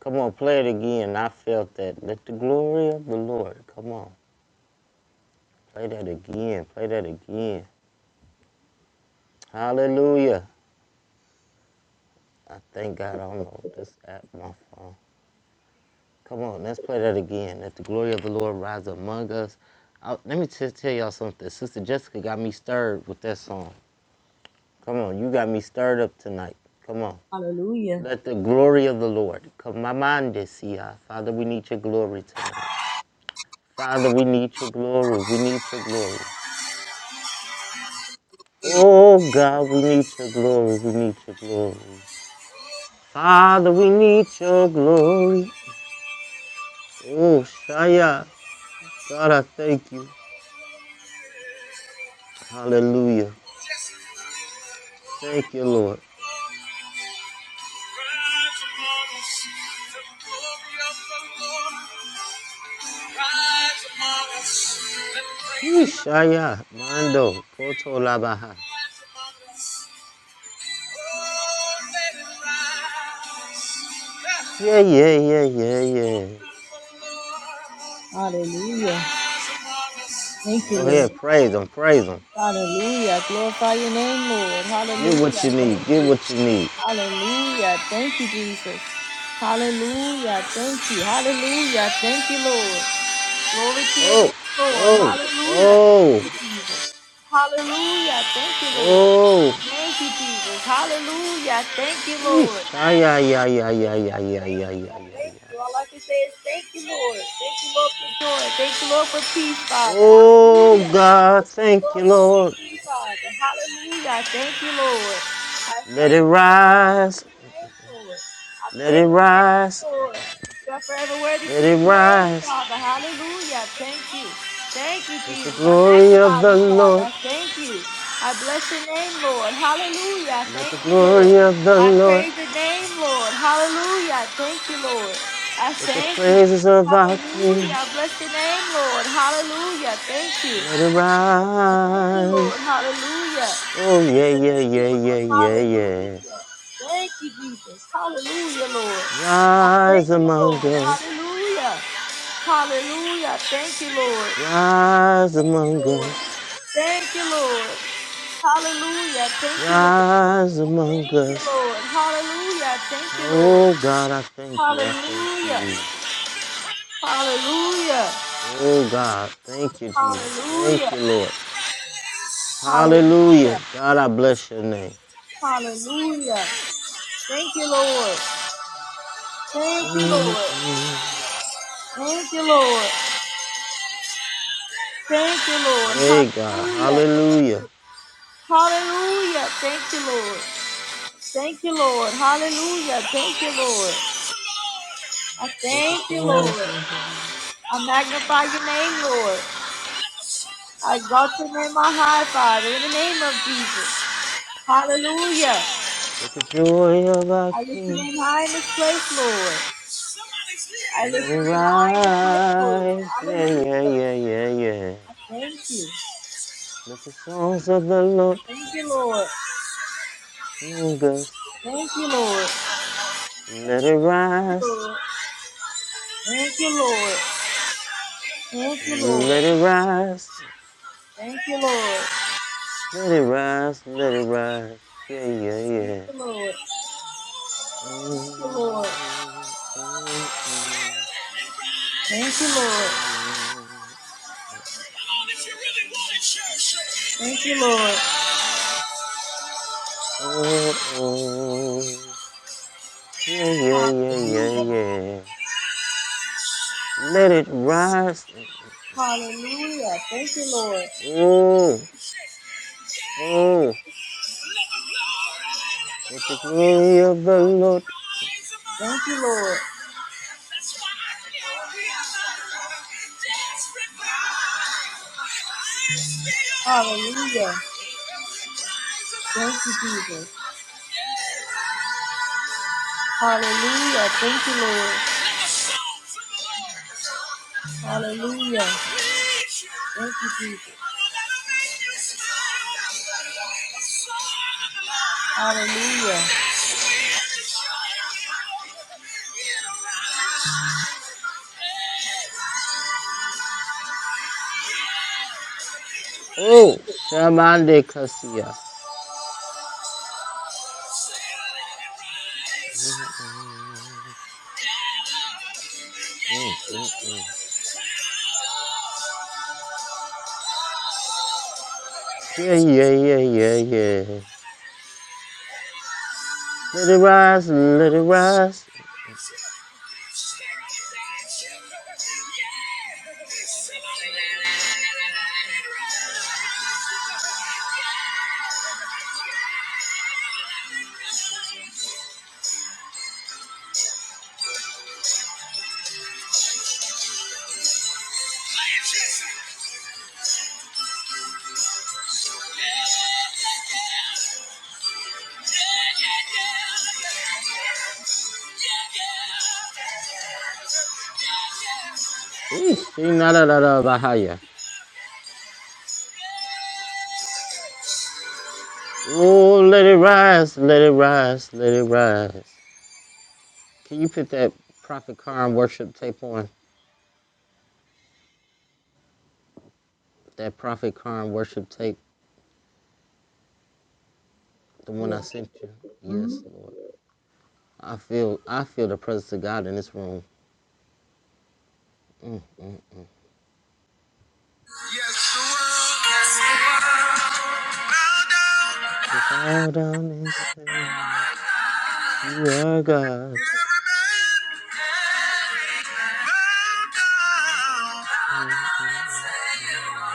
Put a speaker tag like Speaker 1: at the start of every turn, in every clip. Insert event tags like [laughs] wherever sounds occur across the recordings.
Speaker 1: Come on, play it again. I felt that. Let the glory of the Lord. Come on, play that again. Play that again. Hallelujah. I thank God. I don't know this app, my phone. Come on, let's play that again. Let the glory of the Lord rise among us. I- let me just tell y'all something. Sister Jessica got me stirred with that song. Come on, you got me stirred up tonight. Come on.
Speaker 2: Hallelujah.
Speaker 1: Let the glory of the Lord come. My mind is Father, we need your glory tonight. Father, we need your glory. We need your glory. Oh God, we need your glory. We need your glory. Father, we need your glory. Oh Shaya. God, I thank you. Hallelujah. Thank you, Lord.
Speaker 2: Rise among us, the glory of the Lord. Rise among us, let the
Speaker 1: He
Speaker 2: praises of
Speaker 1: Shaya.
Speaker 2: our
Speaker 1: Mando.
Speaker 2: King
Speaker 1: Koto Labaha.
Speaker 2: rise among us. Oh, let it rise.
Speaker 1: Yeah, yeah, yeah, yeah, yeah.
Speaker 2: Hallelujah. Rise among us. Thank
Speaker 1: Go
Speaker 2: you, Lord.
Speaker 1: ahead. Praise him. Praise him.
Speaker 2: Hallelujah. Glorify your name, Lord.
Speaker 1: Get what you
Speaker 2: Hallelujah.
Speaker 1: need.
Speaker 2: Thank
Speaker 1: Get
Speaker 2: you.
Speaker 1: what you need.
Speaker 2: Hallelujah. Thank you, Jesus. Hallelujah. Thank you. Hallelujah. Thank you, Lord. Glory to your
Speaker 1: Oh,
Speaker 2: name, Lord.
Speaker 1: oh,
Speaker 2: Hallelujah.
Speaker 1: oh,
Speaker 2: Hallelujah. Thank you, Lord.
Speaker 1: oh.
Speaker 2: Thank you, Jesus. Hallelujah. Thank you,
Speaker 1: He
Speaker 2: Lord.
Speaker 1: Shaya. Yeah, yeah, yeah, yeah,
Speaker 2: Thank
Speaker 1: yeah, yeah,
Speaker 2: you.
Speaker 1: yeah,
Speaker 2: I
Speaker 1: yeah,
Speaker 2: thank
Speaker 1: yeah.
Speaker 2: you. All I can say is thank you, Lord. Thank you, Lord, for joy. Thank you, Lord, for peace, Father.
Speaker 1: Oh
Speaker 2: Hallelujah.
Speaker 1: God,
Speaker 2: Thank you,
Speaker 1: thank
Speaker 2: Lord,
Speaker 1: you,
Speaker 2: for the
Speaker 1: Lord.
Speaker 2: victory, Father. Hallelujah. I thank you, Lord. I
Speaker 1: Let it
Speaker 2: thank you, Lord. I
Speaker 1: rise,
Speaker 2: thank you, Lord. I
Speaker 1: let
Speaker 2: praise
Speaker 1: it
Speaker 2: you.
Speaker 1: rise,
Speaker 2: Lord. You are forever worthy
Speaker 1: let
Speaker 2: to
Speaker 1: it
Speaker 2: be praised,
Speaker 1: rise.
Speaker 2: Father. Hallelujah. Thank you. Thank you,
Speaker 1: Let the
Speaker 2: Jesus. I
Speaker 1: glory of
Speaker 2: magnify
Speaker 1: the
Speaker 2: you,
Speaker 1: Lord,
Speaker 2: Father. I Thank you. I bless your name, Lord. Hallelujah. I
Speaker 1: let
Speaker 2: Thank
Speaker 1: the
Speaker 2: you, Lord.
Speaker 1: glory of the
Speaker 2: I praise
Speaker 1: Lord,
Speaker 2: your name, Lord. Hallelujah. I Thank you, Lord. I
Speaker 1: let the
Speaker 2: thank you.
Speaker 1: praises
Speaker 2: Jesus.
Speaker 1: of our
Speaker 2: Hallelujah.
Speaker 1: King,
Speaker 2: I Bless your name, Lord. Hallelujah. Thank you.
Speaker 1: let it
Speaker 2: I thank you, Lord.
Speaker 1: rise.
Speaker 2: Hallelujah.
Speaker 1: Oh
Speaker 2: I
Speaker 1: yeah, yeah,
Speaker 2: thank you,
Speaker 1: yeah, yeah,
Speaker 2: Lord.
Speaker 1: yeah, yeah.
Speaker 2: Hallelujah. Thank you, Jesus. Hallelujah, Lord. I
Speaker 1: Rise
Speaker 2: thank you, Lord.
Speaker 1: among us,
Speaker 2: Hallelujah. Hallelujah. Thank you, Lord.
Speaker 1: rise among
Speaker 2: Lord.
Speaker 1: us,
Speaker 2: Thank you, Lord. Hallelujah. Thank you, Lord.
Speaker 1: rise among
Speaker 2: Thank you,
Speaker 1: us.
Speaker 2: Lord. Hallelujah. Thank you, Lord.
Speaker 1: Oh God, I thank you, I thank
Speaker 2: Hallelujah.
Speaker 1: you.
Speaker 2: Hallelujah.
Speaker 1: Oh God, thank you, Jesus. Thank
Speaker 2: Hallelujah.
Speaker 1: you, Lord.
Speaker 2: Hallelujah.
Speaker 1: Hallelujah. God, I bless your name.
Speaker 2: Hallelujah. Thank you, Lord. Thank you, Lord.
Speaker 1: Mm-mm.
Speaker 2: Thank you, Lord. Thank you, Lord.
Speaker 1: Hey God,
Speaker 2: Hallelujah.
Speaker 1: hallelujah.
Speaker 2: Hallelujah. Thank you, Lord. Thank you, Lord. Hallelujah. Thank you, Lord. I
Speaker 1: Let the
Speaker 2: thank you,
Speaker 1: songs
Speaker 2: Lord.
Speaker 1: of the Lord,
Speaker 2: I magnify your name, Lord. I exalt your name on high, Father, in the name of Jesus. Hallelujah.
Speaker 1: let the joy of our
Speaker 2: I lift your
Speaker 1: King
Speaker 2: name high in this place, Lord. I
Speaker 1: let
Speaker 2: lift
Speaker 1: it
Speaker 2: your name high in this place, Lord.
Speaker 1: rise. Yeah,
Speaker 2: Hallelujah.
Speaker 1: yeah, yeah, yeah, yeah.
Speaker 2: I thank you.
Speaker 1: Let the songs of the Lord
Speaker 2: Thank you, Lord.
Speaker 1: among us.
Speaker 2: Thank you, Lord.
Speaker 1: Let it
Speaker 2: Thank you,
Speaker 1: rise.
Speaker 2: Lord. Thank you, Lord. Thank you, Lord.
Speaker 1: Let it rise.
Speaker 2: Thank you, Lord.
Speaker 1: Let it rise. Let it rise. Yeah, yeah,
Speaker 2: Thank
Speaker 1: yeah.
Speaker 2: you, Lord. Thank you, Lord.
Speaker 1: Oh
Speaker 2: Thank you, Lord. Thank you, Lord.
Speaker 1: Yeah, yeah, yeah, yeah,
Speaker 2: Hallelujah.
Speaker 1: yeah. Let it rise.
Speaker 2: Hallelujah. Thank you, Lord.
Speaker 1: Oh, oh, let the glory of the Lord.
Speaker 2: Thank you, Lord. Hallelujah. Thank you, Jesus. Hallelujah. Thank you, Lord. Hallelujah. Thank you, Jesus. Hallelujah.
Speaker 1: Oh, Shamande Kasia. Mm-hmm. Yeah, yeah, yeah, yeah, yeah. Let it rise, let it rise. Ish, Bahaya. Oh, let it rise, let it rise, let it rise. Can you put that Prophet Karn worship tape on? That Prophet Karn worship tape, the one
Speaker 2: Yeah.
Speaker 1: I sent you. Yes,
Speaker 2: Mhm.
Speaker 1: Lord. I feel, I feel the presence of God in this room. Mm, mm.
Speaker 2: Yes, the world, yes, the world, bow down.
Speaker 1: We'll bow down and say you, you are God.
Speaker 2: Every man, bow down. Bow
Speaker 1: Mm, mm,
Speaker 2: down and say you are.
Speaker 1: mm.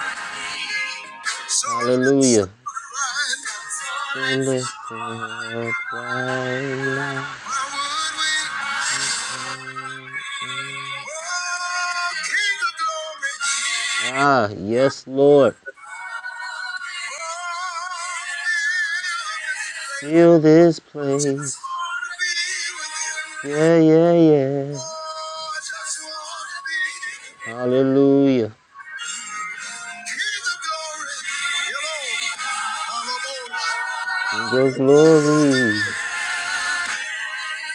Speaker 2: So let's
Speaker 1: Hallelujah.
Speaker 2: find
Speaker 1: So let's say it right now.
Speaker 2: why would we?
Speaker 1: Mm, mm, mm.
Speaker 2: Oh, King of
Speaker 1: Ah, yes, Lord. Fill this place. Yeah, yeah, yeah.
Speaker 2: Glory.
Speaker 1: Hallelujah.
Speaker 2: King of glory, you're Lord. I'm a
Speaker 1: King of
Speaker 2: boy.
Speaker 1: glory.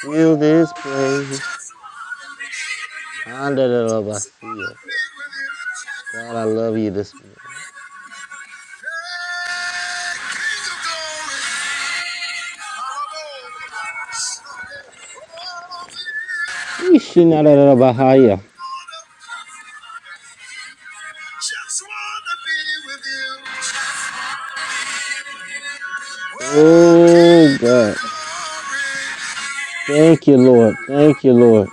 Speaker 1: Fill this
Speaker 2: Oh,
Speaker 1: place.
Speaker 2: just wanna be with you
Speaker 1: under the
Speaker 2: know, I'm
Speaker 1: Andalabasio. God, I love you this
Speaker 2: a
Speaker 1: morning.
Speaker 2: boy. Oh, yeah.
Speaker 1: Ishinadadabahaya.
Speaker 2: Just wanna be with you. Oh,
Speaker 1: Oh,
Speaker 2: King of
Speaker 1: God.
Speaker 2: glory.
Speaker 1: Thank you, Lord. Thank you, Lord.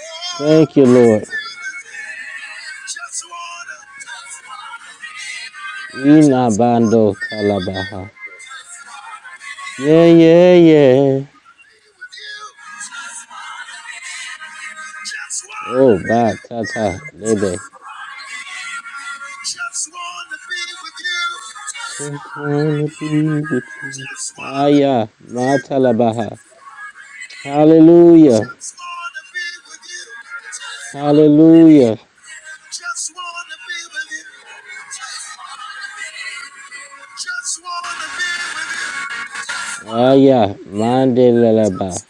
Speaker 2: Oh,
Speaker 1: Thank you, Lord.
Speaker 2: just wanna, just wanna be with you. Just
Speaker 1: Inabando talabaha.
Speaker 2: wanna be
Speaker 1: Yeah,
Speaker 2: with you.
Speaker 1: yeah, yeah.
Speaker 2: Just wanna be with you.
Speaker 1: Oh, ba, ta, ta, lebe.
Speaker 2: Just wanna be with
Speaker 1: Just wanna be with
Speaker 2: you.
Speaker 1: you.
Speaker 2: Just wanna be
Speaker 1: Aya,
Speaker 2: with
Speaker 1: Matalabaha.
Speaker 2: you.
Speaker 1: Hallelujah.
Speaker 2: Just wanna be with you.
Speaker 1: Hallelujah.
Speaker 2: Just wanna be with you. Just wanna be with you.
Speaker 1: Aya, Mandelaba.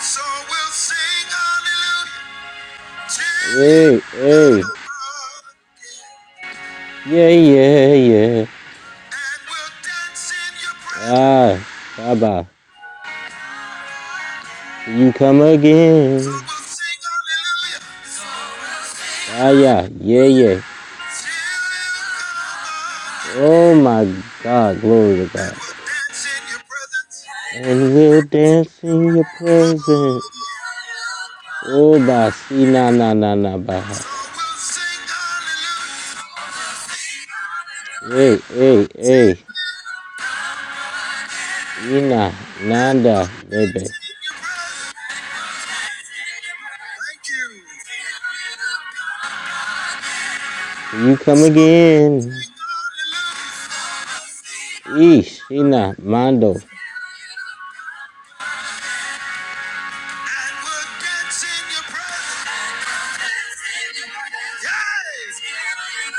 Speaker 2: So we'll sing hallelujah till you
Speaker 1: Hey, hey.
Speaker 2: come again,
Speaker 1: Yeah, yeah, yeah.
Speaker 2: and we'll dance in your presence.
Speaker 1: Ah, Shaba. Till you come
Speaker 2: So
Speaker 1: again.
Speaker 2: we'll sing hallelujah till
Speaker 1: Aya, yeah, yeah.
Speaker 2: you come again,
Speaker 1: Oh my God, glory to
Speaker 2: and
Speaker 1: God.
Speaker 2: we'll dance in your presence.
Speaker 1: And we'll dance in your presence. Oh, ba, si, na, na, na, na, baha.
Speaker 2: So we'll sing hallelujah. Take your
Speaker 1: Hey, hey, hey. Ina, Nanda, Lebe.
Speaker 2: breath. Thank you.
Speaker 1: Till you come
Speaker 2: So
Speaker 1: again.
Speaker 2: sing
Speaker 1: Ish, Ina,
Speaker 2: hallelujah.
Speaker 1: Mando.
Speaker 2: And we'll dance in your presence.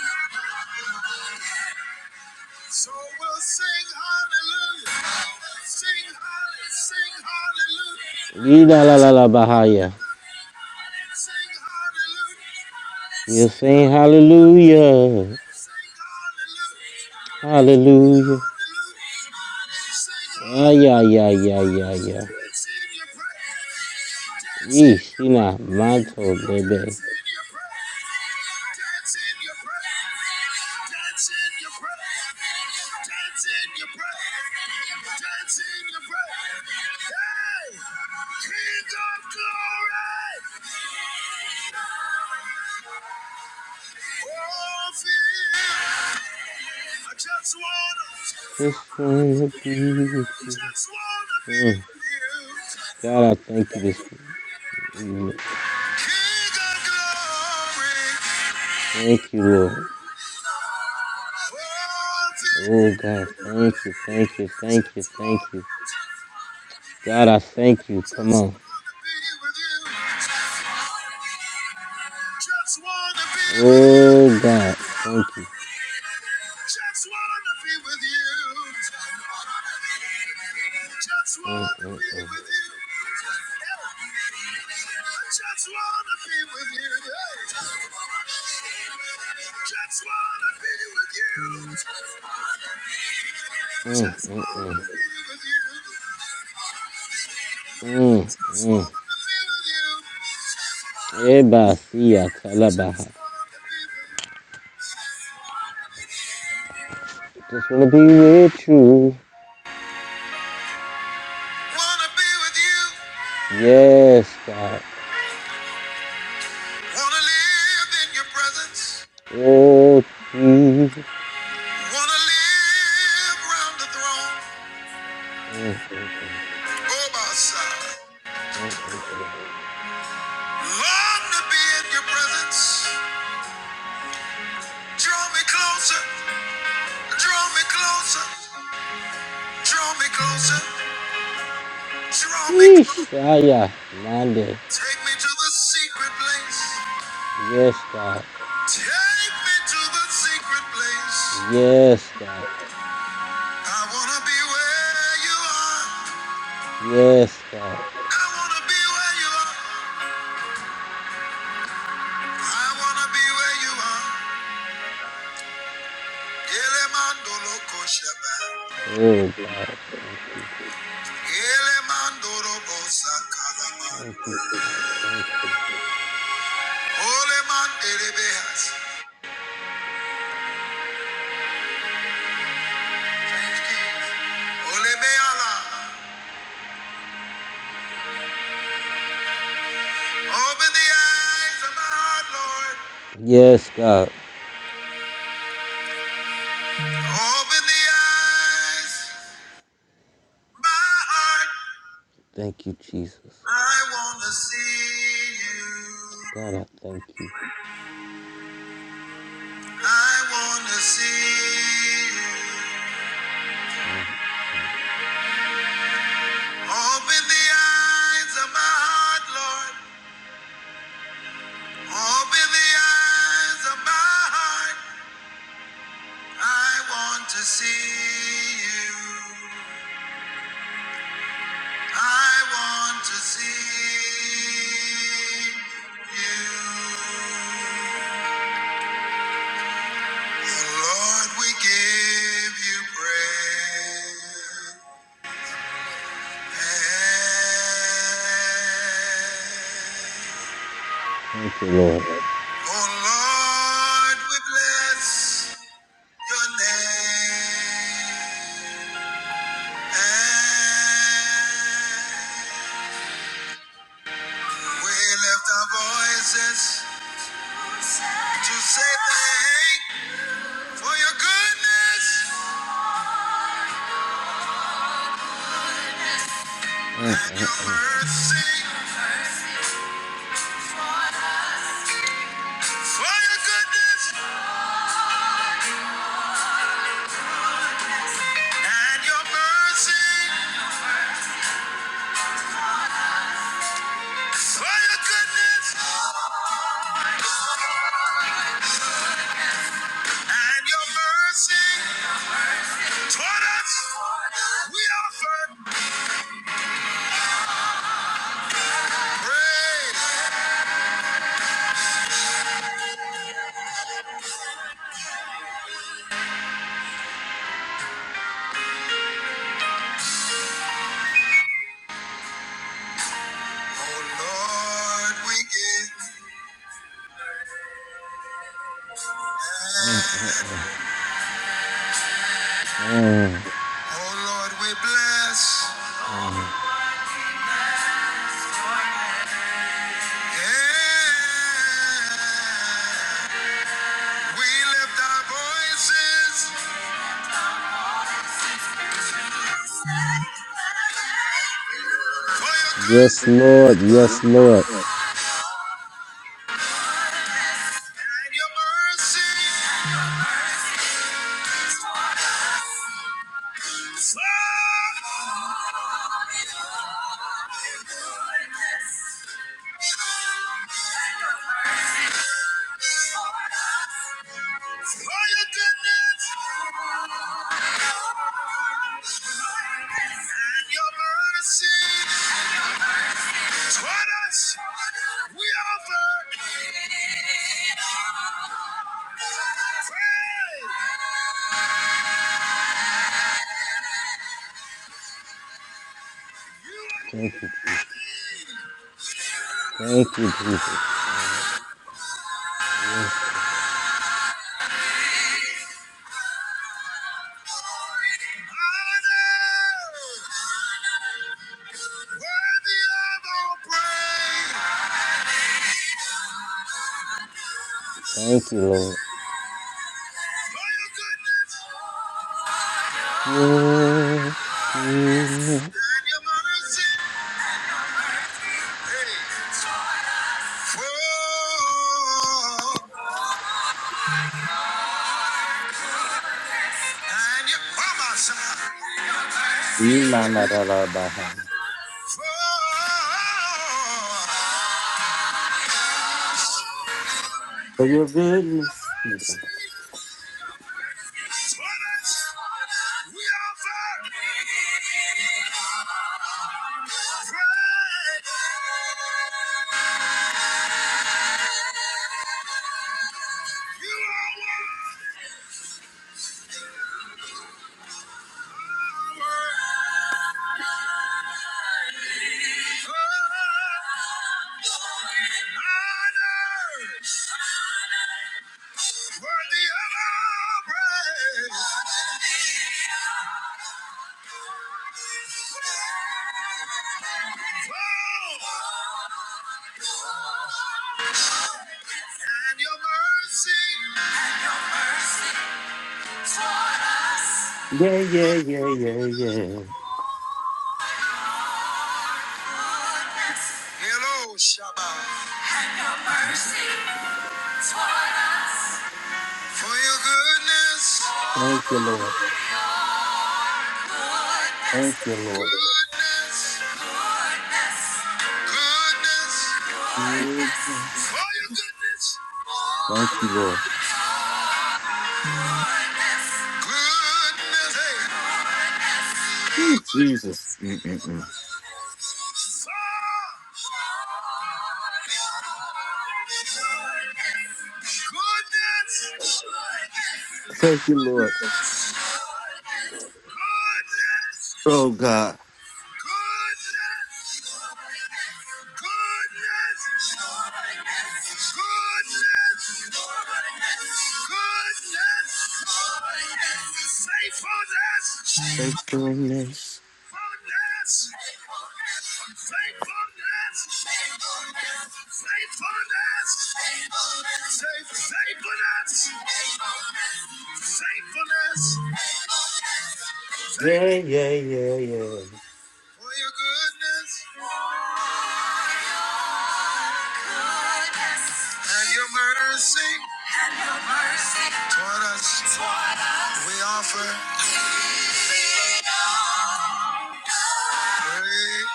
Speaker 2: Yes. So we'll sing hallelujah. Sing hallelujah. Sing hallelujah.
Speaker 1: Ida la la la Bahaya.
Speaker 2: Sing hallelujah.
Speaker 1: We'll
Speaker 2: Sing
Speaker 1: sing hallelujah.
Speaker 2: hallelujah, Sing hallelujah. Hallelujah.
Speaker 1: Hallelujah.
Speaker 2: Sing
Speaker 1: Ay, ay, ay, ay, ay,
Speaker 2: hallelujah.
Speaker 1: ay.
Speaker 2: Dance in your praise. Dance in
Speaker 1: Ish,
Speaker 2: your
Speaker 1: Ina,
Speaker 2: praise.
Speaker 1: Manto, Lebe.
Speaker 2: Dance in your praise. Dance in your praise in your breath. Dance in your breath. Dance in your breath. Hey! King of glory! Oh, feel. I just wanna,
Speaker 1: Just wanna be with you.
Speaker 2: just wanna be
Speaker 1: Mm.
Speaker 2: with you.
Speaker 1: God, I thank you this evening.
Speaker 2: King of glory.
Speaker 1: Thank you, Lord. Oh, God, thank you, thank you, thank you,
Speaker 2: Just want,
Speaker 1: thank you. God, I thank you. Come
Speaker 2: just
Speaker 1: on.
Speaker 2: want to be with you. Just want to be with
Speaker 1: Oh,
Speaker 2: you.
Speaker 1: God, thank you.
Speaker 2: Just wanted to be with you. Just
Speaker 1: Mm,
Speaker 2: wanted to
Speaker 1: mm,
Speaker 2: be
Speaker 1: mm,
Speaker 2: with you. just wanted to be with you. Hey. Just wanted to be with you.
Speaker 1: mm,
Speaker 2: Just
Speaker 1: mm,
Speaker 2: wanted to
Speaker 1: mm,
Speaker 2: be with you.
Speaker 1: mm,
Speaker 2: Just
Speaker 1: mm.
Speaker 2: wanted to be with you.
Speaker 1: Everybody see ya, tell
Speaker 2: Wanna
Speaker 1: Just wanna be with you.
Speaker 2: be with you.
Speaker 1: Yes, God.
Speaker 2: Wanna live in your presence.
Speaker 1: Oh, Jesus.
Speaker 2: Wanna live round the throne.
Speaker 1: Mm, mm, mm,
Speaker 2: Oh, my side.
Speaker 1: mm, mm, mm.
Speaker 2: Long to be in your presence. Draw me closer. Draw me closer. Draw me closer. Draw me closer.
Speaker 1: Yeesh, ah, yeah. Monday.
Speaker 2: Take me to the secret place.
Speaker 1: Yes, God.
Speaker 2: Take me to the secret place.
Speaker 1: Yes, God.
Speaker 2: I wanna be where you are.
Speaker 1: Yes, God.
Speaker 2: I wanna be where you are. I wanna be where you are. Elemandolo kosheba.
Speaker 1: Oh, God. Thank you.
Speaker 2: Elemandoro bosa kalama.
Speaker 1: Thank you, God. Thank you.
Speaker 2: Ole mandele behas. Thank you. Ole beala. Open the eyes of my heart, Lord.
Speaker 1: Yes, God.
Speaker 2: Open the eyes, my heart.
Speaker 1: Thank you, Jesus.
Speaker 2: I wanna see you.
Speaker 1: God, I thank you.
Speaker 2: I wanna see you.
Speaker 1: Mm. mm.
Speaker 2: Open the eyes of my heart, Lord. Open the eyes of my heart. I want to see you. I want to see you. And Lord, we give you praise.
Speaker 1: Thank you, Lord.
Speaker 2: Oh Lord, we bless. Your name. And we lift our voices to say thank for your goodness
Speaker 1: Yes,
Speaker 2: and your mercy. For your goodness and your mercy. For your goodness and your mercy. Toward us, we offer praise. Oh Lord, we give. Oh Lord, we bless. Yeah. We lift our voices. For your good
Speaker 1: Lord. Yes, Lord.
Speaker 2: and your mercy. Oh. For your goodness and your mercy toward us, we offer praise. You
Speaker 1: Thank you, Jesus.
Speaker 2: are
Speaker 1: Thank
Speaker 2: worthy.
Speaker 1: you, Jesus. Uh, yes, God. Thank you, Lord. Your goodness. Na, na, na, na, na.
Speaker 2: Hey.
Speaker 1: For your
Speaker 2: We offer.
Speaker 1: goodness.
Speaker 2: You are one. Honor. Worthy of all praise. Oh, and your mercy. And your mercy toward us.
Speaker 1: Yeah, yeah, yeah, yeah, yeah.
Speaker 2: Goodness. Hello, Shabbat. And your mercy toward us. For your goodness.
Speaker 1: Thank you, Lord.
Speaker 2: Goodness,
Speaker 1: Thank you, Lord.
Speaker 2: goodness, goodness, goodness, for your goodness,
Speaker 1: Thank
Speaker 2: goodness,
Speaker 1: you, Lord.
Speaker 2: goodness, hey, goodness,
Speaker 1: Ooh, Jesus. Mm-mm-mm.
Speaker 2: goodness,
Speaker 1: Thank you, Lord.
Speaker 2: goodness, goodness, goodness, goodness.
Speaker 1: Oh, God.
Speaker 2: Goodness, goodness, goodness, goodness, faithfulness, faithfulness,
Speaker 1: Thankfulness.
Speaker 2: faithfulness, faithfulness, faithfulness, faithfulness,
Speaker 1: Yeah, yeah, yeah, yeah.
Speaker 2: for your goodness. And your mercy and your mercy toward us, toward us, we offer praise.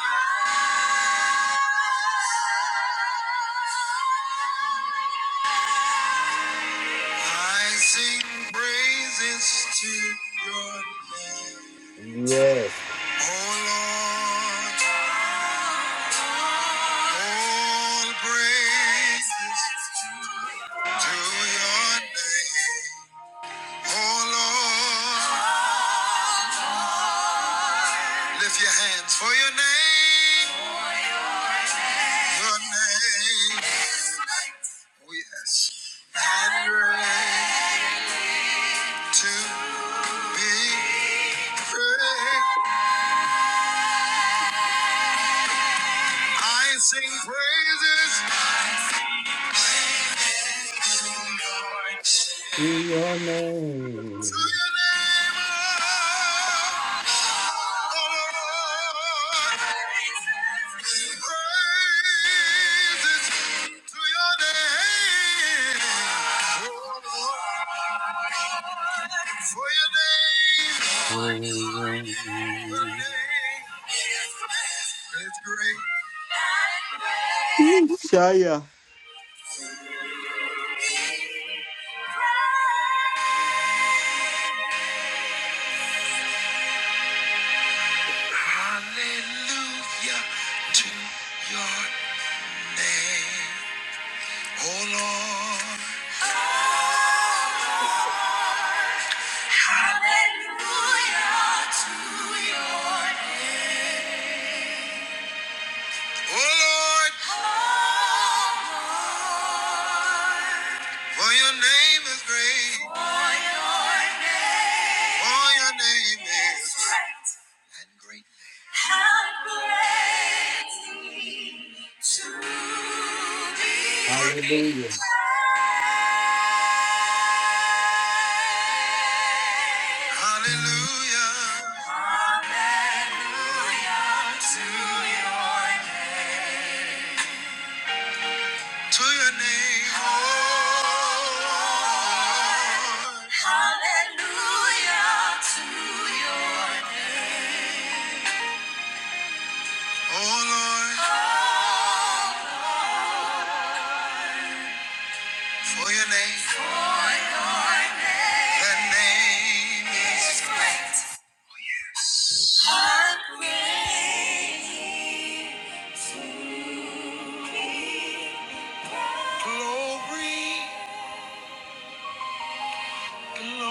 Speaker 2: I sing praises to your name.
Speaker 1: Yes,
Speaker 2: Oh Lord, all praises to your name. Oh Lord, lift your hands for your name. Your name. Oh, yes. And reign to be praised. I sing praises. to your
Speaker 1: to
Speaker 2: name.
Speaker 1: your
Speaker 2: To
Speaker 1: name.
Speaker 2: your name, oh, Lord. Praises to your name, oh, Lord. For your name,
Speaker 1: Shaya.
Speaker 2: your name is great. Hallelujah to your name, oh Lord. Hallelujah to your name. O Lord, for your name is great. For your name is great. And great. And greatly to be
Speaker 1: Hallelujah.
Speaker 2: praised. Hallelujah. Hallelujah to your name to your name, Lord. Hallelujah to your name. Oh Lord, for your name. For your name. The name is great. How great to be. Glory,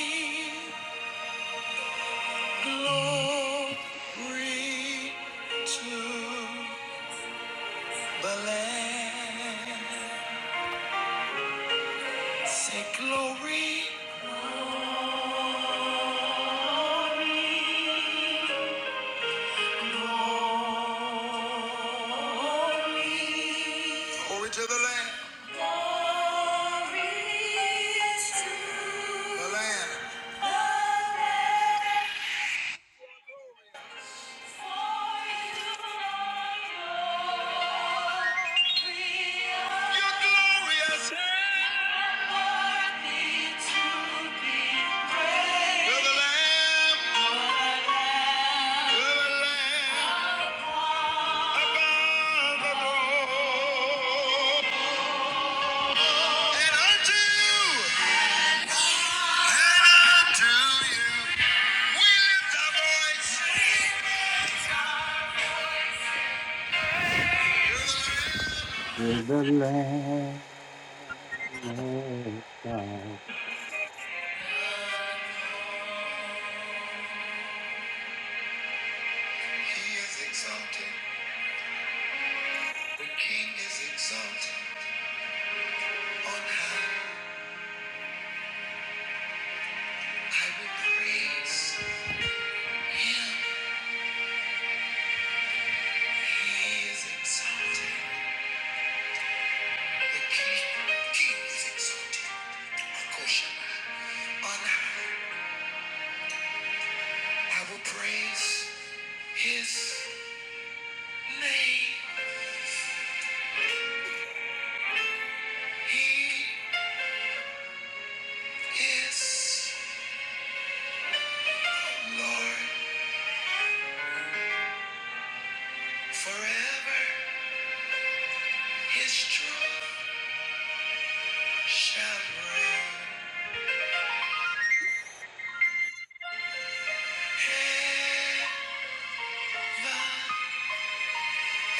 Speaker 2: glory. Glory to the Lamb. Say glory. Glory to the Lamb. Glory to the Lamb.
Speaker 1: To the Lamb of God.
Speaker 2: Exalted. The King is exalted on high. His name, He is Lord forever. His truth shall reign heaven and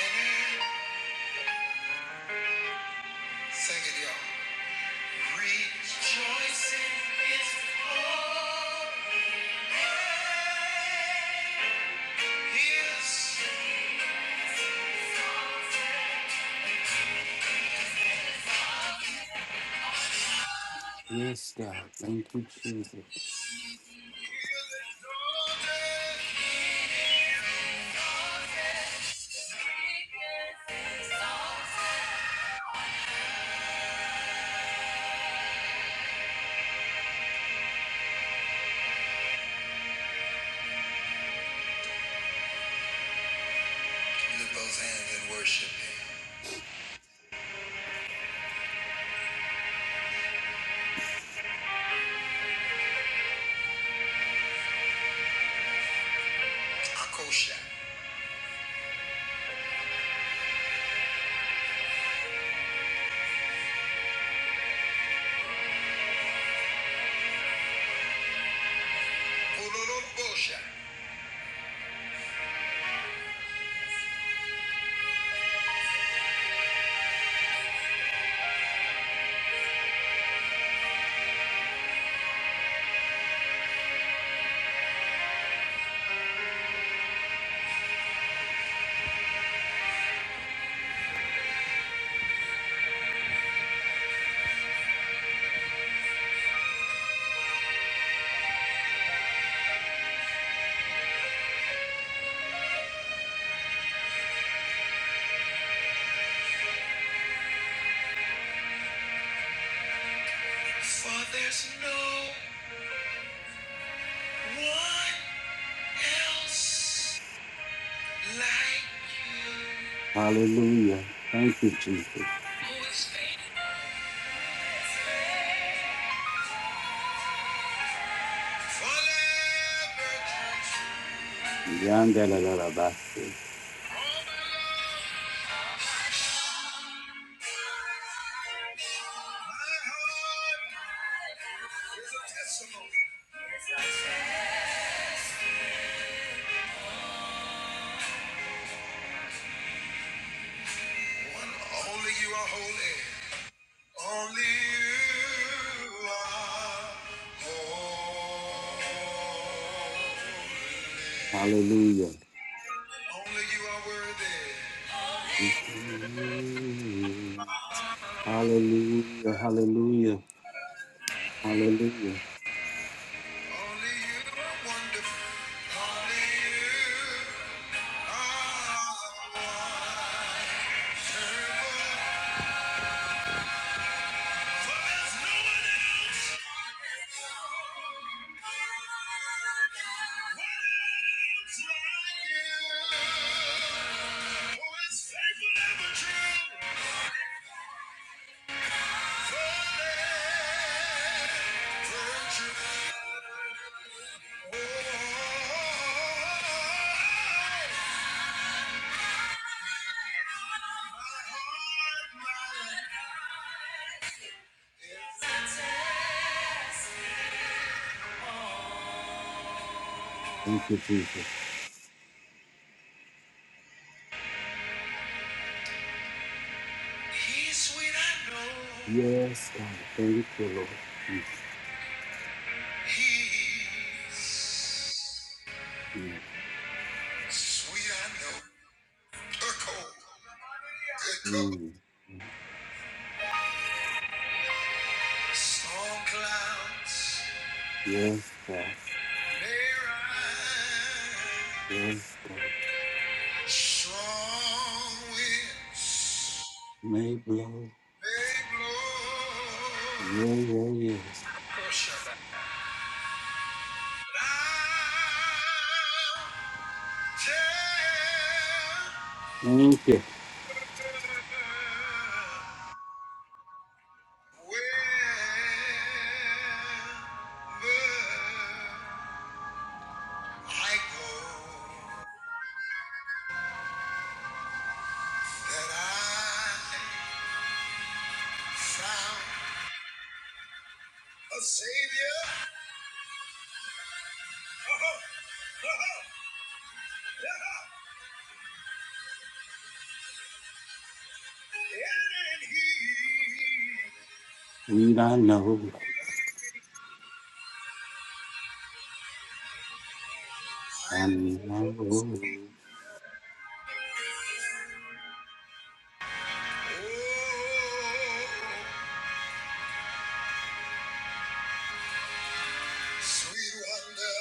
Speaker 2: earth. Sing it, y'all. Rejoice in His glory. Lift
Speaker 1: Yes, God. Thank you, Jesus.
Speaker 2: those hands and worship Him. Akosha. Ololobosha. For there's no one else like you.
Speaker 1: Hallelujah. Thank you, Jesus.
Speaker 2: Who is faithful? Forever.
Speaker 1: Yandalalabasa.
Speaker 2: My heart is a testimony. One, only you are holy. Only you are holy.
Speaker 1: Hallelujah.
Speaker 2: Only you are worthy.
Speaker 1: Hallelujah. Hallelujah. Hallelujah.
Speaker 2: Only you are wonderful. Only you are wonderful. For there's no one else. One else like you. Who is faithful and true.
Speaker 1: Thank you, Jesus.
Speaker 2: He's sweet, I know.
Speaker 1: Yes, God. Thank you, Lord. Yes,
Speaker 2: He's
Speaker 1: Lord.
Speaker 2: sweet, I know. Good cold, good cold.
Speaker 1: Mm.
Speaker 2: Storm clouds.
Speaker 1: Yes, God. Yes, God. Maybe. blow. Yeah, yeah, yes. Thank you.
Speaker 2: Savior, oh, and he
Speaker 1: We don't know.
Speaker 2: Oh,
Speaker 1: I know.
Speaker 2: sweet wonder.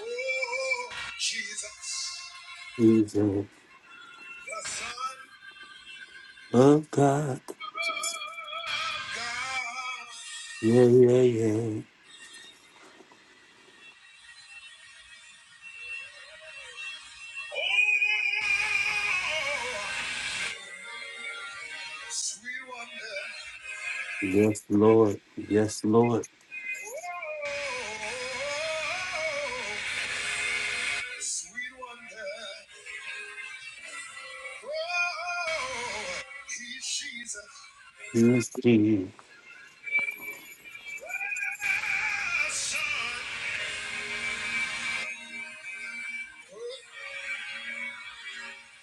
Speaker 2: Oh, Jesus,
Speaker 1: Jesus.
Speaker 2: the Son
Speaker 1: But God.
Speaker 2: of God.
Speaker 1: Yeah, yeah, yeah.
Speaker 2: Oh, sweet wonder.
Speaker 1: Yes, Lord. Yes, Lord.
Speaker 2: Oh, sweet wonder. Oh, he's Jesus.
Speaker 1: He is King,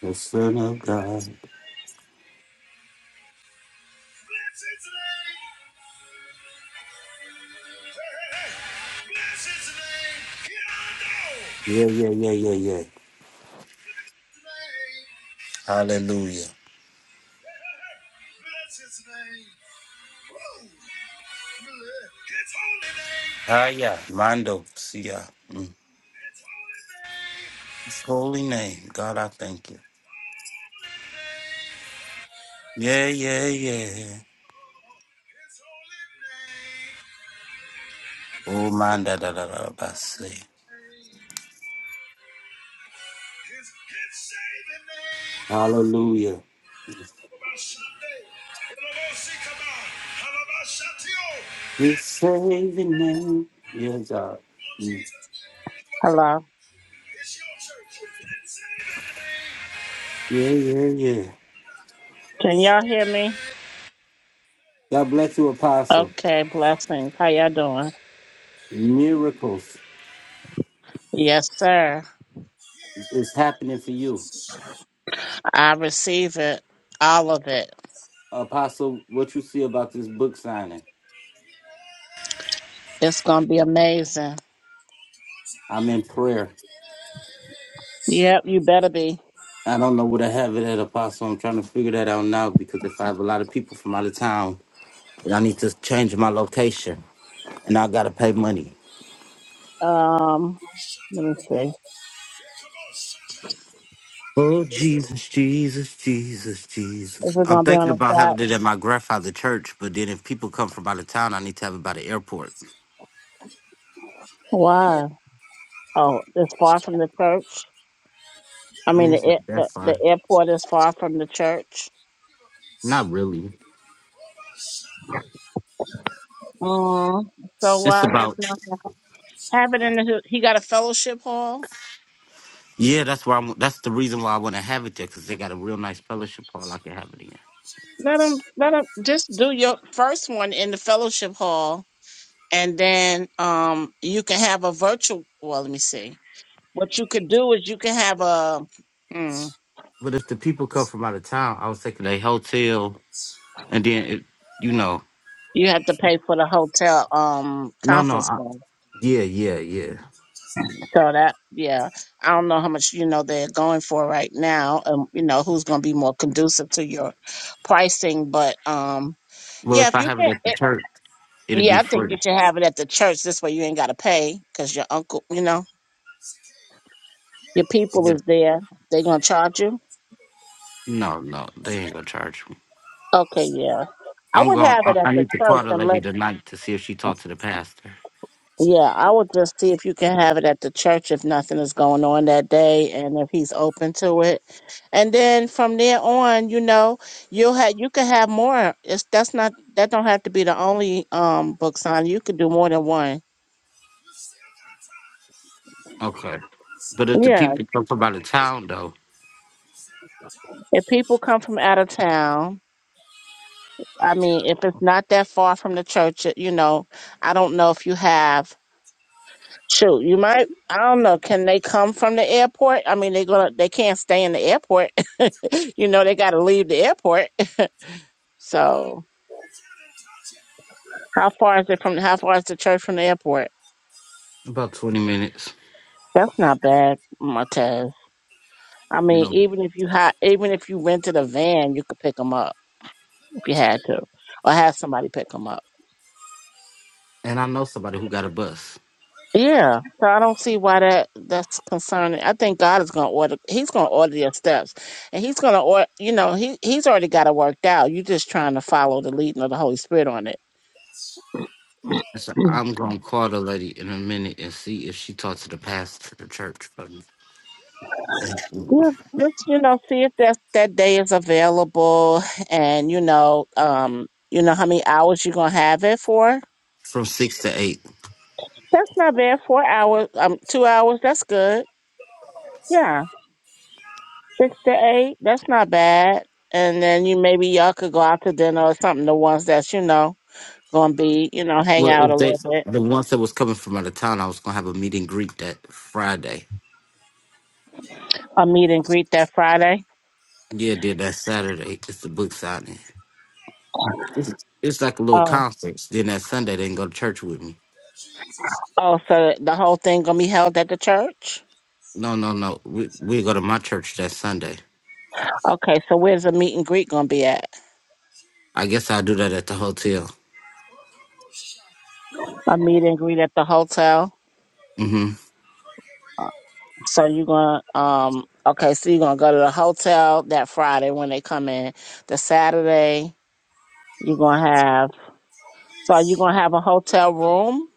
Speaker 1: the Son of God. Yeah, yeah, yeah, yeah, yeah. Hallelujah.
Speaker 2: His name. Woo. His holy
Speaker 1: Ah,
Speaker 2: name.
Speaker 1: yeah. Mando. See ya. Mm.
Speaker 2: His holy name.
Speaker 1: His holy name. God, I thank you.
Speaker 2: Holy name.
Speaker 1: Yeah, yeah, yeah.
Speaker 2: His holy name. His
Speaker 1: Oh, man, da da da da da. I say.
Speaker 2: holy name. His, his saving name.
Speaker 1: Hallelujah.
Speaker 2: Halabashande. Halabosikaba. Halabashatio.
Speaker 1: You're
Speaker 2: Hit
Speaker 1: saving them. Your God.
Speaker 2: on
Speaker 1: Mm.
Speaker 2: Jesus.
Speaker 3: Hello.
Speaker 2: It's your church. His saving name.
Speaker 1: Yeah, yeah, yeah.
Speaker 2: His
Speaker 3: Can y'all hear
Speaker 2: saving
Speaker 3: me?
Speaker 2: name.
Speaker 1: God bless you, Apostle.
Speaker 3: Okay, blessings. How y'all doing?
Speaker 1: Miracles
Speaker 3: Yes, sir.
Speaker 1: is happening for you.
Speaker 3: I receive it. All of it.
Speaker 1: Apostle, what you see about this book signing?
Speaker 3: It's gonna be amazing.
Speaker 1: I'm in prayer.
Speaker 3: Yep, you better be.
Speaker 1: I don't know what I have it at, Apostle. I'm trying to figure that out now because if I have a lot of people from out of town, then I need to change my location and I got to pay money.
Speaker 3: Um let me see.
Speaker 1: Oh Jesus, Jesus, Jesus,
Speaker 3: Is
Speaker 1: Jesus.
Speaker 3: it
Speaker 1: I'm
Speaker 3: gonna be on
Speaker 1: thinking
Speaker 3: the
Speaker 1: about
Speaker 3: chat?
Speaker 1: having it at my grandfather's church, but then if people come from out of town, I need to have it by the airport.
Speaker 3: Why? Oh, it's far from the church. I
Speaker 1: I
Speaker 3: mean
Speaker 1: mean, it's
Speaker 3: the
Speaker 1: not
Speaker 3: air-
Speaker 1: that
Speaker 3: the,
Speaker 1: far.
Speaker 3: the airport is far from the church.
Speaker 2: Give a peace.
Speaker 1: Not really.
Speaker 2: Halabashande. Let that go.
Speaker 3: Mm, so
Speaker 1: It's
Speaker 2: Son.
Speaker 3: why just
Speaker 1: about
Speaker 3: not have it in the he got a fellowship hall?
Speaker 1: yeah. That's where I'm. That's the reason why I want to have it there because they got a real nice fellowship hall. I can have it in.
Speaker 2: Come
Speaker 3: Let him let him
Speaker 2: on,
Speaker 3: just do your first one in the fellowship hall and then um you can have a virtual well let me see what you could do is you can have a mm,
Speaker 1: But if the people come from out of town, I was thinking a hotel,
Speaker 2: Jesus.
Speaker 1: and then it, you know,
Speaker 3: you have to pay for the hotel um
Speaker 1: no, no,
Speaker 3: conference
Speaker 1: I,
Speaker 3: room
Speaker 1: yeah, yeah, yeah.
Speaker 3: so that yeah i don't know how much you know they're going for right now and you know who's going to be more conducive to your pricing but um
Speaker 1: Well,
Speaker 3: yeah
Speaker 1: if
Speaker 3: if
Speaker 1: I
Speaker 3: you
Speaker 1: have it
Speaker 3: can
Speaker 1: at the
Speaker 3: it,
Speaker 1: church, it'll be
Speaker 3: yeah i think
Speaker 1: free.
Speaker 3: you should have it at the church this way you ain't got to pay because your uncle you know
Speaker 2: You still got time.
Speaker 3: your
Speaker 2: You're on my
Speaker 3: people
Speaker 1: Yeah.
Speaker 3: is there they're going to charge you
Speaker 1: No, no, they ain't gonna charge.
Speaker 3: Okay, yeah. I
Speaker 1: I'm
Speaker 3: would
Speaker 1: going.
Speaker 3: have
Speaker 1: I
Speaker 3: it at
Speaker 1: I
Speaker 3: the
Speaker 1: need to call
Speaker 3: church
Speaker 1: the
Speaker 3: and let
Speaker 1: lady tonight to see if she talked to the pastor.
Speaker 3: yeah, I would just see if you can have it at the church if nothing is going on that day and if he's open to it. And then from there on, you know, you'll have you can have more. It's that's not that don't have to be the only um book sign. You could do more than one.
Speaker 1: Okay. But if
Speaker 2: side.
Speaker 1: the
Speaker 3: Yeah.
Speaker 1: people come from out of town though,
Speaker 2: You still got time.
Speaker 3: If people come from out of town, I
Speaker 2: Break it
Speaker 3: mean,
Speaker 2: up.
Speaker 3: if it's not that far from the church, you know, I don't know if you have Shoot, you might. I don't know. Can they come from the airport? I mean, they're gonna. They going to they can not stay in the airport. [laughs] you know, they got to leave the airport. So, how far is it from? How far is the church from the airport?
Speaker 1: about twenty minutes.
Speaker 3: That's not bad, Martez. I
Speaker 1: You
Speaker 3: mean,
Speaker 1: know,
Speaker 3: even if you had, even if you rented a van, you could pick them up if you had to, or have somebody pick them up.
Speaker 1: and I know somebody who got a bus.
Speaker 3: Yeah, so I don't see why that that's concerning. I think God is going to order. He's going to order your steps, and He's going to order. You know, He He's already got it worked out. You're just trying to follow the leading of the Holy Spirit on it.
Speaker 2: Go.
Speaker 3: [clears throat]
Speaker 1: And So
Speaker 3: Mm.
Speaker 1: I'm gonna call the lady in a minute and see if she talked to the pastor of the church from,
Speaker 2: You're
Speaker 3: Yeah, just you know, see if that that day is available, and you know, um, you know how many hours you're gonna have it for.
Speaker 1: from six to eight.
Speaker 3: That's not bad. Four hours, um, two hours. That's good.
Speaker 2: on my
Speaker 3: Yeah,
Speaker 2: side. Here,
Speaker 3: six to eight. That's not bad. And then you maybe y'all could go out to dinner or something. The ones that's you know. gonna be, you know, hang
Speaker 1: Well,
Speaker 3: out
Speaker 1: if
Speaker 3: a
Speaker 1: they
Speaker 3: little bit.
Speaker 1: the ones that was coming from out of town, I was gonna have a meet and greet that Friday.
Speaker 3: A meet and greet that Friday.
Speaker 1: Yeah, then that Saturday it's the book signing. It's, it's like a little
Speaker 3: Oh,
Speaker 1: conference. Then that Sunday they can go to church with me.
Speaker 2: Jesus. Here,
Speaker 3: oh, so the whole thing gonna be held at the church?
Speaker 1: No, no, no. We
Speaker 2: Jesus.
Speaker 1: we
Speaker 2: Here,
Speaker 1: go to my church that Sunday.
Speaker 3: Okay, so where's the meet and greet gonna be at?
Speaker 1: I
Speaker 2: Jesus.
Speaker 1: guess I'll do that at the hotel.
Speaker 2: We're coming, Lord. Break
Speaker 3: A
Speaker 2: it up.
Speaker 3: meet and greet at the hotel.
Speaker 1: hmm
Speaker 2: Break it for
Speaker 3: So
Speaker 2: you.
Speaker 3: you're gonna, um, okay, so you're gonna go to the hotel that Friday when they come in. The Saturday
Speaker 2: Give
Speaker 3: you're gonna have. So are you gonna have a hotel room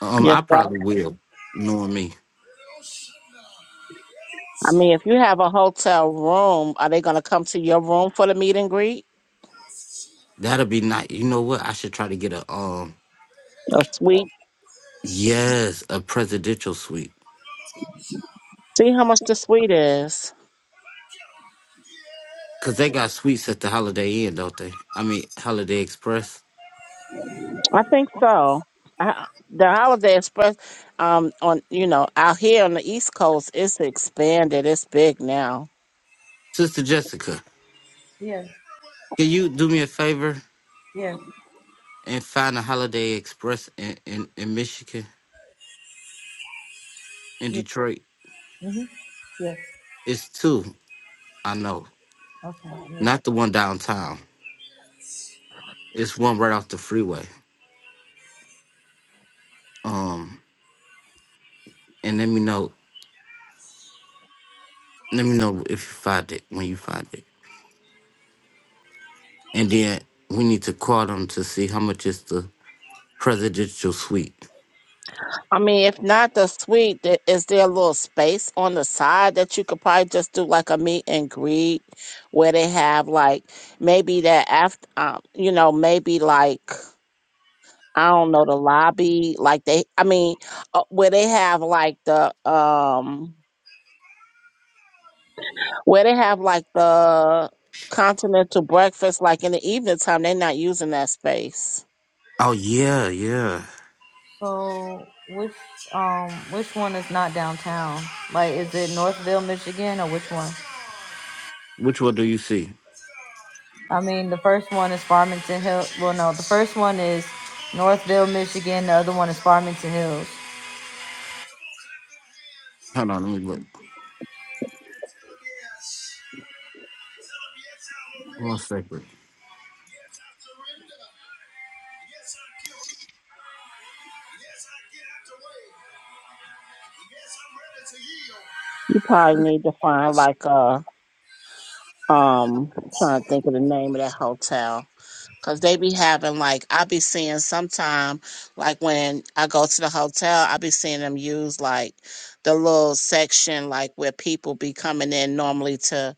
Speaker 1: Um, I
Speaker 3: yourself?
Speaker 1: probably will. Knowing me,
Speaker 3: I mean, if you have a hotel room, are they gonna come to your room for the meet and greet?
Speaker 2: Yes,
Speaker 1: that'll be nice. You know what? I should try to get a um,
Speaker 2: Hey, hey,
Speaker 3: A
Speaker 2: hey.
Speaker 3: suite.
Speaker 2: Hey,
Speaker 1: yes, a presidential suite.
Speaker 3: See how much
Speaker 2: Hey,
Speaker 3: the suite is.
Speaker 1: Cause they got suites at the Holiday Inn, don't they? I mean, Holiday Express.
Speaker 3: I think so. I, the Holiday Express, um, on you know, out here on the East Coast, it's expanded. It's big now.
Speaker 1: Sister Jessica,
Speaker 2: Yeah.
Speaker 1: can you do me a favor
Speaker 2: Yes,
Speaker 1: and find a Holiday Express in in, in Michigan, in
Speaker 2: yes,
Speaker 1: Detroit?
Speaker 2: yes, mm-hmm. yes.
Speaker 1: It's two, I know,
Speaker 2: Okay, yes. Yes.
Speaker 1: not the one downtown. It's one right off the freeway. Um, and let me know. Let me know if you find it when you find it. And then we need to call them to see how much is the presidential suite.
Speaker 3: I mean, if not the suite, th- is there a little space on the side that you could probably just do like a meet and greet where they have like maybe that after, um, you know, maybe like I don't know the lobby, like they, I mean, uh, where they have like the um, where they have like the continental breakfast, like in the evening time, they're not using that space.
Speaker 1: Oh yeah, yeah.
Speaker 2: So which um which one is not downtown? Like is it Northville, Michigan or which one?
Speaker 1: Which one do you see?
Speaker 2: I mean the first one is Farmington Hill well no, the first one is Northville, Michigan, the other one is Farmington Hills.
Speaker 1: Hold on, let me look.
Speaker 2: Yes. Tell him, yes, I obey
Speaker 1: One
Speaker 2: you.
Speaker 1: second.
Speaker 2: Yes, I surrender. Yes, I give. Yes, I get out the way. Yes, I'm ready to yield.
Speaker 3: You probably need to find like a um, I'm trying to think of the name of that hotel Cause they be having like I be seeing sometime like when I go to the hotel, I be seeing them use like the little section like where people be coming in normally to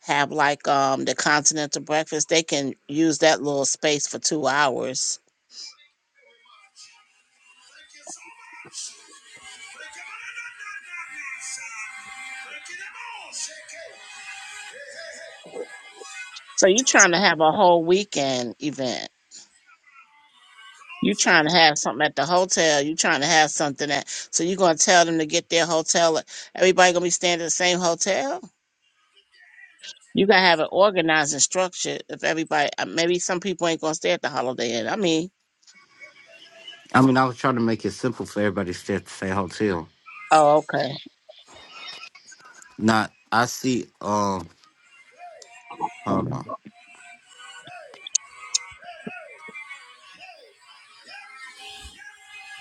Speaker 3: have like um the continental breakfast. They can use that little space for two hours.
Speaker 2: Very much. Thank you so much. Thank you. Na, na, na, na, na, sir. Thank you. Them all. Shake it. Hey, hey, hey.
Speaker 3: So you trying to have a whole weekend event.
Speaker 2: Come on,
Speaker 3: You trying to have something at the hotel. You trying to have something at so you gonna tell them to get their hotel. Everybody gonna be staying at the same hotel? You gotta have it organized and structured. If everybody, uh, maybe some people ain't gonna stay at the Holiday Inn. I mean,
Speaker 2: Zion.
Speaker 1: I mean, I was trying to make it simple for everybody to stay at the same hotel.
Speaker 3: oh okay.
Speaker 1: Not, I see. Um, hold
Speaker 3: Mm.
Speaker 1: on.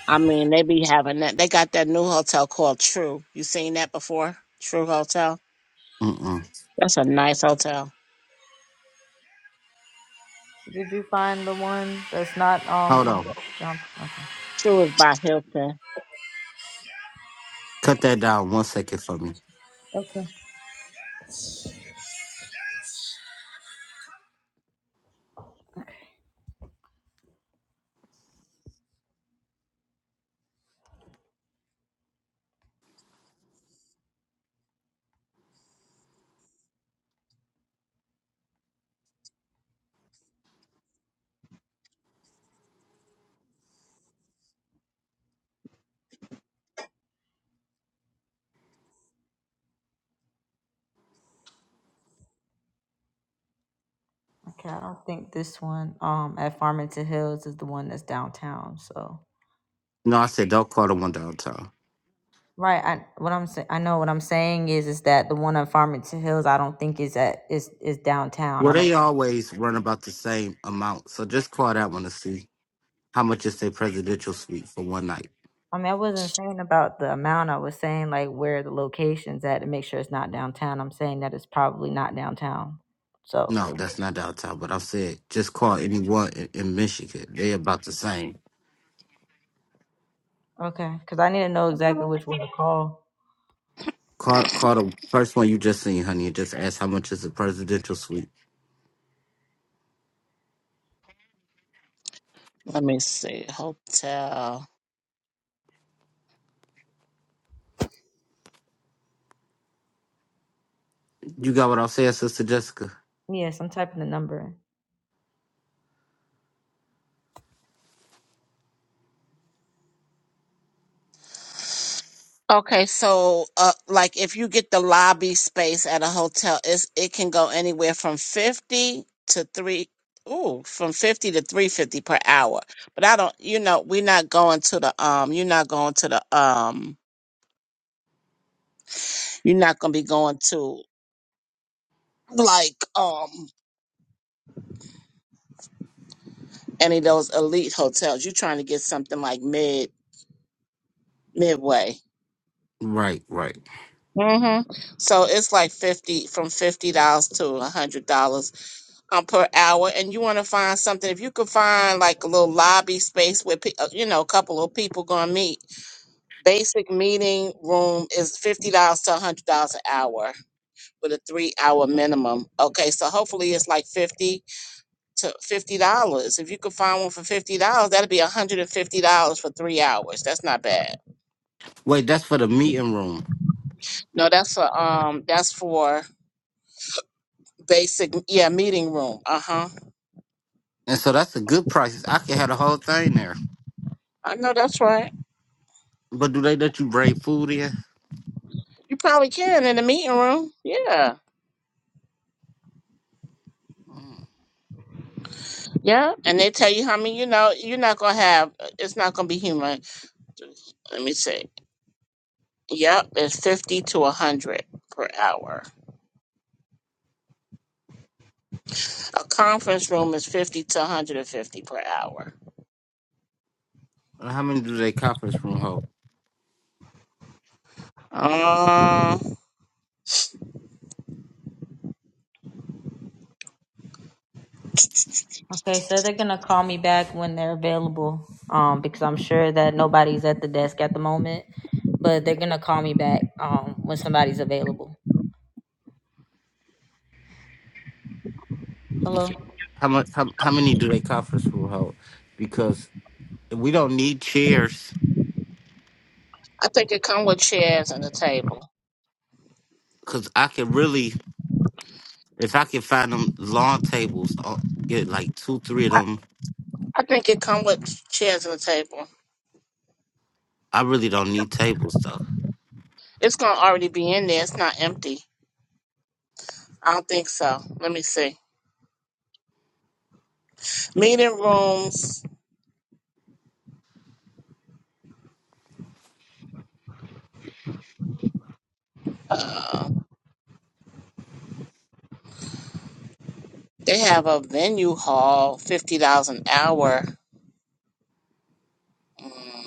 Speaker 3: I mean, they be having that. They got that new hotel called True. You seen that before? True Hotel.
Speaker 1: Mm-mm.
Speaker 3: That's a nice hotel.
Speaker 2: Did you find the one that's not um
Speaker 1: Hold
Speaker 2: in
Speaker 1: on.
Speaker 2: down? Okay.
Speaker 3: True is by Hilton.
Speaker 1: Cut that down one second for me.
Speaker 2: Okay, I don't think this one um at Farmington Hills is the one that's downtown. So
Speaker 1: No, I said don't call the one downtown.
Speaker 2: right, I what I'm saying, I know what I'm saying is is that the one at Farmington Hills, I don't think is at is is downtown.
Speaker 1: Well,
Speaker 2: I don't
Speaker 1: they always run about the same amount, so just call that one to see. How much is a presidential suite for one night?
Speaker 2: I mean, I wasn't saying about the amount. I was saying like where the location's at to make sure it's not downtown. I'm saying that it's probably not downtown. So
Speaker 1: No, that's not downtown. But I said just call anyone in, in Michigan. They about the same.
Speaker 2: okay, because I need to know exactly
Speaker 3: Mhm.
Speaker 2: which one to call.
Speaker 1: Call call the first one you just seen, honey, and just ask how much is a presidential suite.
Speaker 3: Let me see. Hotel.
Speaker 1: You got what I'm saying, Sister Jessica?
Speaker 2: Yes, I'm typing the number. in.
Speaker 3: Okay, so uh, like if you get the lobby space at a hotel, it's it can go anywhere from fifty to three. Ooh, from fifty to three fifty per hour. But I don't, you know, we're not going to the um, you're not going to the um, you're not gonna be going to like um any of those elite hotels. You're trying to get something like mid midway.
Speaker 1: Right, right.
Speaker 3: Mm-hmm. So it's like fifty from fifty dollars to a hundred dollars um, per hour, and you want to find something. If you could find like a little lobby space where pe- uh, you know a couple of people gonna meet. Basic meeting room is fifty dollars to hundred dollars an hour with a three hour minimum. Okay, so hopefully it's like fifty to fifty dollars. If you could find one for fifty dollars, that'd be hundred and fifty dollars for three hours. That's not bad.
Speaker 1: Wait, that's for the meeting room,
Speaker 3: No, that's for um, that's for basic yeah meeting room. Uh huh.
Speaker 1: and so that's a good price. I could have the whole thing there.
Speaker 3: I know that's right.
Speaker 1: But do they let you bring food in?
Speaker 3: You probably can in the meeting room. Yeah. Yeah, and they tell you how many, you know, you're not gonna have. It's not gonna be human. Let me see. Yep, it's fifty to one hundred per hour. A conference room is fifty to one hundred and fifty per hour.
Speaker 1: Or How many do they conference room hold?
Speaker 3: Um,
Speaker 2: Okay, so they're gonna call me back when they're available. Um, because I'm sure that nobody's at the desk at the moment, but they're gonna call me back. Um, when somebody's available. Hello.
Speaker 1: Okay. How much? How, how many do they conference room hold? Because we don't need chairs
Speaker 3: I think it come with chairs and a table.
Speaker 1: cause I could really, if I could find them lawn tables, I'll get like two, three of them.
Speaker 3: I think it come with chairs and a table.
Speaker 1: I really don't need tables though.
Speaker 3: It's gonna already be in there. It's not empty. I don't think so. Let me see. Meeting rooms. Uh, they have a venue hall, fifty dollars an hour. Mm.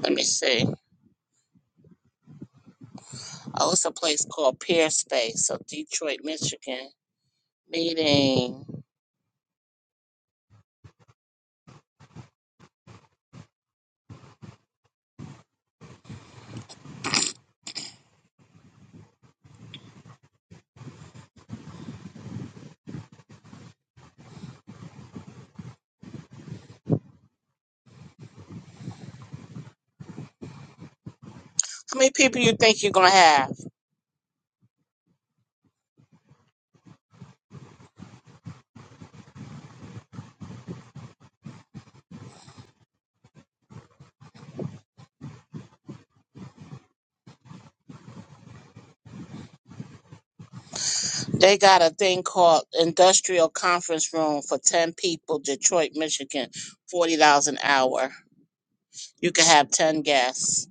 Speaker 3: Let me see. Oh, it's a place called Pear Space of Detroit, Michigan. Meeting. How many people you think you're gonna have? They got a thing called Industrial Conference Room for ten people, Detroit, Michigan, forty dollars an hour. You can have ten guests.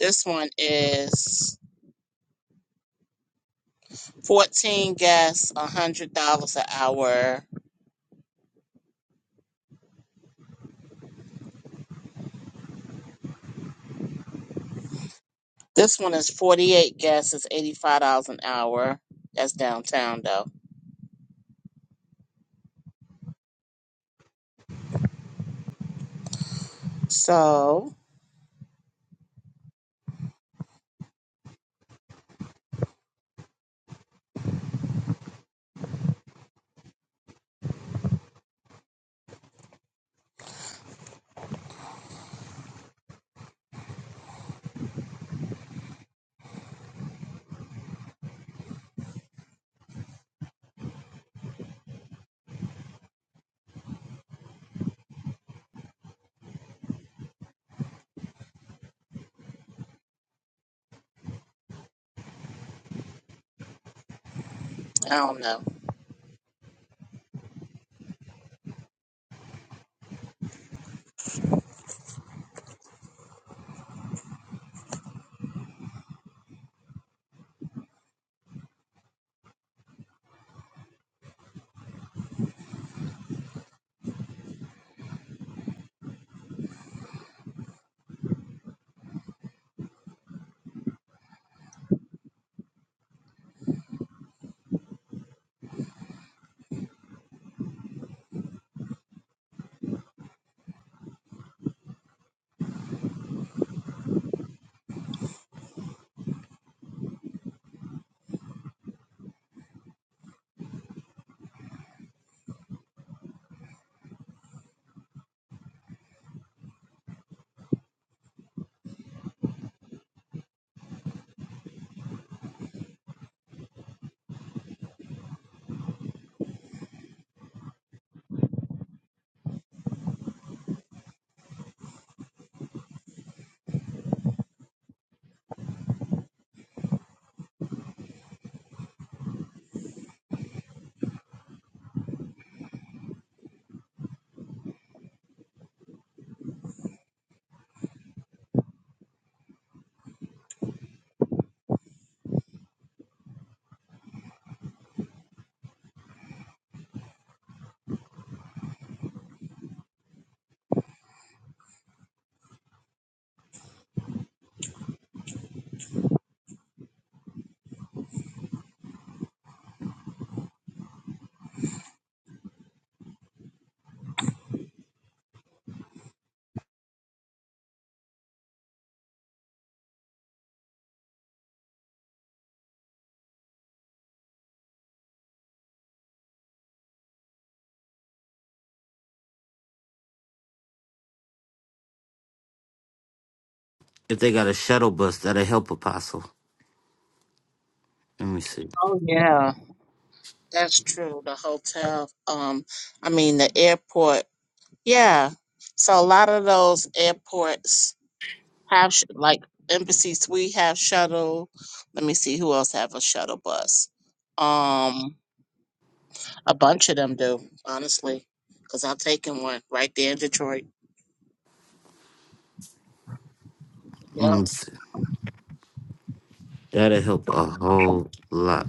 Speaker 3: This one is fourteen guests, hundred dollars an hour. This one is forty-eight guests, it's eighty-five dollars an hour. That's downtown though. So I don't know.
Speaker 1: If they got a shuttle bus, that'll help Apostle. Let me see.
Speaker 3: Oh yeah. That's true. The hotel, um, I mean the airport. Yeah. So a lot of those airports have sh- like Embassy Suite have shuttle. Let me see who else have a shuttle bus. Um, a bunch of them do, honestly, because I've taken one right there in Detroit.
Speaker 1: Let
Speaker 3: Yep.
Speaker 1: me see. That'll help a whole lot.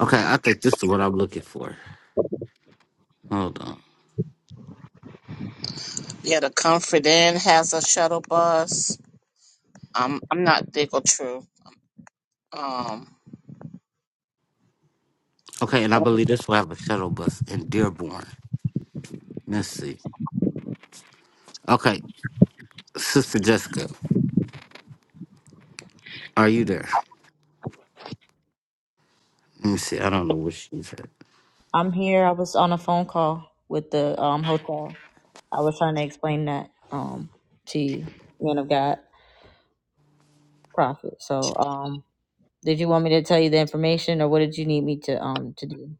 Speaker 1: Okay, I think this is what I'm looking for. Hold on.
Speaker 3: Yeah, the Comfort Inn has a shuttle bus. Um, I'm not big or true. Um,
Speaker 1: Okay, and I believe this will have a shuttle bus in Dearborn. Let's see. Okay, Sister Jessica, are you there? Let me see. I don't know what she's at.
Speaker 2: I'm here. I was on a phone call with the um, hotel. I was trying to explain that um, to you, man of God, prophet. So, um, did you want me to tell you the information, or what did you need me to um to do?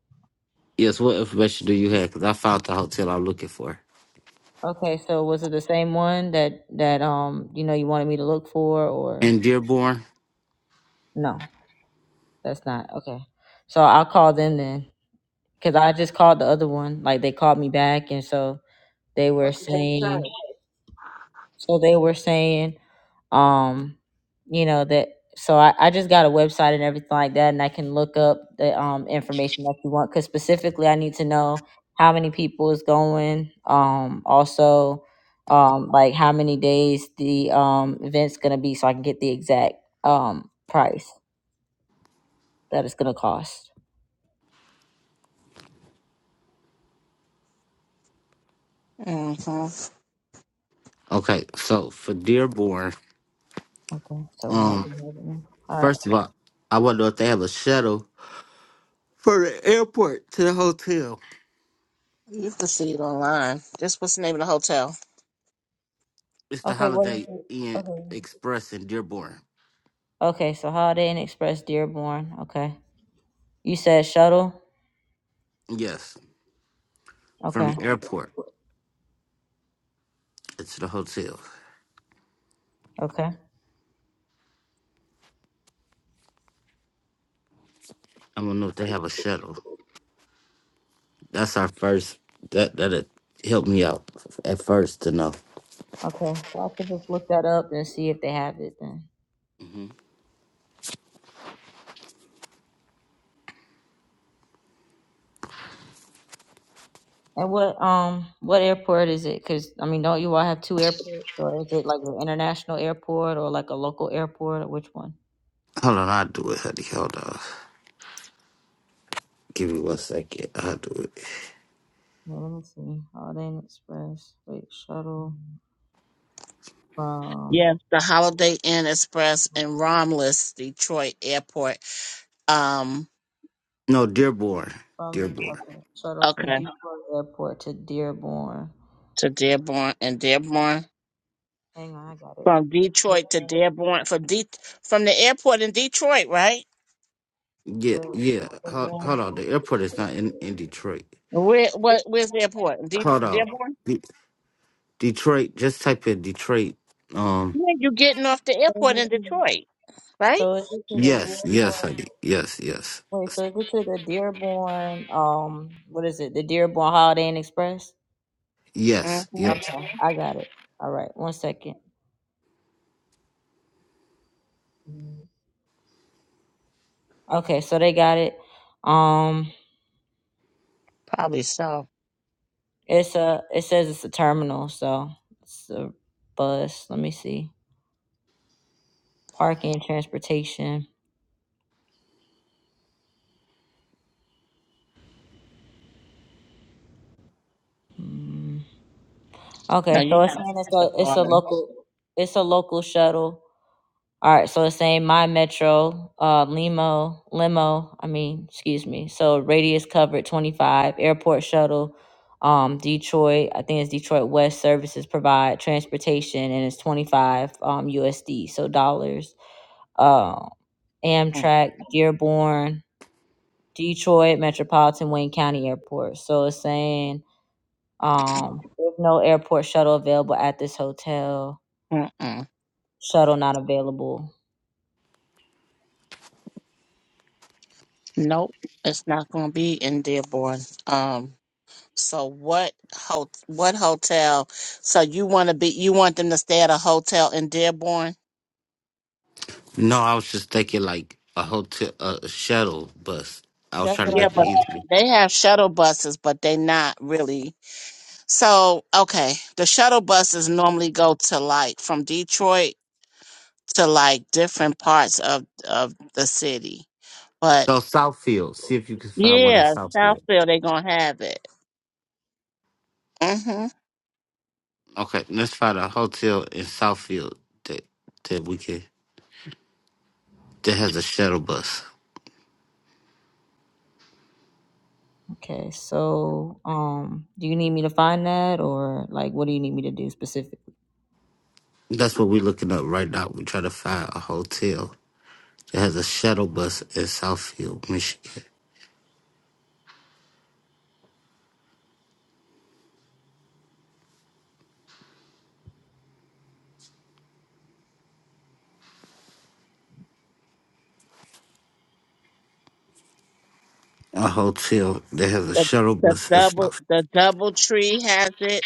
Speaker 1: Yes, what information do you have? Because I found the hotel I'm looking for
Speaker 2: Okay, so was it the same one that that um you know you wanted me to look for, or
Speaker 1: in Dearborn.
Speaker 2: no? That's not okay. So I'll call them then, because I just called the other one. Like they called me back, and so they were
Speaker 3: What did they
Speaker 2: saying
Speaker 3: say?
Speaker 2: So they were saying, um, you know, that so I, I just got a website and everything like that, and I can look up the um information that you want. Cause specifically I need to know how many people is going, um, also um like how many days the um event's gonna be so I can get the exact um price that it's gonna cost.
Speaker 3: hmm
Speaker 1: Okay, so for Dearborn,
Speaker 2: Okay. So we're not
Speaker 1: um,
Speaker 2: doing that one. All right.
Speaker 1: first of all, I wonder if they have a shuttle from the airport to the hotel.
Speaker 3: You can see it online. Just what's the name of the hotel?
Speaker 1: It's the
Speaker 2: Okay, what is
Speaker 1: Holiday
Speaker 2: it?
Speaker 1: Inn
Speaker 2: Okay.
Speaker 1: Express in Dearborn.
Speaker 2: Okay, so Holiday Inn Express Dearborn. Okay. You said shuttle?
Speaker 1: Yes, from
Speaker 2: Okay.
Speaker 1: the airport to the hotel.
Speaker 2: Okay. Okay.
Speaker 1: I don't know if they have a shuttle. That's our first. That that helped me out at first to know.
Speaker 2: Well, I could just look that up and see if they have it then.
Speaker 1: hmm
Speaker 2: And what um what airport is it? Cause I mean, don't you all have two airports, or is it like an international airport or like a local airport, or which one?
Speaker 1: Hold on, I'll do it, honey. Hold on. Give me one second. I'll do it.
Speaker 2: Well, let me see. Holiday Inn Express. Wait, shuttle from
Speaker 3: Yes. The Holiday Inn Express in Romulus, Detroit Airport. Um,
Speaker 1: No, Dearborn.
Speaker 2: from
Speaker 1: Dearborn.
Speaker 2: okay, shuttle from
Speaker 3: okay,
Speaker 2: Detroit Airport to Dearborn.
Speaker 3: to Dearborn and Dearborn
Speaker 2: Hang on, I got it.
Speaker 3: from Detroit to
Speaker 2: Dearborn.
Speaker 3: Dearborn from De- from the airport in Detroit, right?
Speaker 1: Yeah,
Speaker 2: Wait,
Speaker 1: yeah. Hold,
Speaker 2: Dearborn.
Speaker 1: hold on. The airport is not in, in Detroit.
Speaker 3: Where what? Where's the airport? De-
Speaker 1: Hold on.
Speaker 3: Dearborn.
Speaker 1: De- Detroit. Just type in Detroit. Um.
Speaker 3: Yeah, you're getting off the airport in Detroit, right?
Speaker 2: So it's to the
Speaker 1: Yes. Yes.
Speaker 2: Dearborn
Speaker 1: I did. Yes. Yes.
Speaker 2: Wait, so is it to the Dearborn, um, what is it? The Dearborn Holiday Inn Express?
Speaker 1: Yes. Yes.
Speaker 2: Okay, I got it. All right, one second. Okay, so they got it. Um,
Speaker 3: Probably so.
Speaker 2: it's a, it says it's a terminal, so it's a bus. Let me see. Parking, transportation. Mm.
Speaker 3: No,
Speaker 2: Okay,
Speaker 3: you're
Speaker 2: so it's
Speaker 3: not
Speaker 2: saying it's
Speaker 3: the
Speaker 2: a, it's a
Speaker 3: father.
Speaker 2: local, it's a local shuttle All right, so it's saying my metro, uh, limo, limo. I mean, excuse me. So radius covered twenty five. Airport shuttle, um, Detroit. I think it's Detroit West services provide transportation, and it's twenty five um USD, so dollars. Uh,
Speaker 3: Mm,
Speaker 2: Amtrak, Dearborn, Detroit Metropolitan Wayne County Airport. So it's saying um, there's no airport shuttle available at this hotel.
Speaker 3: Mm-mm.
Speaker 2: Shuttle not available.
Speaker 3: Nope, it's not going to be in Dearborn. Um, so what? Ho- what hotel? So you want to be? You want them to stay at a hotel in Dearborn?
Speaker 1: No, I was just thinking like a hotel, a shuttle bus. I was
Speaker 2: That's
Speaker 1: trying to
Speaker 2: what
Speaker 3: Yeah,
Speaker 1: make it
Speaker 3: but
Speaker 1: easy.
Speaker 3: they have shuttle buses, but they not really. So okay, the shuttle buses normally go to like from Detroit to like different parts of of the city, but
Speaker 1: So Southfield. See if you can find one in
Speaker 3: yeah,
Speaker 1: Southfield.
Speaker 3: Southfield they gonna have it.
Speaker 1: Okay, let's find a hotel in Southfield that that we can that has a shuttle bus.
Speaker 2: Okay, so um, do you need me to find that, or like, what do you need me to do specifically?
Speaker 1: That's what we're looking up right now. We're trying to find a hotel that has a shuttle bus in Southfield, Michigan. A hotel that has a
Speaker 3: The,
Speaker 1: shuttle
Speaker 3: the
Speaker 1: bus in
Speaker 3: double
Speaker 1: Southfield.
Speaker 3: the double tree has it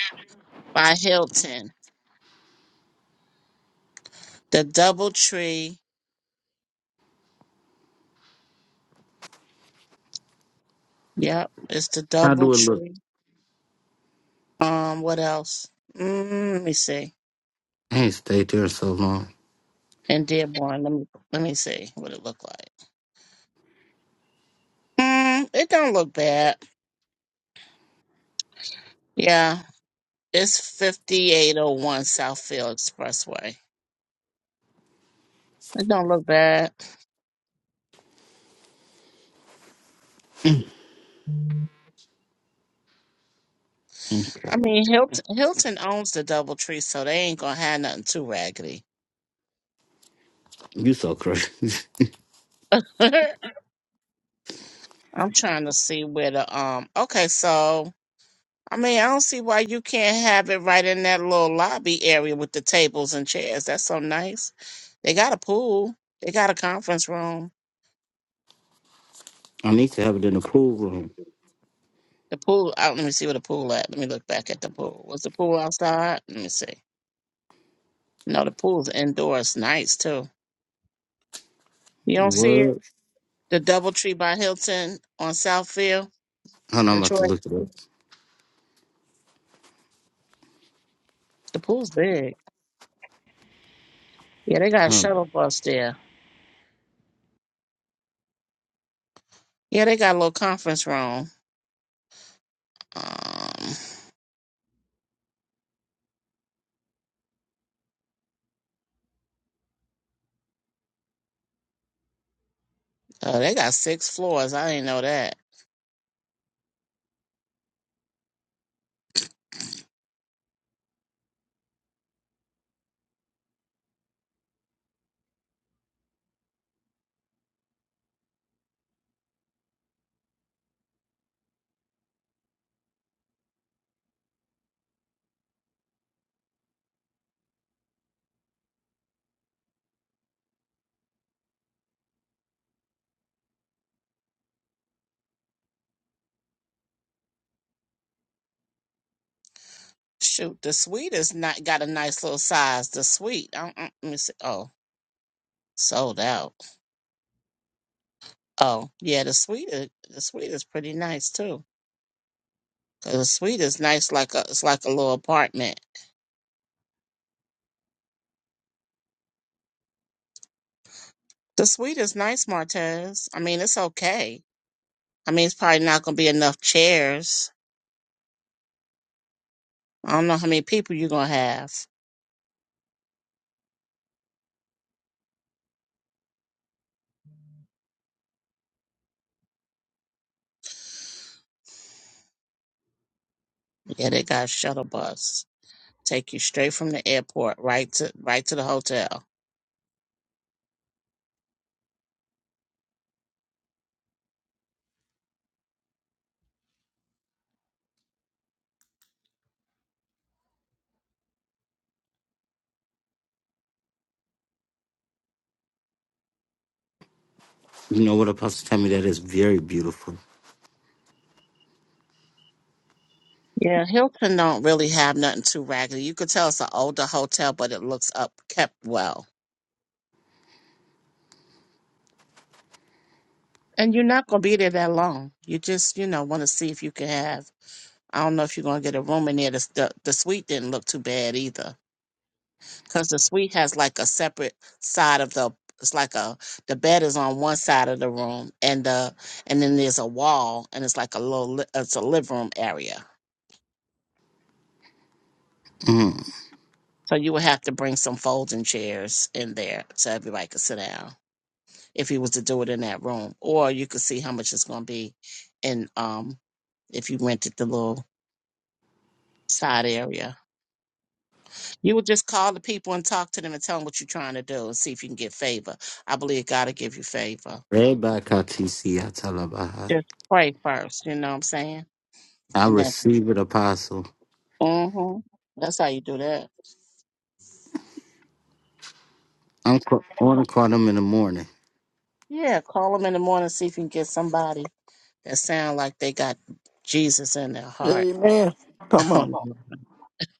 Speaker 3: by Hilton. The double tree. Yep, it's the
Speaker 1: How
Speaker 3: double
Speaker 1: do it look?
Speaker 3: tree. Um, what else? Mm, let me see.
Speaker 1: I ain't stayed there in so long.
Speaker 3: In Dearborn, let me let me see what it look like. Mm, it don't look bad. Yeah, it's fifty eight oh one Southfield Expressway. It don't look bad. I
Speaker 1: Okay.
Speaker 3: mean, Hilton Hilton owns the double tree, so they ain't gonna have nothing too raggedy. [laughs]
Speaker 1: You so crazy. [laughs]
Speaker 3: I'm trying to see where the um. Okay, so I mean, I don't see why you can't have it right in that little lobby area with the tables and chairs. That's so nice. They got a pool. They got a conference room.
Speaker 1: I need to have it in the pool room.
Speaker 3: The pool. Out. Let me see where the pool at. Let me look back at the pool. Was the pool outside? Let me see. No, the pool's indoors. Nice too. You don't
Speaker 1: What?
Speaker 3: see it?
Speaker 1: Hold
Speaker 3: The DoubleTree by Hilton on Southfield,
Speaker 1: on, I'm about to
Speaker 3: Detroit.
Speaker 1: look it up.
Speaker 3: The pool's big. Yeah, they got a
Speaker 1: Hold on.
Speaker 3: shuttle bus there. Yeah, they got a little conference room. Um, uh, they got six floors. I didn't know that. Shoot, the sweet is not got a nice little size. The sweet, um, um, let me see. Oh, sold out. Oh, yeah, the sweet, is, the sweet is pretty nice too. 'Cause the sweet is nice, like a it's like a little apartment. The sweet is nice, Martez. I mean, it's okay. I mean, it's probably not gonna be enough chairs. I don't know how many people you're gonna have. Yeah, they got a shuttle bus take you straight from the airport right to right to the hotel.
Speaker 1: You know what Apostle tell me? That is very beautiful.
Speaker 3: Yeah, Hilton don't really have nothing too raggedy. You could tell it's an older hotel, but it looks up kept well. And you're not gonna be there that long. You just, you know, want to see if you can have. I don't know if you're gonna get a room in there. The the, the suite didn't look too bad either, because the suite has like a separate side of the. It's like a the bed is on one side of the room, and the and then there's a wall, and it's like a little li- it's a living room area.
Speaker 1: Mm.
Speaker 3: So you would have to bring some folding chairs in there so everybody could sit down. if he was to do it in that room. Or you could see how much it's going to be in um if you rented the little side area. You would just call the people and talk to them and tell them what you're trying to do and see if you can get favor. I believe God will give you favor.
Speaker 1: Everybody call TC. I tell her about her.
Speaker 3: Just pray first, you know what I'm saying?
Speaker 1: I
Speaker 3: And then,
Speaker 1: receive it, Apostle.
Speaker 3: mm-hmm, that's how you do that.
Speaker 1: I'm ca- on to call them in the morning.
Speaker 3: Yeah, call them in the morning, see if you can get somebody that sound like they got Jesus in their heart.
Speaker 4: Amen. Come on.
Speaker 3: [laughs]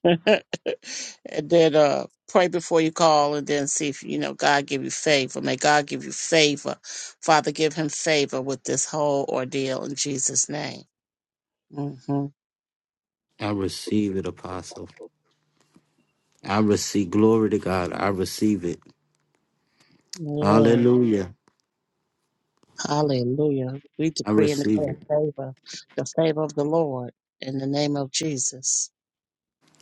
Speaker 3: [laughs] and then uh pray before you call and then see if you know God give you favor. May God give you favor. Father, give him favor with this whole ordeal in Jesus' name. hmm
Speaker 1: I receive it, Apostle. I receive glory to God. I receive it.
Speaker 3: Yeah.
Speaker 1: Hallelujah.
Speaker 3: Hallelujah. We
Speaker 1: I
Speaker 3: decree and
Speaker 1: receive
Speaker 3: declare
Speaker 1: it.
Speaker 3: favor, the favor of the Lord in the name of Jesus.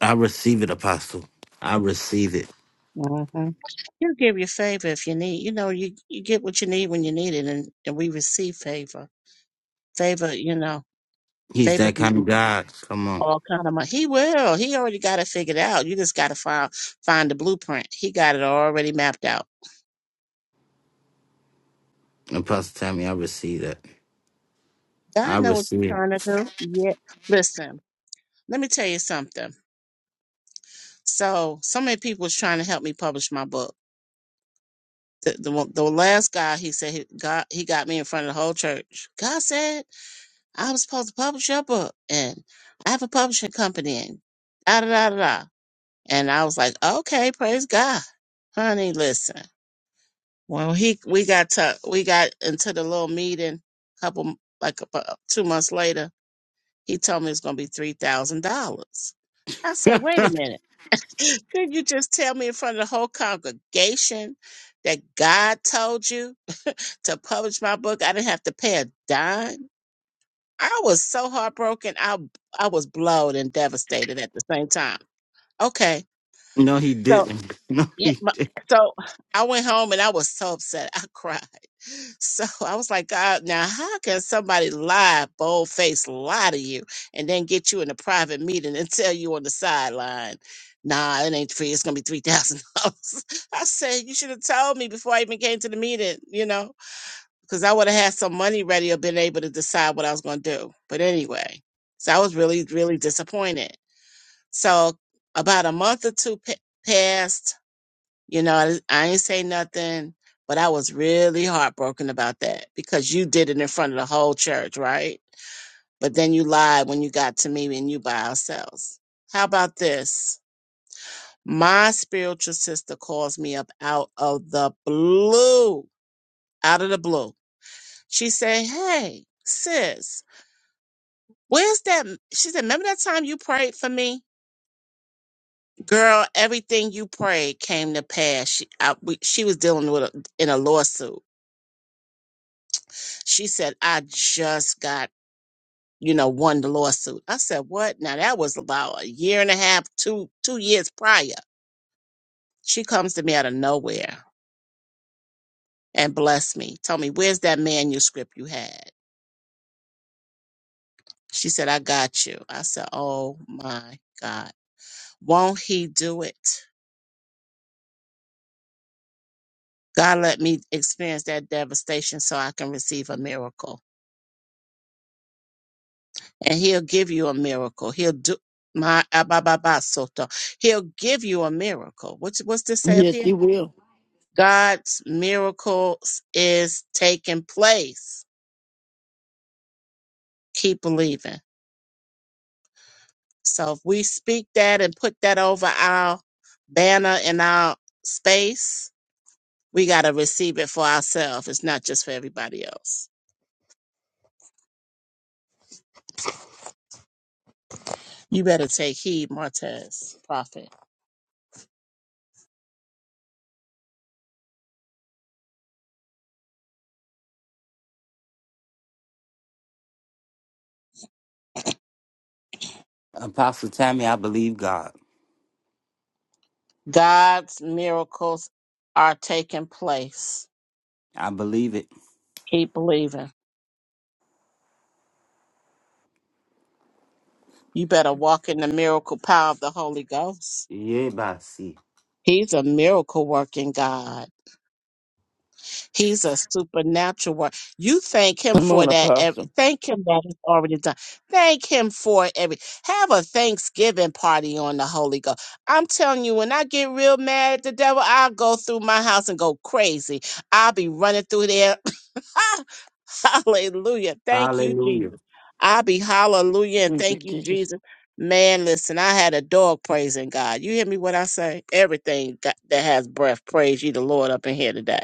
Speaker 1: I receive it, Apostle. I receive it.
Speaker 3: Mm-hmm. He'll give you favor if you need. You know, you, you get what you need when you need it, and, and we receive favor. Favor, you know,
Speaker 1: He's
Speaker 3: favor
Speaker 1: that
Speaker 3: be
Speaker 1: kind of God. Come on.
Speaker 3: all kind of money. He will. He already got it figured out. You just got to find find the blueprint. He got it already mapped out.
Speaker 1: Apostle Tammy, I receive that. I
Speaker 3: God know what you're
Speaker 1: receive
Speaker 3: trying to do. Yeah. Listen, let me tell you something. So, so many people was trying to help me publish my book. The, the one- the last guy he said he got he got me in front of the whole church. God said I was supposed to publish your book, and I have a publishing company, and da da da da. da." And I was like, okay, praise God, honey. Listen. Well, he we got to we got into the little meeting couple like about two months later. He told me it's gonna be three thousand dollars. I said,
Speaker 1: it.
Speaker 3: wait a
Speaker 1: [laughs]
Speaker 3: minute. [laughs] Did you just tell me in front of the whole congregation that God told you to publish my book? I didn't have to pay a dime. I was so heartbroken. I I was blowed and devastated at the same time. Okay,
Speaker 1: no, he
Speaker 3: so
Speaker 1: didn't. [laughs] No,
Speaker 3: yeah,
Speaker 1: he
Speaker 3: my,
Speaker 1: didn't.
Speaker 3: so [sighs] I went home and I was so upset. I [laughs] cried. So [laughs] I was like, God, now how can somebody lie, bold face lie to you, and then get you in a private meeting and [laughs] tell you on the sideline, nah, it ain't free. It's gonna be three thousand dollars. [laughs] I said, you should have told me before I even came to the meeting, you know, because I would have had some money ready or been able to decide what I was gonna do. But anyway, so I was really, really disappointed. So about a month or two pa- passed you know, I, I ain't say nothing, but I was really heartbroken about that because you did it in front of the whole church, right? But then you lied when you got to me and you by ourselves. How about this? My spiritual sister calls me up out of the blue, out of the blue. She said, Hey, sis, where's that? She said, Remember that time you prayed for me? Girl, everything you prayed came to pass. She, I, we, she was dealing with a, in a lawsuit She said, I just got, you know, won the lawsuit. I said, What? Now that was about a year and a half, two two years prior. She comes to me out of nowhere and bless me. Tell me, where's that manuscript you had? She said, I got you. I said, Oh my God. Won't he do it? God let me experience that devastation so I can receive a miracle. And he'll give you a miracle. He'll do my abababasoto. He'll give you a miracle. What's what's this say up
Speaker 4: Yes,
Speaker 3: here?
Speaker 4: he will.
Speaker 3: God's miracles is taking place. Keep believing. So if we speak that and put that over our banner in our space, we got to receive it for ourselves. It's not just for everybody else. You better take heed, Martez, prophet.
Speaker 1: Apostle Tammy, I believe God.
Speaker 3: God's miracles are taking place.
Speaker 1: I believe it.
Speaker 3: Keep believing. You better walk in the miracle power of the Holy Ghost.
Speaker 1: Yeah, Basi.
Speaker 3: He's a miracle working God. He's a supernatural work. You thank him
Speaker 4: Come
Speaker 3: for
Speaker 4: on,
Speaker 3: that.
Speaker 4: Apostle.
Speaker 3: Every, thank him that it's already done. Thank him for every. Have a Thanksgiving party on the Holy Ghost. I'm telling you, when I get real mad at the devil, I'll go through my house and go crazy. I'll be running through there. [laughs] hallelujah. Thank you,
Speaker 1: Hallelujah.
Speaker 3: Jesus. I'll be hallelujah and
Speaker 4: Thank you,
Speaker 3: thank you,
Speaker 4: Jesus.
Speaker 3: Jesus. Man, listen, I had a dog praising God. You hear me what I say? Everything got, that has breath, praise you, the Lord, up in here today.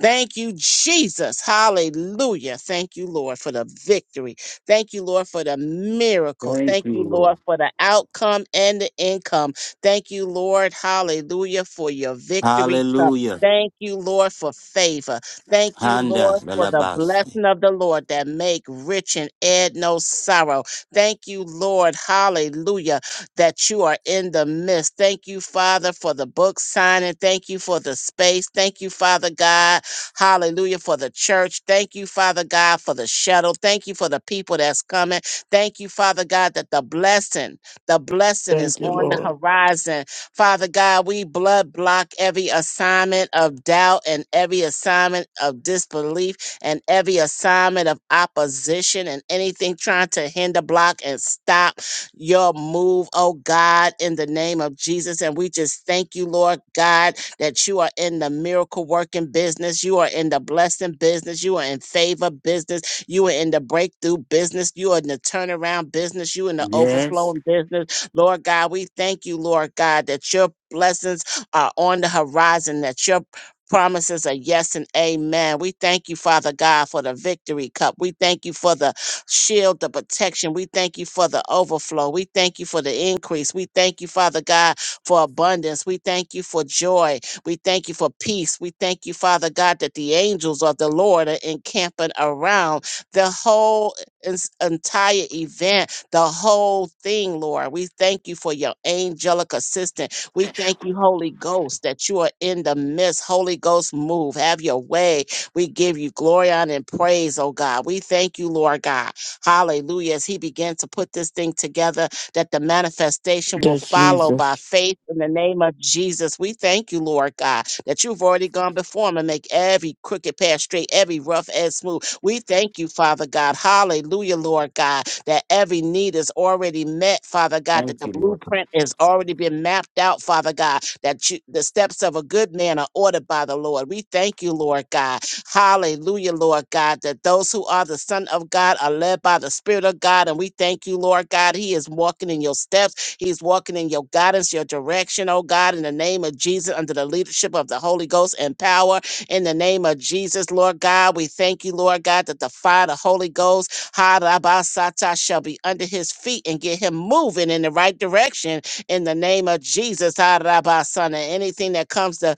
Speaker 3: Thank you, Jesus. Hallelujah. Thank you, Lord, for the victory. Thank you, Lord, for the miracle.
Speaker 1: Thank
Speaker 3: Thank
Speaker 1: you,
Speaker 3: you,
Speaker 1: Lord.
Speaker 3: Lord, for the outcome and the income. Thank you, Lord. Hallelujah, for your victory cup.
Speaker 1: Hallelujah.
Speaker 3: Thank you, Lord, for favor. Thank you,
Speaker 1: Handa
Speaker 3: Lord, for the
Speaker 1: Lalabasi.
Speaker 3: blessing of the Lord that make rich and add no sorrow. Thank you, Lord, hallelujah, that you are in the midst. Thank you, Father, for the book signing. Thank you for the space. Thank you, Father God, Hallelujah. For the church. Thank you, Father God, for the shuttle. Thank you for the people that's coming. Thank you, Father God, that the blessing, the blessing is
Speaker 4: Thank you,
Speaker 3: on the
Speaker 4: Lord.
Speaker 3: horizon. Father God, we blood block every assignment of doubt and every assignment of disbelief and every assignment of opposition and anything trying to hinder, block, and stop your move, oh God, in the name of Jesus. And we just thank you, Lord God that you are in the miracle working business, you are in the blessing business, you are in favor business, you are in the breakthrough business, you are in the turnaround business, you in the
Speaker 1: Yes.
Speaker 3: overflowing business. Lord God, we thank you, Lord God, that your blessings are on the horizon, that your promises are yes and amen. We thank you, Father God, for the victory cup. We thank you for the shield, the protection. We thank you for the overflow. We thank you for the increase. We thank you, Father God, for abundance. We thank you for joy. We thank you for peace. We thank you, Father God, that the angels of the Lord are encamping around the whole ens- entire event, the whole thing, Lord. We thank you for your angelic assistant. We thank you, Holy Ghost, that you are in the midst. Holy Ghost, move. Have your way. We give you glory honor, and praise, oh God. We thank you, Lord God. Hallelujah. As he began to put this thing together, that the manifestation will
Speaker 4: Yes,
Speaker 3: follow by
Speaker 4: Jesus.
Speaker 3: faith in the name of Jesus. We thank you, Lord God, that you've already gone before him and make every crooked path straight, every rough edge smooth. We thank you, Father God. Hallelujah, Lord God, that every need is already met, Father God,
Speaker 1: Thank
Speaker 3: that the
Speaker 1: you, Lord.
Speaker 3: blueprint has already been mapped out, Father God, that you, the steps of a good man are ordered by the Lord. We thank you, Lord God, Hallelujah, Lord God, that those who are the Son of God are led by the Spirit of God. And we thank you, Lord God. He is walking in your steps, He's walking in your guidance, your direction, oh God, in the name of Jesus, under the leadership of the Holy Ghost and power. In the name of Jesus, Lord God, we thank you, Lord God, that the fire of the Holy Ghost, Harabasata, shall be under his feet and get him moving in the right direction in the name of Jesus. Arabasana. Anything that comes to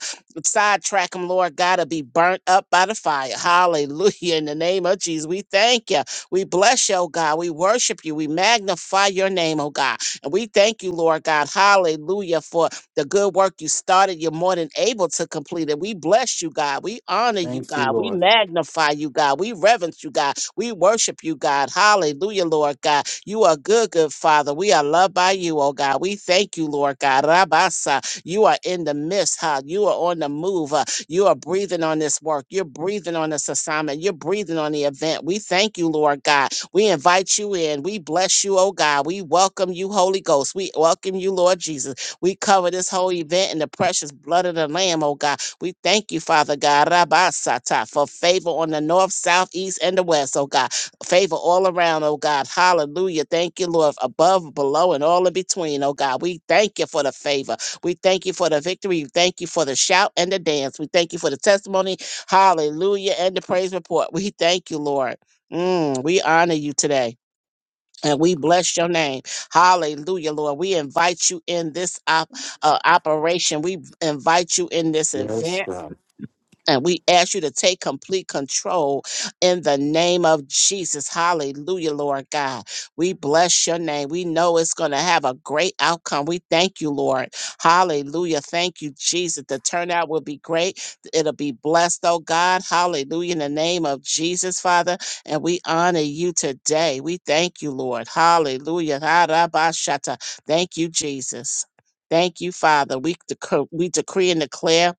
Speaker 3: sidetrack them, Lord God, to be burnt up by the fire. Hallelujah. In the name of Jesus, we thank you. We bless you, oh God. We worship you. We magnify your name, oh God. And we thank you, Lord God. Hallelujah for the good work you started. You're more than able to complete it. We bless you, God. We honor you,
Speaker 1: Thank you,
Speaker 3: God. We
Speaker 1: Lord.
Speaker 3: magnify you, God. We reverence you, God. We worship you, God. Hallelujah, Lord God. You are good, good Father. We are loved by you, oh God. We thank you, Lord God. Rabasa. You are in the midst, huh? You are on the move. huh? You are breathing on this work. You're breathing on this assignment. You're breathing on the event. We thank you, Lord God. We invite you in. We bless you, oh God. We welcome you, Holy Ghost. We welcome you, Lord Jesus. We cover this whole event in the precious blood of the Lamb, oh God. We thank you, Father God, Rabasata, for favor on the north, south, east, and the west, oh God. Favor all around, oh God. Hallelujah. Thank you, Lord, above, below, and all in between, oh God. We thank you for the favor. We thank you for the victory. We thank you for the shout and the dance. We thank you for the testimony. Hallelujah. And the praise report. We thank you, Lord. Mm, we honor you today. And we bless your name. Hallelujah, Lord. We invite you in this op- uh, operation. We invite you in this event.
Speaker 1: Yes, God.
Speaker 3: And we ask you to take complete control in the name of Jesus. Hallelujah, Lord God. We bless your name. We know it's going to have a great outcome. We thank you, Lord. Hallelujah. Thank you, Jesus. The turnout will be great. It'll be blessed, oh God. Hallelujah. In the name of Jesus, Father. And we honor you today. We thank you, Lord. Hallelujah. Harabashata. Thank you, Jesus. Thank you, Father. We, dec- we decree and declare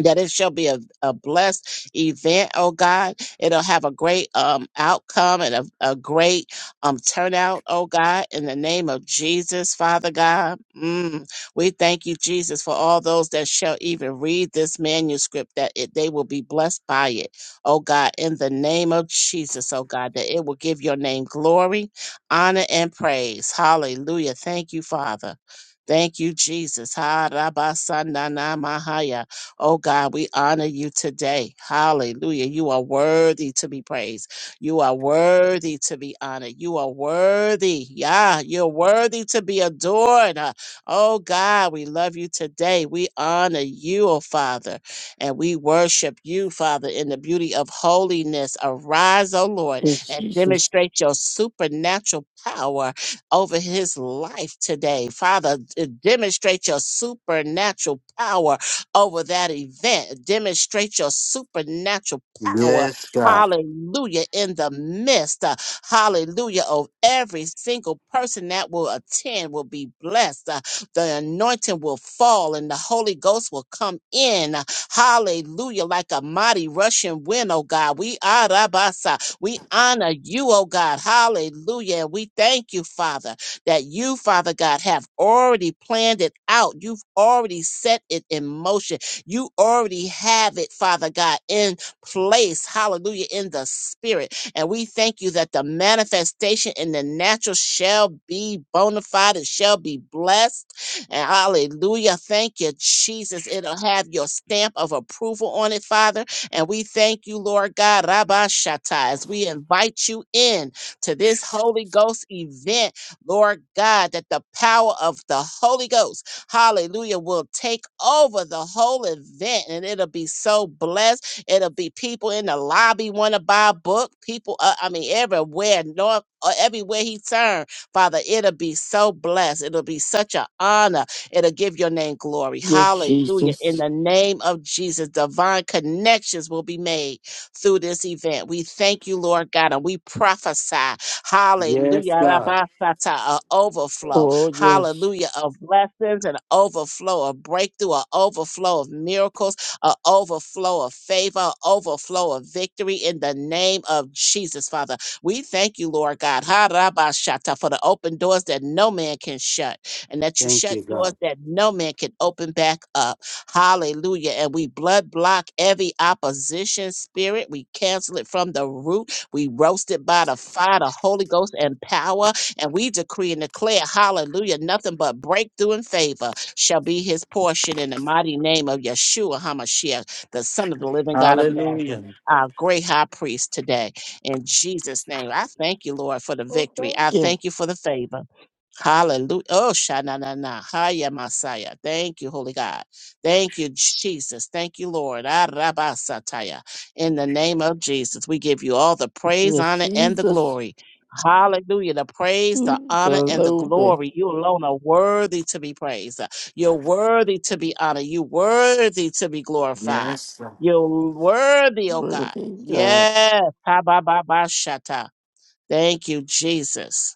Speaker 3: that it shall be a, a blessed event, oh God. It'll have a great um, outcome and a, a great um, turnout, oh God, in the name of Jesus, Father God. Mm. We thank you, Jesus, for all those that shall even read this manuscript, that it, they will be blessed by it, oh God, in the name of Jesus, oh God, that it will give your name glory, honor, and praise. Hallelujah. Thank you, Father. Thank you, Jesus. Ha, rabba, sa, na, na, ma, ha, ya. Oh God, we honor you today. Hallelujah. You are worthy to be praised. You are worthy to be honored. You are worthy. Yeah, you're worthy to be adored. Uh, Oh God, we love you today. We honor you, oh Father, and we worship you, Father, in the beauty of holiness. Arise, oh Lord,
Speaker 4: Yes,
Speaker 3: and
Speaker 4: Jesus.
Speaker 3: demonstrate your supernatural power over his life today. Father, d- demonstrate your supernatural power over that event. Demonstrate your supernatural power.
Speaker 1: Yes, God.
Speaker 3: Hallelujah. In the midst, uh, hallelujah, of every single person that will attend will be blessed. Uh, the anointing will fall and the Holy Ghost will come in. uh, Hallelujah. Like a mighty rushing wind, oh God. We are Rabasa. We honor you, oh God. Hallelujah. And we thank you, Father that you, Father God, have already planned it out. You've already set it in motion. You already have it, Father God, in place. Hallelujah, in the spirit. And we thank you that the manifestation in the natural shall be bona fide. It shall be blessed. And hallelujah. Thank you, Jesus. It'll have your stamp of approval on it, Father. And we thank you, Lord God, Rabba Shatai, as we invite you in to this Holy Ghost event Lord God, that the power of the Holy Ghost, hallelujah, will take over the whole event and it'll be so blessed. It'll be people in the lobby want to buy a book, people, uh, I mean, everywhere, north, uh, everywhere he turned, Father, it'll be so blessed. It'll be such an honor. It'll give your name glory.
Speaker 4: Yes,
Speaker 3: Hallelujah. In
Speaker 4: Jesus.
Speaker 3: the name of Jesus, divine connections will be made through this event. We thank you, Lord God, and we prophesy,
Speaker 1: Yes,
Speaker 3: hallelujah,
Speaker 1: God.
Speaker 3: rabasata, a overflow,
Speaker 4: Oh, yes.
Speaker 3: hallelujah, of blessings, an overflow of breakthrough, an overflow of miracles, an overflow of favor, an overflow of victory in the name of Jesus, Father. We thank you, Lord God, ha rabashata, for the open doors that no man can shut, and that you
Speaker 1: Thank
Speaker 3: shut
Speaker 1: you,
Speaker 3: doors
Speaker 1: God.
Speaker 3: that no man can open back up. Hallelujah. And we blood block every opposition spirit. We cancel it from the root. We roast it by the fire, the Holy Ghost and power. And we decree and declare, hallelujah, nothing but breakthrough and favor shall be his portion in the mighty name of Yeshua HaMashiach, the Son of the living God of Nazareth,
Speaker 1: Hallelujah.
Speaker 3: our great high priest today. In Jesus' name, I thank you, Lord, for the
Speaker 4: Oh,
Speaker 3: victory.
Speaker 4: thank
Speaker 3: I
Speaker 4: you.
Speaker 3: thank you for the favor. Hallelujah. Oh, Shana, na, na. Hiya, Messiah. Thank you, Holy God. Thank you, Jesus. Thank you, Lord. Arabasataya. In the name of Jesus, we give you all the praise,
Speaker 4: Yes,
Speaker 3: honor, and the
Speaker 4: Jesus.
Speaker 3: glory. Hallelujah. The praise, the
Speaker 4: Mm,
Speaker 3: honor, and the
Speaker 4: Jehovah.
Speaker 3: glory. You alone are worthy to be praised. You're worthy to be honored. You're worthy to be glorified.
Speaker 1: Yes. Lord.
Speaker 3: You're worthy, oh God.
Speaker 4: Worthy God.
Speaker 3: Yes. Ha-ba-ba-ba-shata. Thank you, Jesus.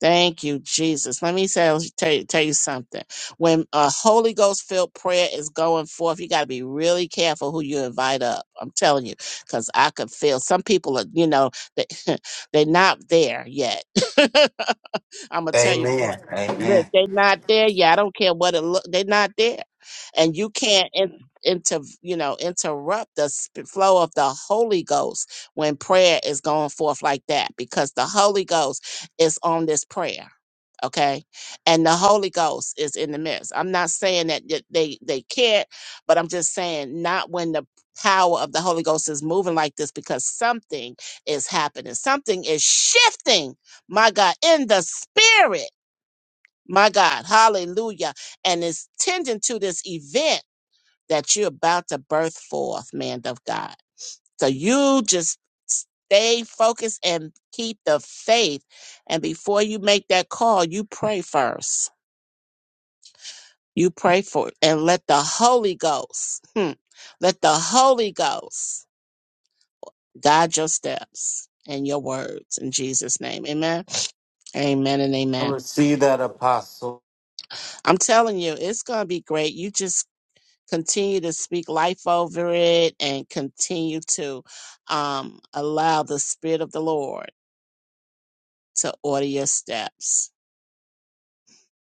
Speaker 3: Thank you, Jesus. Let me tell, tell, you- tell you something. When a Holy Ghost filled prayer is going forth, you got to be really careful who you invite up. I'm telling you, because I could feel some people are, you know, they, [laughs] they're not there yet. [laughs] I'm gonna tell you for
Speaker 1: Amen.
Speaker 3: it. Look,
Speaker 1: Amen.
Speaker 3: they not there. Yeah, I don't care what it look. They not there, and you can't in, inter you know interrupt the sp- flow of the Holy Ghost when prayer is going forth like that because the Holy Ghost is on this prayer okay and the holy ghost is in the midst i'm not saying that y- they they can't but i'm just saying not when the power of the holy ghost is moving like this because something is happening something is shifting my god in the spirit my god hallelujah and it's tending to this event that you're about to birth forth man of god so you just stay focused and keep the faith and before you make that call you pray first You pray for it and let the Holy Ghost, hmm, let the Holy Ghost guide your steps and your words in Jesus' name. Amen. Amen and
Speaker 1: I
Speaker 3: amen.
Speaker 1: receive that apostle.
Speaker 3: I'm telling you, it's going to be great. You just continue to speak life over it and continue to um, allow the Spirit of the Lord to order your steps.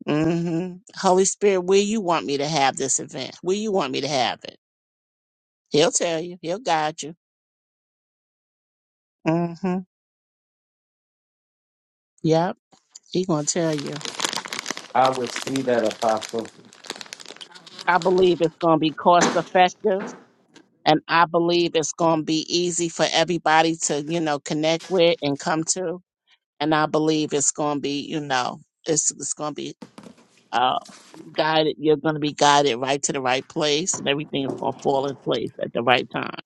Speaker 3: hmm Holy Spirit, where you want me to have this event? Where you want me to have it? He'll tell you. He'll guide you. hmm Yep. She gonna tell you.
Speaker 1: I receive that apostle.
Speaker 3: I believe it's gonna be cost effective, and I believe it's gonna be easy for everybody to you know connect with and come to. And I believe it's gonna be you know it's it's gonna be uh guided. You're gonna be guided right to the right place, and everything is gonna fall in place at the right time.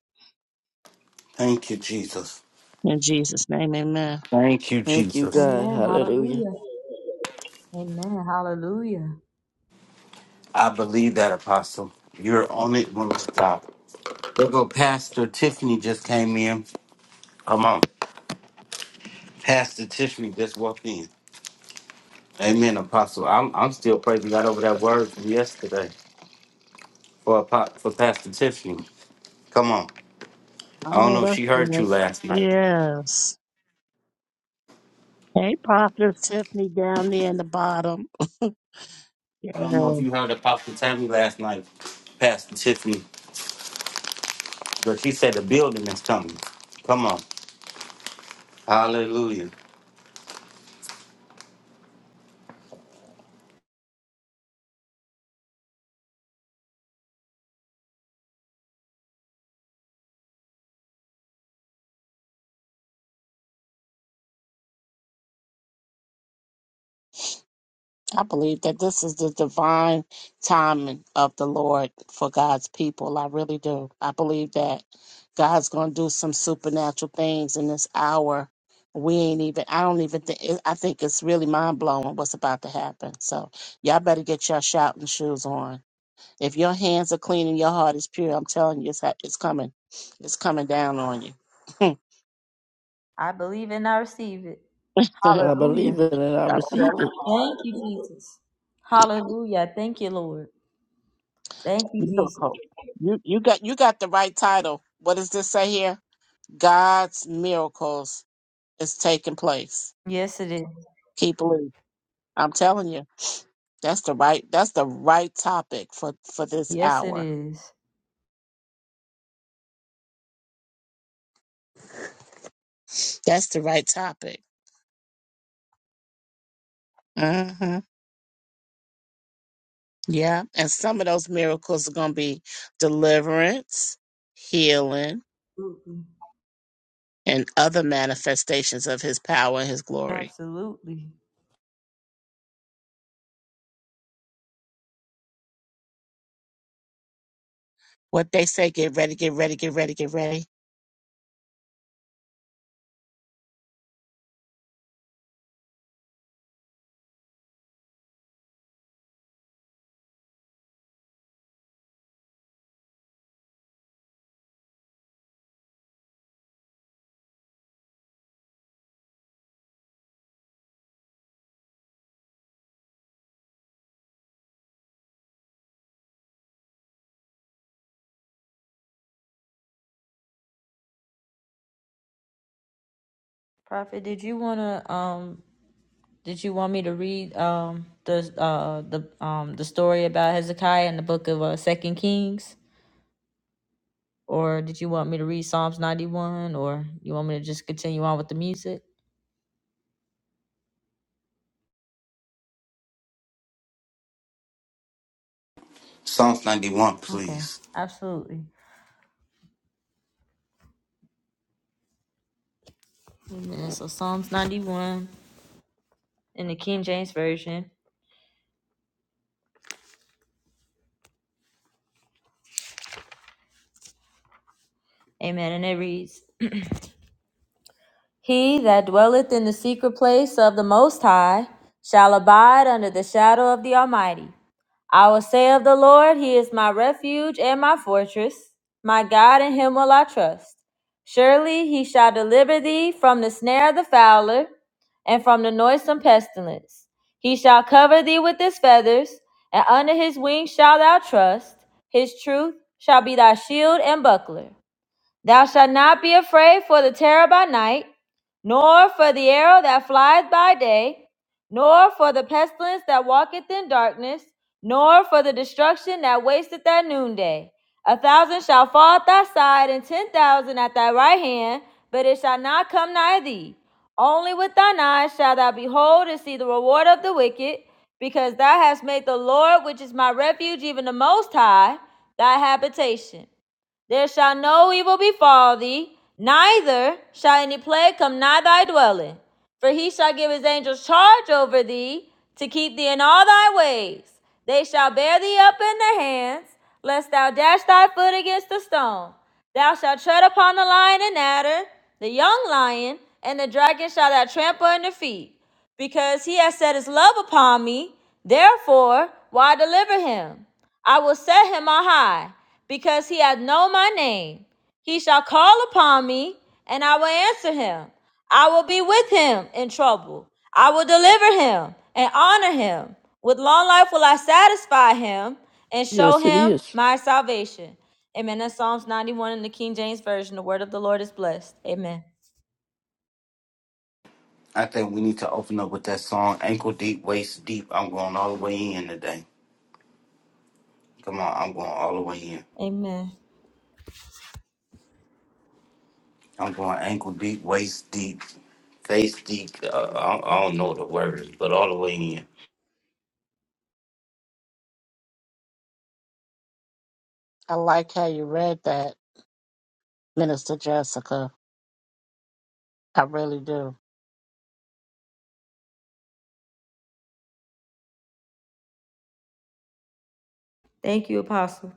Speaker 1: Thank you, Jesus.
Speaker 3: In Jesus' name, Amen.
Speaker 1: Thank you,
Speaker 4: Thank you,
Speaker 1: Jesus.
Speaker 4: God.
Speaker 2: Amen.
Speaker 4: Hallelujah.
Speaker 2: Hallelujah. Amen. Hallelujah.
Speaker 1: I believe that apostle. You're on it when we stop. Look, go Pastor Tiffany just came in. Come on. Pastor Tiffany just walked in. Amen, Apostle. I'm I'm still praising God over that word from yesterday for Apo- for Pastor Tiffany. Come on.
Speaker 3: I
Speaker 1: I don't
Speaker 3: know
Speaker 1: know if
Speaker 3: that's
Speaker 1: she heard you
Speaker 3: right.
Speaker 1: last night.
Speaker 3: Yes. Hey, Prophet Tiffany down there in the bottom. [laughs]
Speaker 1: I don't know
Speaker 3: Yes.
Speaker 1: if you heard about Pastor Tammy last night, Pastor Tiffany, but she said the building is coming. Come on. Hallelujah.
Speaker 3: I believe that this is the divine timing of the Lord for God's people. I really do. I believe that God's going to do some supernatural things in this hour. We ain't even, I don't even think, I think it's really mind blowing what's about to happen. So y'all better get your shouting shoes on. If your hands are clean and your heart is pure, I'm telling you, it's, ha- it's coming. It's coming down on you. [laughs] I'm
Speaker 2: I believe and I receive it.
Speaker 4: I believe
Speaker 2: Hallelujah.
Speaker 4: it and I receive
Speaker 3: telling
Speaker 4: it.
Speaker 2: Thank you, Jesus. Hallelujah. Thank you, Lord. Thank you,
Speaker 3: you.
Speaker 2: Jesus.
Speaker 3: Miracle. You, you got, you got the right title. What does this say here? God's miracles is taking place.
Speaker 2: Yes, it is.
Speaker 3: Keep believing. I'm telling you, that's the right that's the right topic for for this
Speaker 2: Yes, it
Speaker 3: hour.
Speaker 2: is.
Speaker 3: That's the right topic. hmm Yeah, and some of those miracles are going to be deliverance, healing,
Speaker 2: Absolutely.
Speaker 3: and other manifestations of His power and His glory.
Speaker 2: Absolutely.
Speaker 3: What they say, get ready, get ready, get ready, get ready.
Speaker 2: Prophet, did you wanna um did you want me to read um the uh the um the story about Hezekiah in the book of uh Second Kings? Or did you want me to read Psalms ninety one or you want me to just continue on with the music?
Speaker 1: Psalms 91,
Speaker 2: Okay,
Speaker 1: please.
Speaker 2: absolutely. Amen. So Psalms ninety one in the King James Version. Amen. And it reads He that dwelleth in the secret place of the most high shall abide under the shadow of the Almighty. I will say of the Lord, He is my refuge and my fortress. My God, in Him will I trust. Surely He shall deliver thee from the snare of the fowler and from the noisome pestilence. He shall cover thee with His feathers, and under His wings shalt thou trust. His truth shall be thy shield and buckler. Thou shalt not be afraid for the terror by night, nor for the arrow that flieth by day, nor for the pestilence that walketh in darkness, nor for the destruction that wasteth at noonday. A thousand shall fall at thy side, and ten thousand at thy right hand, but it shall not come nigh thee. Only with thine eyes shalt thou behold and see the reward of the wicked, because thou hast made the Lord, which is my refuge, even the Most High, thy habitation. There shall no evil befall thee, neither shall any plague come nigh thy dwelling. For he shall give his angels charge over thee to keep thee in all thy ways. They shall bear thee up in their hands, lest thou dash thy foot against a stone. Thou shalt tread upon the lion and adder, the young lion, and the dragon shall thou trample under feet. Because he has set his love upon me, therefore, why deliver him? I will set him on high, because he hath known my name. He shall call upon me, and I will answer him. I will be with him in trouble. I will deliver him and honor him. With long life will I satisfy him and show
Speaker 4: Yes, it
Speaker 2: him
Speaker 4: is.
Speaker 2: my salvation. Amen. That's Psalms 91 in the King James Version. The word of the Lord is blessed. Amen.
Speaker 1: I think we need to open up with that song, Ankle Deep, Waist Deep. I'm going all the way in today. Come on, I'm going all the way in.
Speaker 2: Amen.
Speaker 1: I'm going ankle deep, waist deep, face deep. Uh, I, don't- I don't know the words, but all the way in.
Speaker 3: I like how you read that, Minister Jessica. I really do.
Speaker 2: Thank you, Apostle.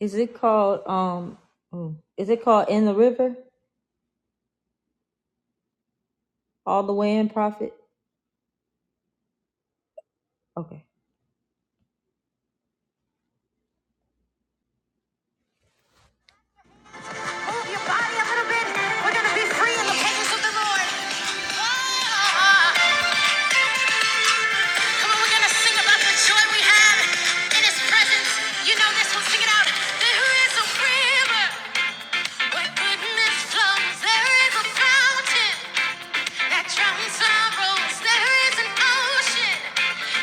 Speaker 2: Is it called um mm, is it called in the river? All the way in, prophet? Okay. We're gonna be free in the presence of the Lord. Ah, Come on, we're gonna sing about the joy we have in His presence. You know this one, sing it out. There is a river. Where goodness flows, there is a fountain that drowns sorrows. There is an ocean,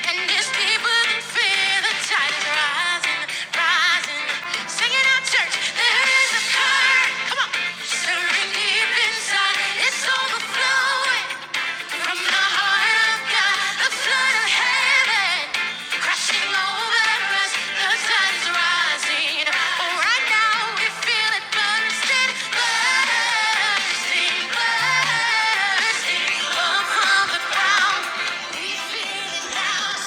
Speaker 2: and it's deeper than fear. The tide is rising, rising. Sing it out, church. There is a current, come on, stirring deep inside. It's overflowing. From the heart of God, the flood of heaven crashing over us, the tide's rising. Oh, right now we feel it bursting, bursting, bursting. Up from the ground, we feel it now.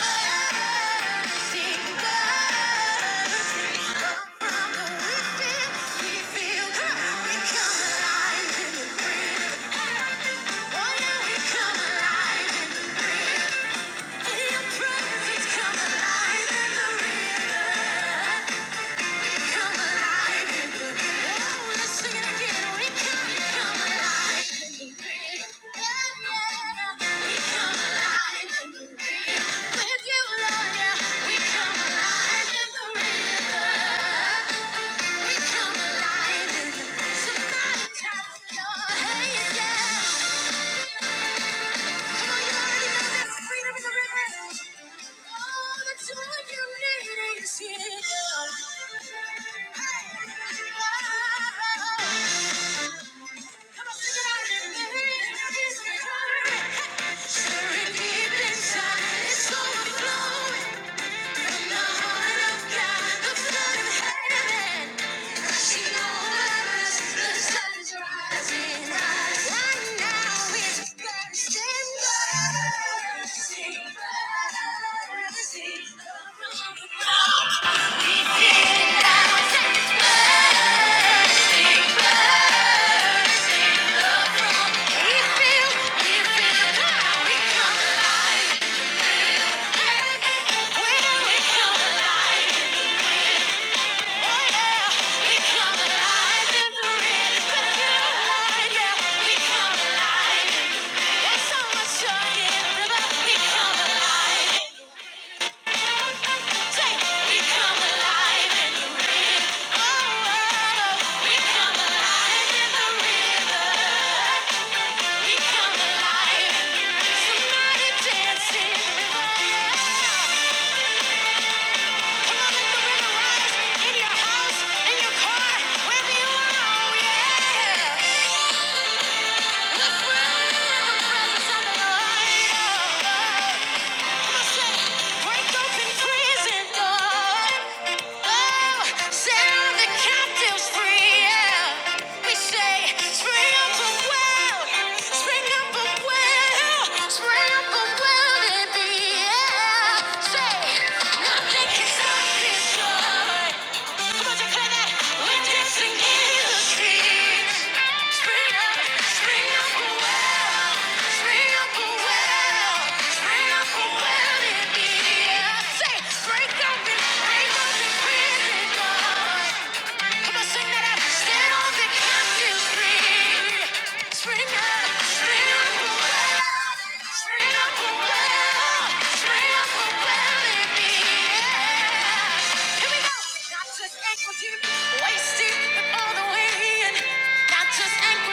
Speaker 2: Bursting, bursting. Up from the we feel, we feel, we come alive in the breeze. Somebody tap your head down. Inside, it's overflowing. We're When we feel we feel alive. We come alive. Somebody dance in the river. Come on, let the river rise in your house, in your car, wherever you are. Oh, yeah. Say, nothing can stop this joy. Spring up, spring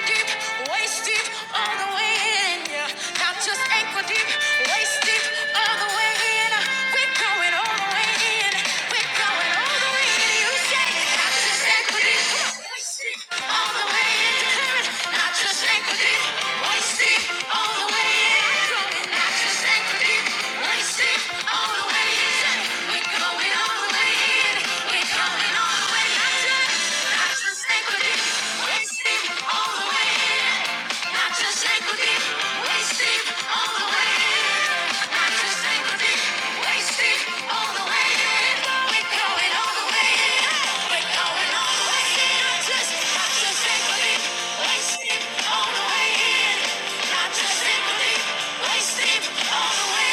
Speaker 2: Deep, waist deep all the way in. We're going all the way in. Wasting all the way in. Not just equity, wasted all the way. Not just equity, wasted all the way. We're going all the way. We're going all the way. Not just, not just equity, wasted all the way. Not just equity, wasted all the way.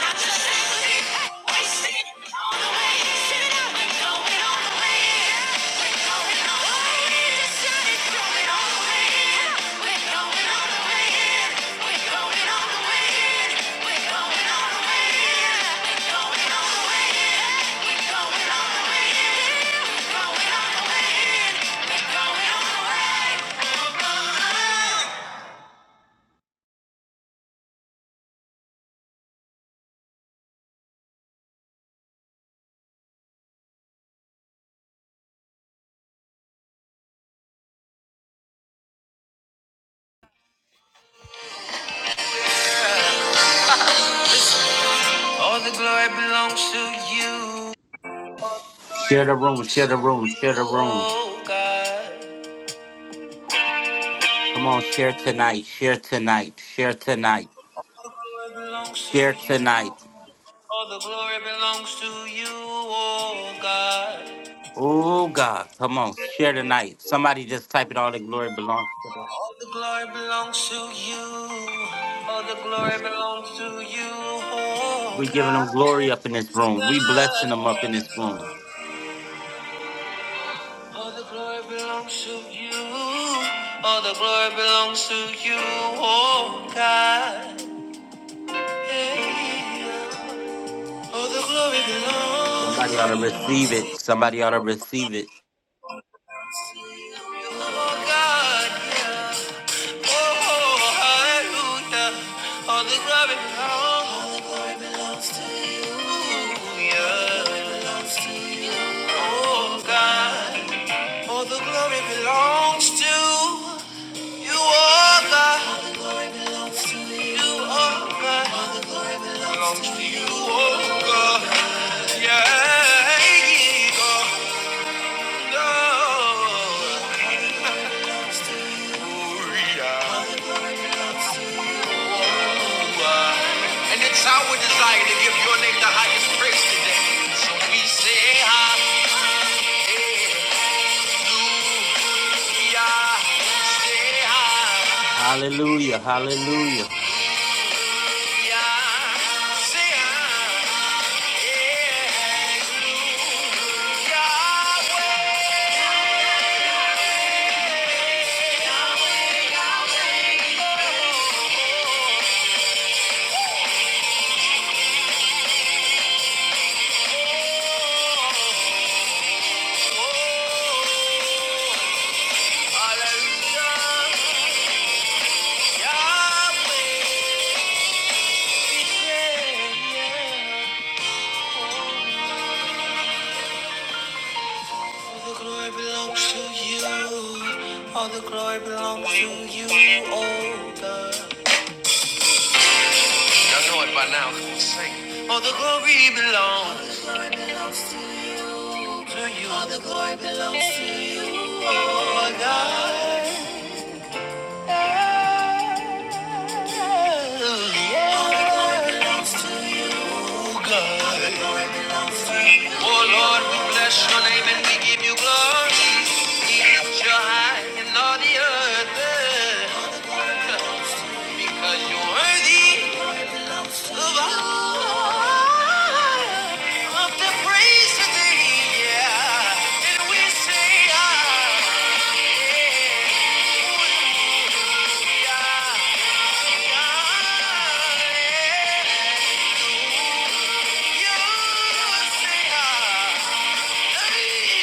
Speaker 2: Not just equity, wasted all the glory belongs to you. Glory
Speaker 1: Share the room,
Speaker 2: belongs
Speaker 1: share
Speaker 2: to
Speaker 1: the room,
Speaker 2: you,
Speaker 1: share the room.
Speaker 2: oh God.
Speaker 1: Come on, share tonight, share tonight, share tonight,
Speaker 2: glory belongs
Speaker 1: share
Speaker 2: to you.
Speaker 1: tonight.
Speaker 2: All the glory belongs to you, oh God.
Speaker 1: Oh God, come on, share tonight. Somebody just type it all the glory belongs to God.
Speaker 2: All the glory belongs to you. All the glory belongs to you, oh
Speaker 1: We giving them
Speaker 2: God.
Speaker 1: glory up in this room. We blessing them up in this room.
Speaker 2: All the glory belongs to you. All the glory belongs to you, oh God. Hey, yeah. All the glory
Speaker 1: Somebody ought to
Speaker 2: belongs
Speaker 1: receive it. Somebody ought to receive it.
Speaker 2: to you, oh God. yeah. Oh, hallelujah. All the glory belongs. All the glory belongs to you. Yeah. Oh, God. All the glory belongs to you, oh, God. You, oh, God. Belongs to you, oh, God. Yeah. God. Glory, And it's our desire to give your name the highest praise today. So we say, Hallelujah.
Speaker 1: Hallelujah. Hallelujah.
Speaker 2: All the glory belongs to you. own. Y'all know it by now. Come on, sing. All the glory belongs All the glory belongs to you. To you. All the glory belongs to you. Oh, my God. Oh Lord, we bless your name and we give you glory. lift your high and all the earth because you're worthy of all of the praise today. Yeah. And we say, ah, ah, yeah. You say, ah,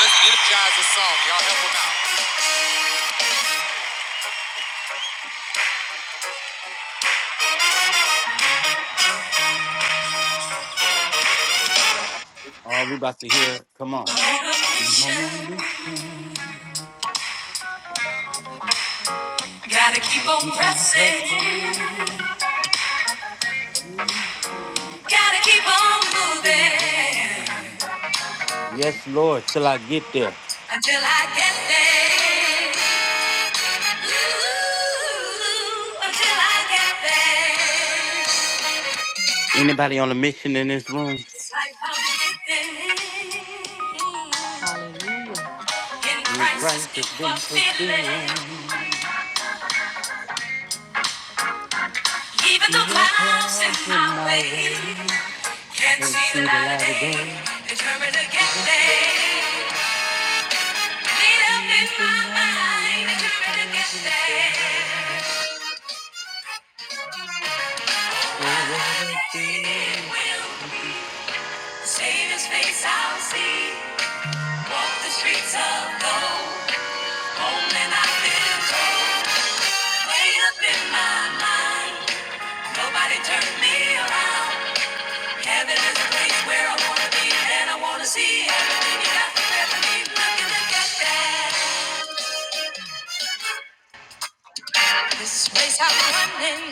Speaker 2: Let's energize the song. Y'all help
Speaker 1: All we about to hear. Come on.
Speaker 2: help
Speaker 1: I'm on a
Speaker 2: them
Speaker 1: mission.
Speaker 2: out.
Speaker 1: I
Speaker 2: Gotta keep
Speaker 1: gotta
Speaker 2: on
Speaker 1: keep on
Speaker 2: pressing.
Speaker 1: pressing.
Speaker 2: Gotta keep on moving
Speaker 1: Yes, Lord, till I get there.
Speaker 2: until I get there. Ooh, until I get there.
Speaker 1: Anybody on a mission in this room?
Speaker 2: It's like I'm living in
Speaker 1: In
Speaker 2: crisis,
Speaker 1: Christ
Speaker 2: you
Speaker 1: has been
Speaker 2: fulfilling.
Speaker 1: fulfilling.
Speaker 2: Even the
Speaker 1: Even the
Speaker 2: clouds in
Speaker 1: clouds
Speaker 2: my
Speaker 1: in my
Speaker 2: way
Speaker 1: way. I
Speaker 2: can't
Speaker 1: can
Speaker 2: see the
Speaker 1: see the
Speaker 2: light of
Speaker 1: light of
Speaker 2: day.
Speaker 1: day.
Speaker 2: Determined to get there. Made up in my
Speaker 1: Even my
Speaker 2: mind,
Speaker 1: mind is
Speaker 2: determined to get
Speaker 1: traveling
Speaker 2: there.
Speaker 1: away. Oh, what a thing.
Speaker 2: will
Speaker 1: She said
Speaker 2: the Savior's face I'll see. Walk the streets of gold. Home and I feel cold. up in my mind. Nobody turned me around. Heaven is a place where I wanna be. And I wanna see everything you got prepared for me. Look at the good place I'm running.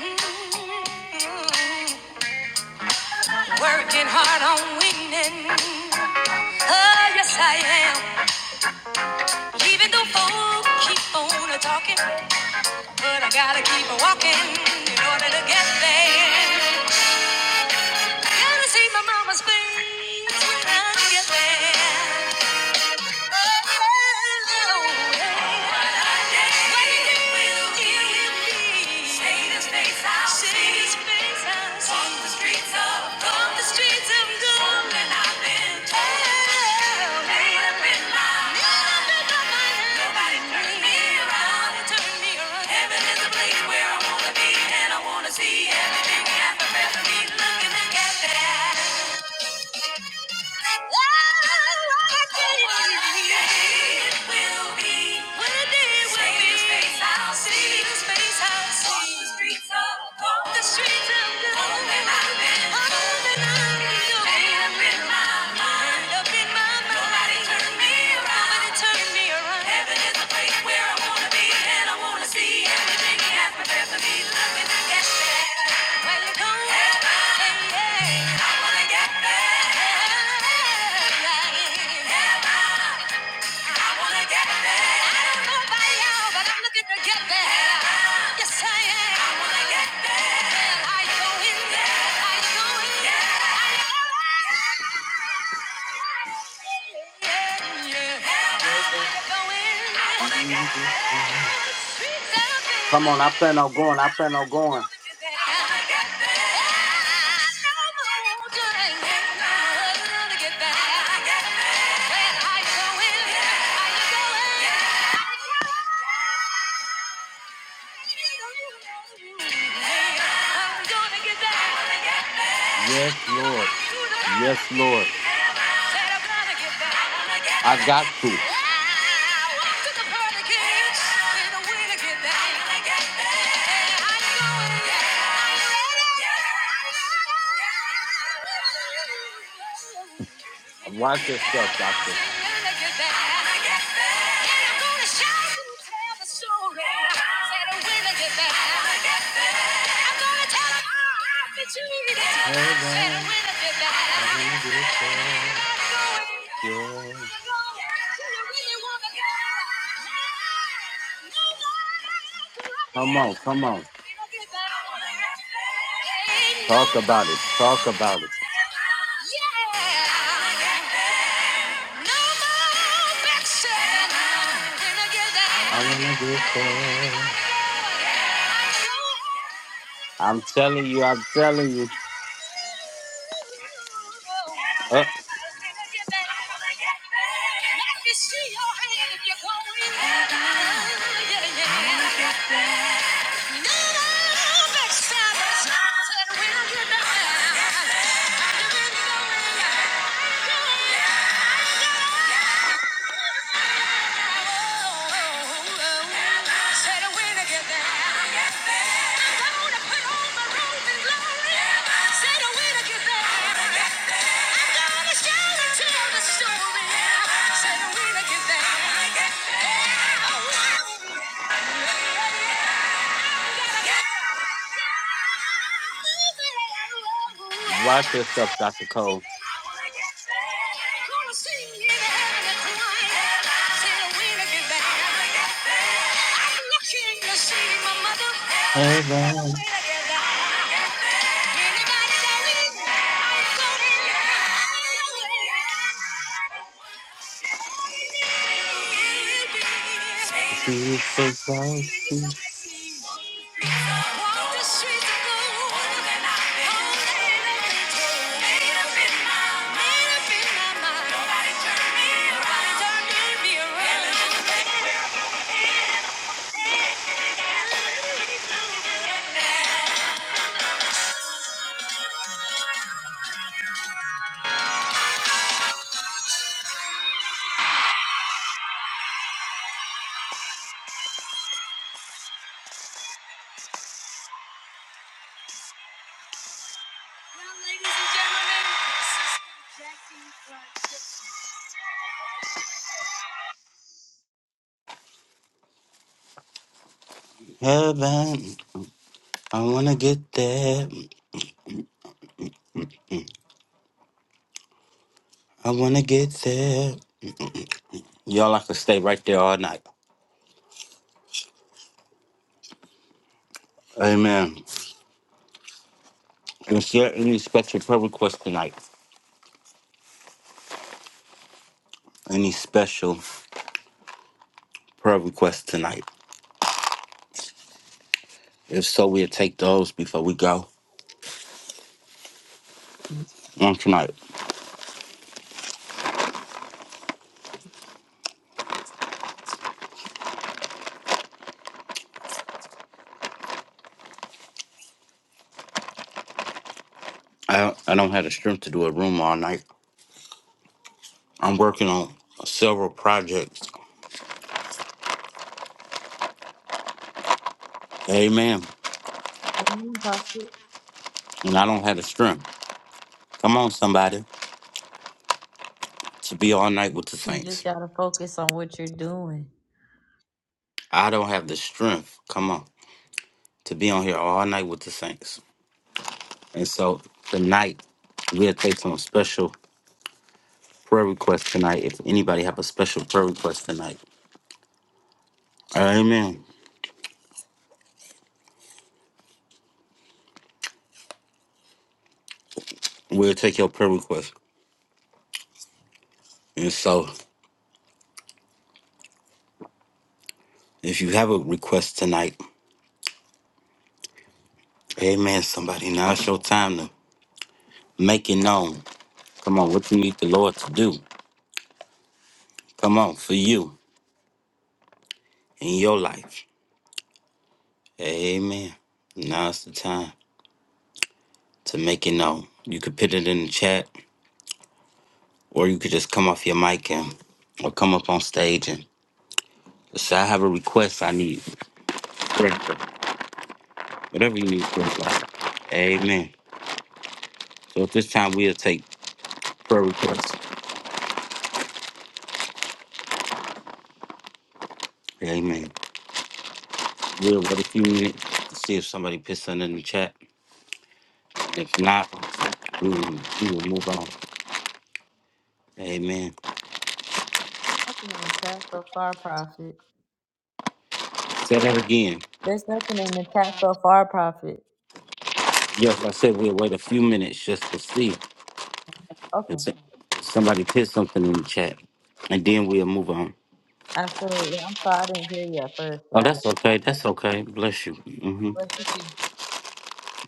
Speaker 2: Working hard on winning. Oh, yes I am. Even though folk keep on a talking, but I gotta keep a walking in order to get there. Gotta see my mama's face when I get there. See everything we have to me looking back at that. Up in my mind. Somebody turn me around. Somebody turn me around. Heaven is a place where I wanna be, and I wanna see everything He has prepared for me. Looking to get there. Well, come on. Heaven. Hey, yeah. I wanna get there. Heaven. Hey, hey. Heaven. I wanna get there. I don't know about y'all, but I'm looking to get there. Yes, I am. I wanna get there. Hell, I go in there. I go in there. I go in Yeah, yeah. Hell, I
Speaker 1: that
Speaker 2: go
Speaker 1: I
Speaker 2: in there.
Speaker 1: needed
Speaker 2: Yeah.
Speaker 1: to see. Come on, I plan on going. I plan on going.
Speaker 2: I'm gonna get back. I'm
Speaker 1: Yes,
Speaker 2: gonna
Speaker 1: Lord.
Speaker 2: walk through the hall
Speaker 1: Yes, Lord.
Speaker 2: again. Said I'm gonna get back.
Speaker 1: I got to.
Speaker 2: I walked through the pearly gates with a will to get back. Hey, how you doing? Are you ready?
Speaker 1: Watch yourself,
Speaker 2: I
Speaker 1: Doctor.
Speaker 2: said, gonna get back. And I'm gonna shout and tell the story. I'm gonna get back. Yeah. No
Speaker 1: Heaven, I
Speaker 2: more
Speaker 1: want to get there. Yeah. Come on, come on. Talk about it. Talk about it.
Speaker 2: backsliding. Can I get that?
Speaker 1: I wanna get there.
Speaker 2: Yeah.
Speaker 1: I'm telling you, I'm telling you. Uh,
Speaker 2: Yeah. Anybody
Speaker 1: watch yourself, Dr. Cole.
Speaker 2: that
Speaker 1: Heaven,
Speaker 2: leave, I'm Yeah.
Speaker 1: see you face I see. Heaven, I wanna get there. I wanna get there. Y'all, I could stay right there all night. Amen. Is there any special prayer request tonight? Any special prayer request tonight? If so, we'll take those before we go on tonight. I don't, I don't have the strength to do a room all night. I'm working on several projects. Amen. And I don't have the strength. Come on, somebody, to be all night with the
Speaker 2: You just
Speaker 1: saints.
Speaker 2: gotta focus on what you're doing.
Speaker 1: I don't have the strength. Come on, to be on here all night with the saints. And so tonight we'll take some special prayer requests tonight. If anybody have a special prayer request tonight, Amen. We'll take your prayer request. And so if you have a request tonight, Amen. Somebody, now it's your time to make it known. Come on, what you need the Lord to do? Come on, for you in your life. Amen. Now's the time to make it known. You could put it in the chat, or you could just come off your mic and or come up on stage and say, I have a request I need. prayer for." Whatever you need prayer for. Amen. So at this time we'll take prayer requests. Amen. We'll wait a few minutes to see if somebody puts something in the chat. If not, we will, we will move on. Amen.
Speaker 2: I can't tell so far, prophet.
Speaker 1: Say that again.
Speaker 2: There's nothing in the tax so far profit.
Speaker 1: Yes, I said we'll wait a few minutes just to see if
Speaker 2: Okay,
Speaker 1: s- somebody put something in the chat, and then we'll move on.
Speaker 2: absolutely. I'm sorry I didn't hear you at first, but
Speaker 1: Oh,
Speaker 2: that's
Speaker 1: that's okay. That's okay. Bless you. hmm
Speaker 2: what you see.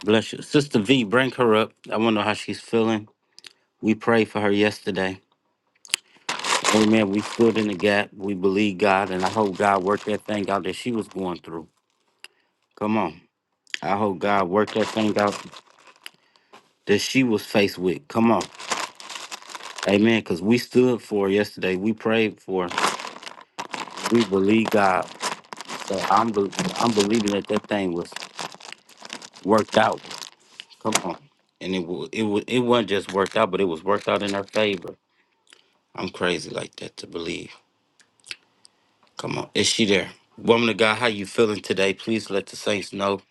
Speaker 1: Bless you, Sister V. Bring her up. I want to know how she's feeling. We prayed for her yesterday. Amen. We stood in the gap. We believe God, and I hope God worked that thing out that she was going through. Come on. I hope God worked that thing out that she was faced with. Come on. Amen. Because we stood for her yesterday. We prayed for her. We believe God. So I'm be- I'm believing that that thing was worked out. Come on, and it wa- it wa- it wasn't just worked out, but it was worked out in her favor. I'm crazy like that to believe. Come on, is she there? Woman of God, how you feeling today? Please let the saints know.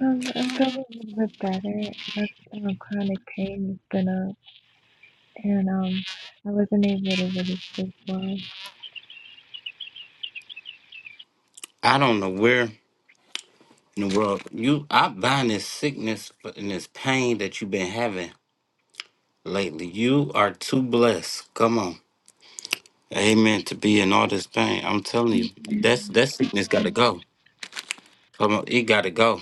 Speaker 5: Um, I'm feeling a little bit better. Less um, chronic pain has been up, and um, I wasn't able to really sleep well.
Speaker 1: I don't know where in the world you. I bind this sickness and this pain that you've been having lately. You are too blessed. Come on, Amen. To be in all this pain, I'm telling you, that's
Speaker 5: Amen.
Speaker 1: that sickness got to go. Come on, it got to go.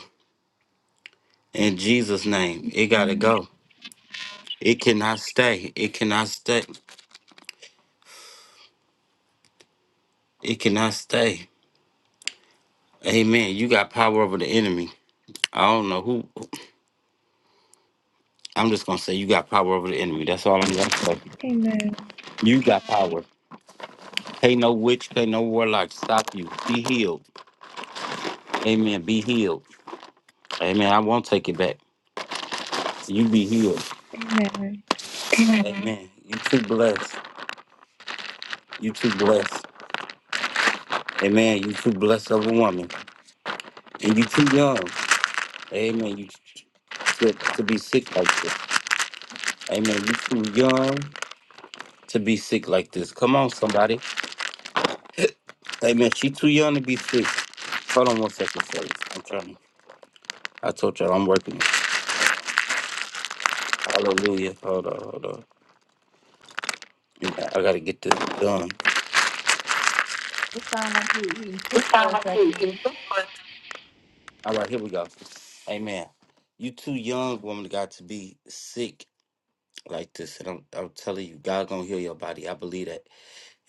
Speaker 1: In Jesus' name, it gotta
Speaker 5: Amen.
Speaker 1: go. It cannot stay. It cannot stay. It cannot stay. Amen. You got power over the enemy. I don't know who. I'm just gonna say you got power over the enemy. That's all I'm gonna say. You got power. Hey, no witch. Hey, no warlock. Stop you. Be healed. Amen. Be healed. Amen. I won't take it back. You be healed.
Speaker 5: Amen.
Speaker 1: Amen. You too blessed. You too blessed. Amen. You too blessed of a woman, and you too young. Amen. You t- to, to be sick like this. Amen. You too young to be sick like this. Come on, somebody. Amen. She too young to be sick. Hold on one second, fellas. I'm trying. I told y'all I'm working. Hallelujah. Hold on, hold on. I gotta get this done. All right, here we go. Amen. You too young, woman of God, to be sick like this. And I'm, I'm telling you, God gonna heal your body. I believe that.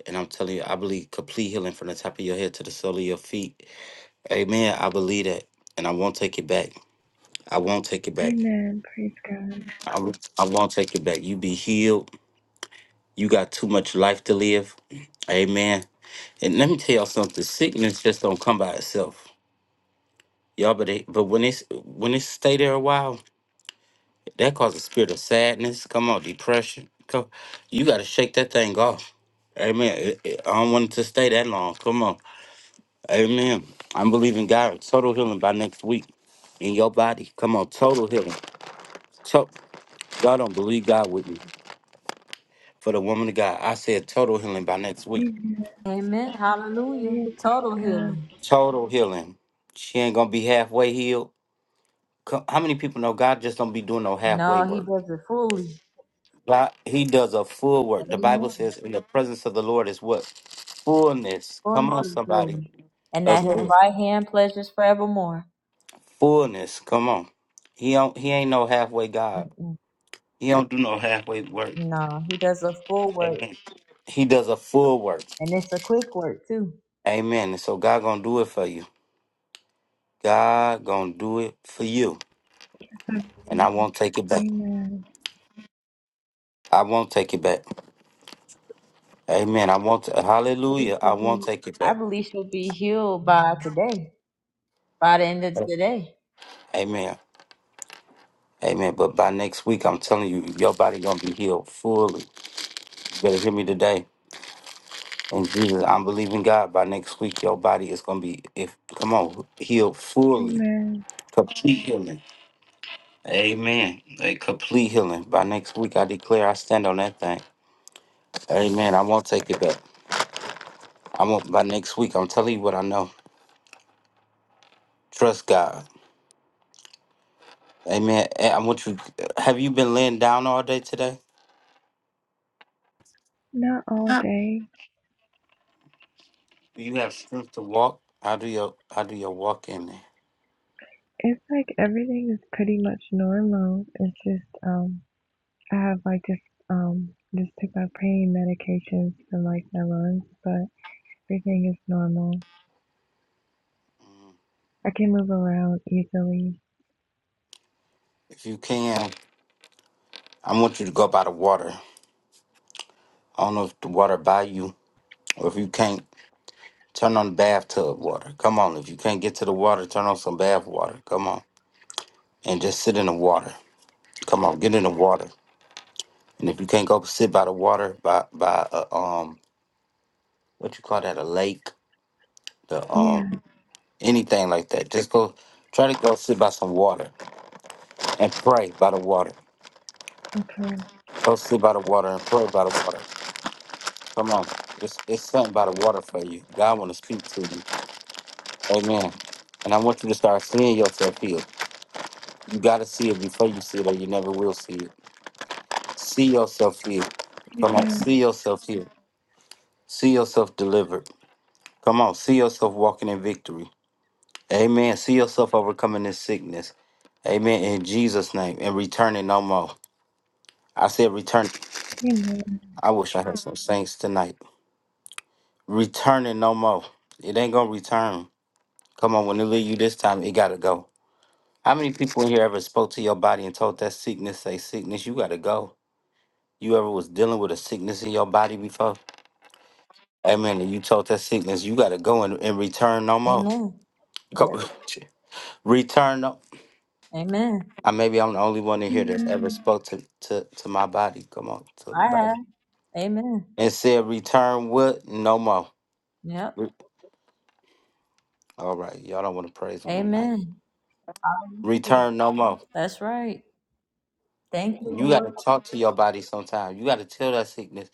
Speaker 1: And I'm telling you, I believe complete healing from the top of your head to the sole of your feet. Amen. I believe that. And I won't take it back. I won't take it back.
Speaker 5: Amen. Praise God.
Speaker 1: I, I won't take it back. You be healed. You got too much life to live. Amen. And let me tell y'all something. Sickness just don't come by itself. Y'all, but it, but when it's when it stay there a while, that causes a spirit of sadness. Come on, depression. Come, you got to shake that thing off. Amen. It- it- I don't want it to stay that long. Come on. Amen. I'm believing God total healing by next week in your body. Come on, total healing. To- y'all don't believe God with me. For the woman of God, I said total healing by next week.
Speaker 5: Amen.
Speaker 2: Amen. Hallelujah.
Speaker 5: Hallelujah. Praise
Speaker 2: Total healing.
Speaker 5: God.
Speaker 1: Total healing. She ain't gonna be halfway healed. Co- How many people know God just don't be doing no halfway
Speaker 2: No, he
Speaker 1: work?
Speaker 2: does it fully.
Speaker 1: God, he does a full work. The Bible
Speaker 2: Amen.
Speaker 1: says, "In the presence of the Lord is what fullness." Come
Speaker 2: Fullness
Speaker 1: on,
Speaker 2: of
Speaker 1: somebody.
Speaker 2: joy. And
Speaker 1: Of
Speaker 2: that his
Speaker 1: good.
Speaker 2: right hand pleasures forevermore.
Speaker 1: fullness. Come on. He don't. He ain't no halfway God.
Speaker 2: Mm-mm.
Speaker 1: He don't do no halfway work.
Speaker 2: No, he does a full work,
Speaker 1: Amen. He does a full work.
Speaker 2: and it's a quick work too.
Speaker 1: Amen. And so God gonna do it for you. God gonna do it for you,
Speaker 5: I
Speaker 1: and
Speaker 5: believe
Speaker 1: I won't take it
Speaker 5: it.
Speaker 1: back.
Speaker 5: Amen.
Speaker 1: I won't take it back. Amen. I want to,
Speaker 2: I believe
Speaker 1: hallelujah. I
Speaker 2: she'll
Speaker 1: won't
Speaker 2: be,
Speaker 1: take it
Speaker 2: I
Speaker 1: back.
Speaker 2: believe she'll be healed by today, by the end of today.
Speaker 1: Amen. Amen. But by next week, I'm telling you, your body gonna be healed fully. You better hear me today. And Jesus, I'm believing God. By next week, your body is gonna be if come on, healed fully.
Speaker 5: Amen.
Speaker 1: Complete healing. Amen. A complete healing. By next week, I declare I stand on that thing. Amen. I won't take it back. I won't by next week. I'm telling you what I know. Trust God. Amen. And I want you have you been laying down all day today?
Speaker 5: Not all day.
Speaker 1: you have strength to walk, I'll do your I'll do your walk in there.
Speaker 5: It's like everything is pretty much normal. It's just um, I have like this um, just took my pain medications for like my lungs, but. Everything is normal. I can move around easily.
Speaker 1: If you can, I want you to go by the water. I don't know if the water by you or if you can't, turn on the bathtub water. Come on. If you can't get to the water, turn on some bath water. Come on. And just sit in the water. Come on, get in the water. And if you can't go to water by a um what you call that, a lake, the um
Speaker 5: Yeah,
Speaker 1: anything like that, just go try to go sit by some water and pray by the water.
Speaker 5: okay.
Speaker 1: Go sit by the water and pray by the water. Come on. It's, it's something by the water for you. God want to speak to you. Amen. And I want you to start seeing yourself healed. You got to see it before you see it, or you never will see it. See yourself healed. Come on.
Speaker 5: Amen.
Speaker 1: See yourself healed. See yourself delivered. Come on. See yourself walking in victory. Amen. See yourself overcoming this sickness. Amen. In Jesus' name. And returning no more. I said return.
Speaker 5: Amen.
Speaker 1: I wish I had some saints tonight. Returning no more. It ain't going to return. Come on. When it leave you this time, it got to go. How many people in here ever spoke to your body and told that sickness, say, sickness, you gotta go? You ever was dealing with a sickness in your body before? Amen. And you told that sickness, you gotta go and, and return no more.
Speaker 2: Amen. Yes.
Speaker 1: Go- [laughs] return no.
Speaker 2: Amen.
Speaker 1: I maybe I'm the only one in here that's ever
Speaker 5: Amen.
Speaker 1: spoke to, to, to my body. Come on, to the
Speaker 2: I
Speaker 1: body.
Speaker 2: have. Amen.
Speaker 1: And said, return what? No more.
Speaker 2: Yep.
Speaker 1: Re- All right, y'all don't want to praise him tonight.
Speaker 2: Amen. Hallelujah.
Speaker 1: Return no more.
Speaker 2: That's right. Thank you,
Speaker 1: You got
Speaker 2: Lord
Speaker 1: to talk to your body sometime. You got to tell that sickness,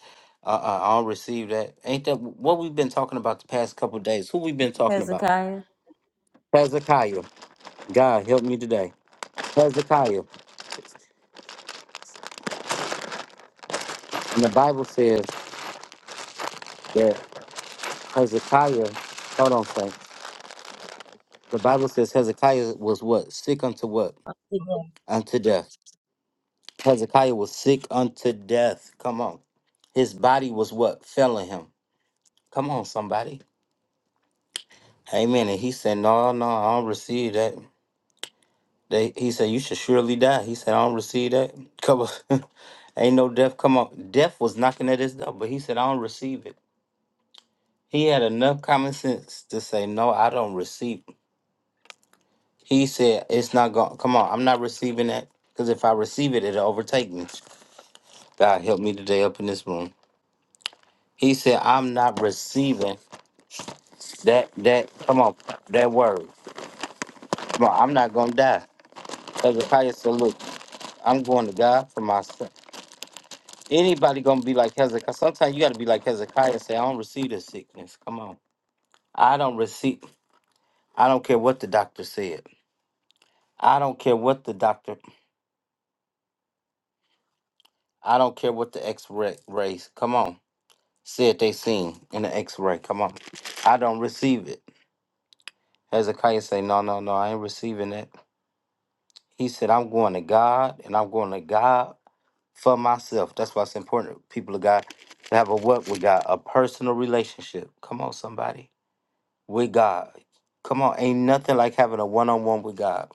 Speaker 1: uh, uh, I don't receive that. Ain't that what we've been talking about the past couple days? Who we been talking about?
Speaker 2: Hezekiah.
Speaker 1: Hezekiah. God help me today. Hezekiah. And the Bible says that Hezekiah, hold on, Frank. The Bible says Hezekiah was what? Sick unto what? Unto death. Hezekiah was sick unto death. Come on. His body was what? Failing him. Come on, somebody. Amen. And he said, No, no, I don't receive that. They he said, You should surely die. He said, I don't receive that. Come on. [laughs] Ain't no death come on. Death was knocking at his door, but he said, I don't receive it. He had enough common sense to say, No, I don't receive. He said, It's not going come on, I'm not receiving that. Because if I receive it, it'll overtake me. God help me today up in this room. He said, I'm not receiving that that come on, that word. Come on, I'm not gonna die. Hezekiah said, Look, I'm going to God for myself. Anybody gonna be like Hezekiah? Sometimes you gotta be like Hezekiah and say, "I don't receive this sickness. Come on, I don't receive. I don't care what the doctor said. I don't care what the doctor. I don't care what the X-ray rays. Come on, said they seen in the X-ray. Come on, I don't receive it." Hezekiah say, "No, no, no. I ain't receiving that." He said, "I'm going to God, and I'm going to God for myself." That's why it's important, people of God, to have a what with God, a personal relationship. Come on, somebody. with God. Come on, ain't nothing like having a one on one with God.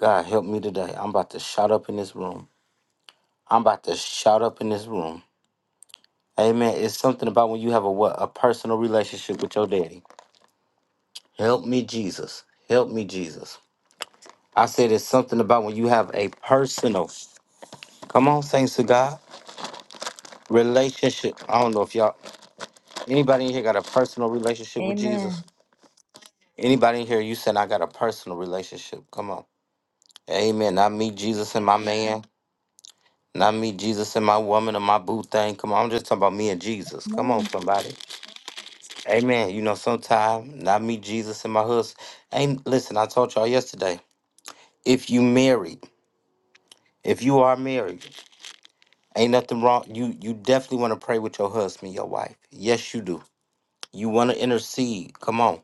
Speaker 1: God, help me today. I'm about to shout up in this room. I'm about to shout up in this room. Amen. It's something about when you have a what a personal relationship with your daddy. Help me, Jesus. Help me, Jesus. I said it's something about when you have a personal. Come on, saints to God. Relationship. I don't know if y'all anybody in here got a personal relationship with Jesus.
Speaker 2: Amen.
Speaker 1: Anybody in here, you said I got a personal relationship. Come on. Amen. Not me, Jesus, and my man. Not me, Jesus, and my woman and my boo thing. Come on, I'm just talking about me and Jesus. Come on,
Speaker 2: Amen.
Speaker 1: somebody. Amen. You know, sometime, not me, Jesus, and my husband. Ain't listen, I told y'all yesterday. If you married, if you are married, ain't nothing wrong. You you definitely want to pray with your husband, your wife. Yes, you do. You want to intercede. Come on.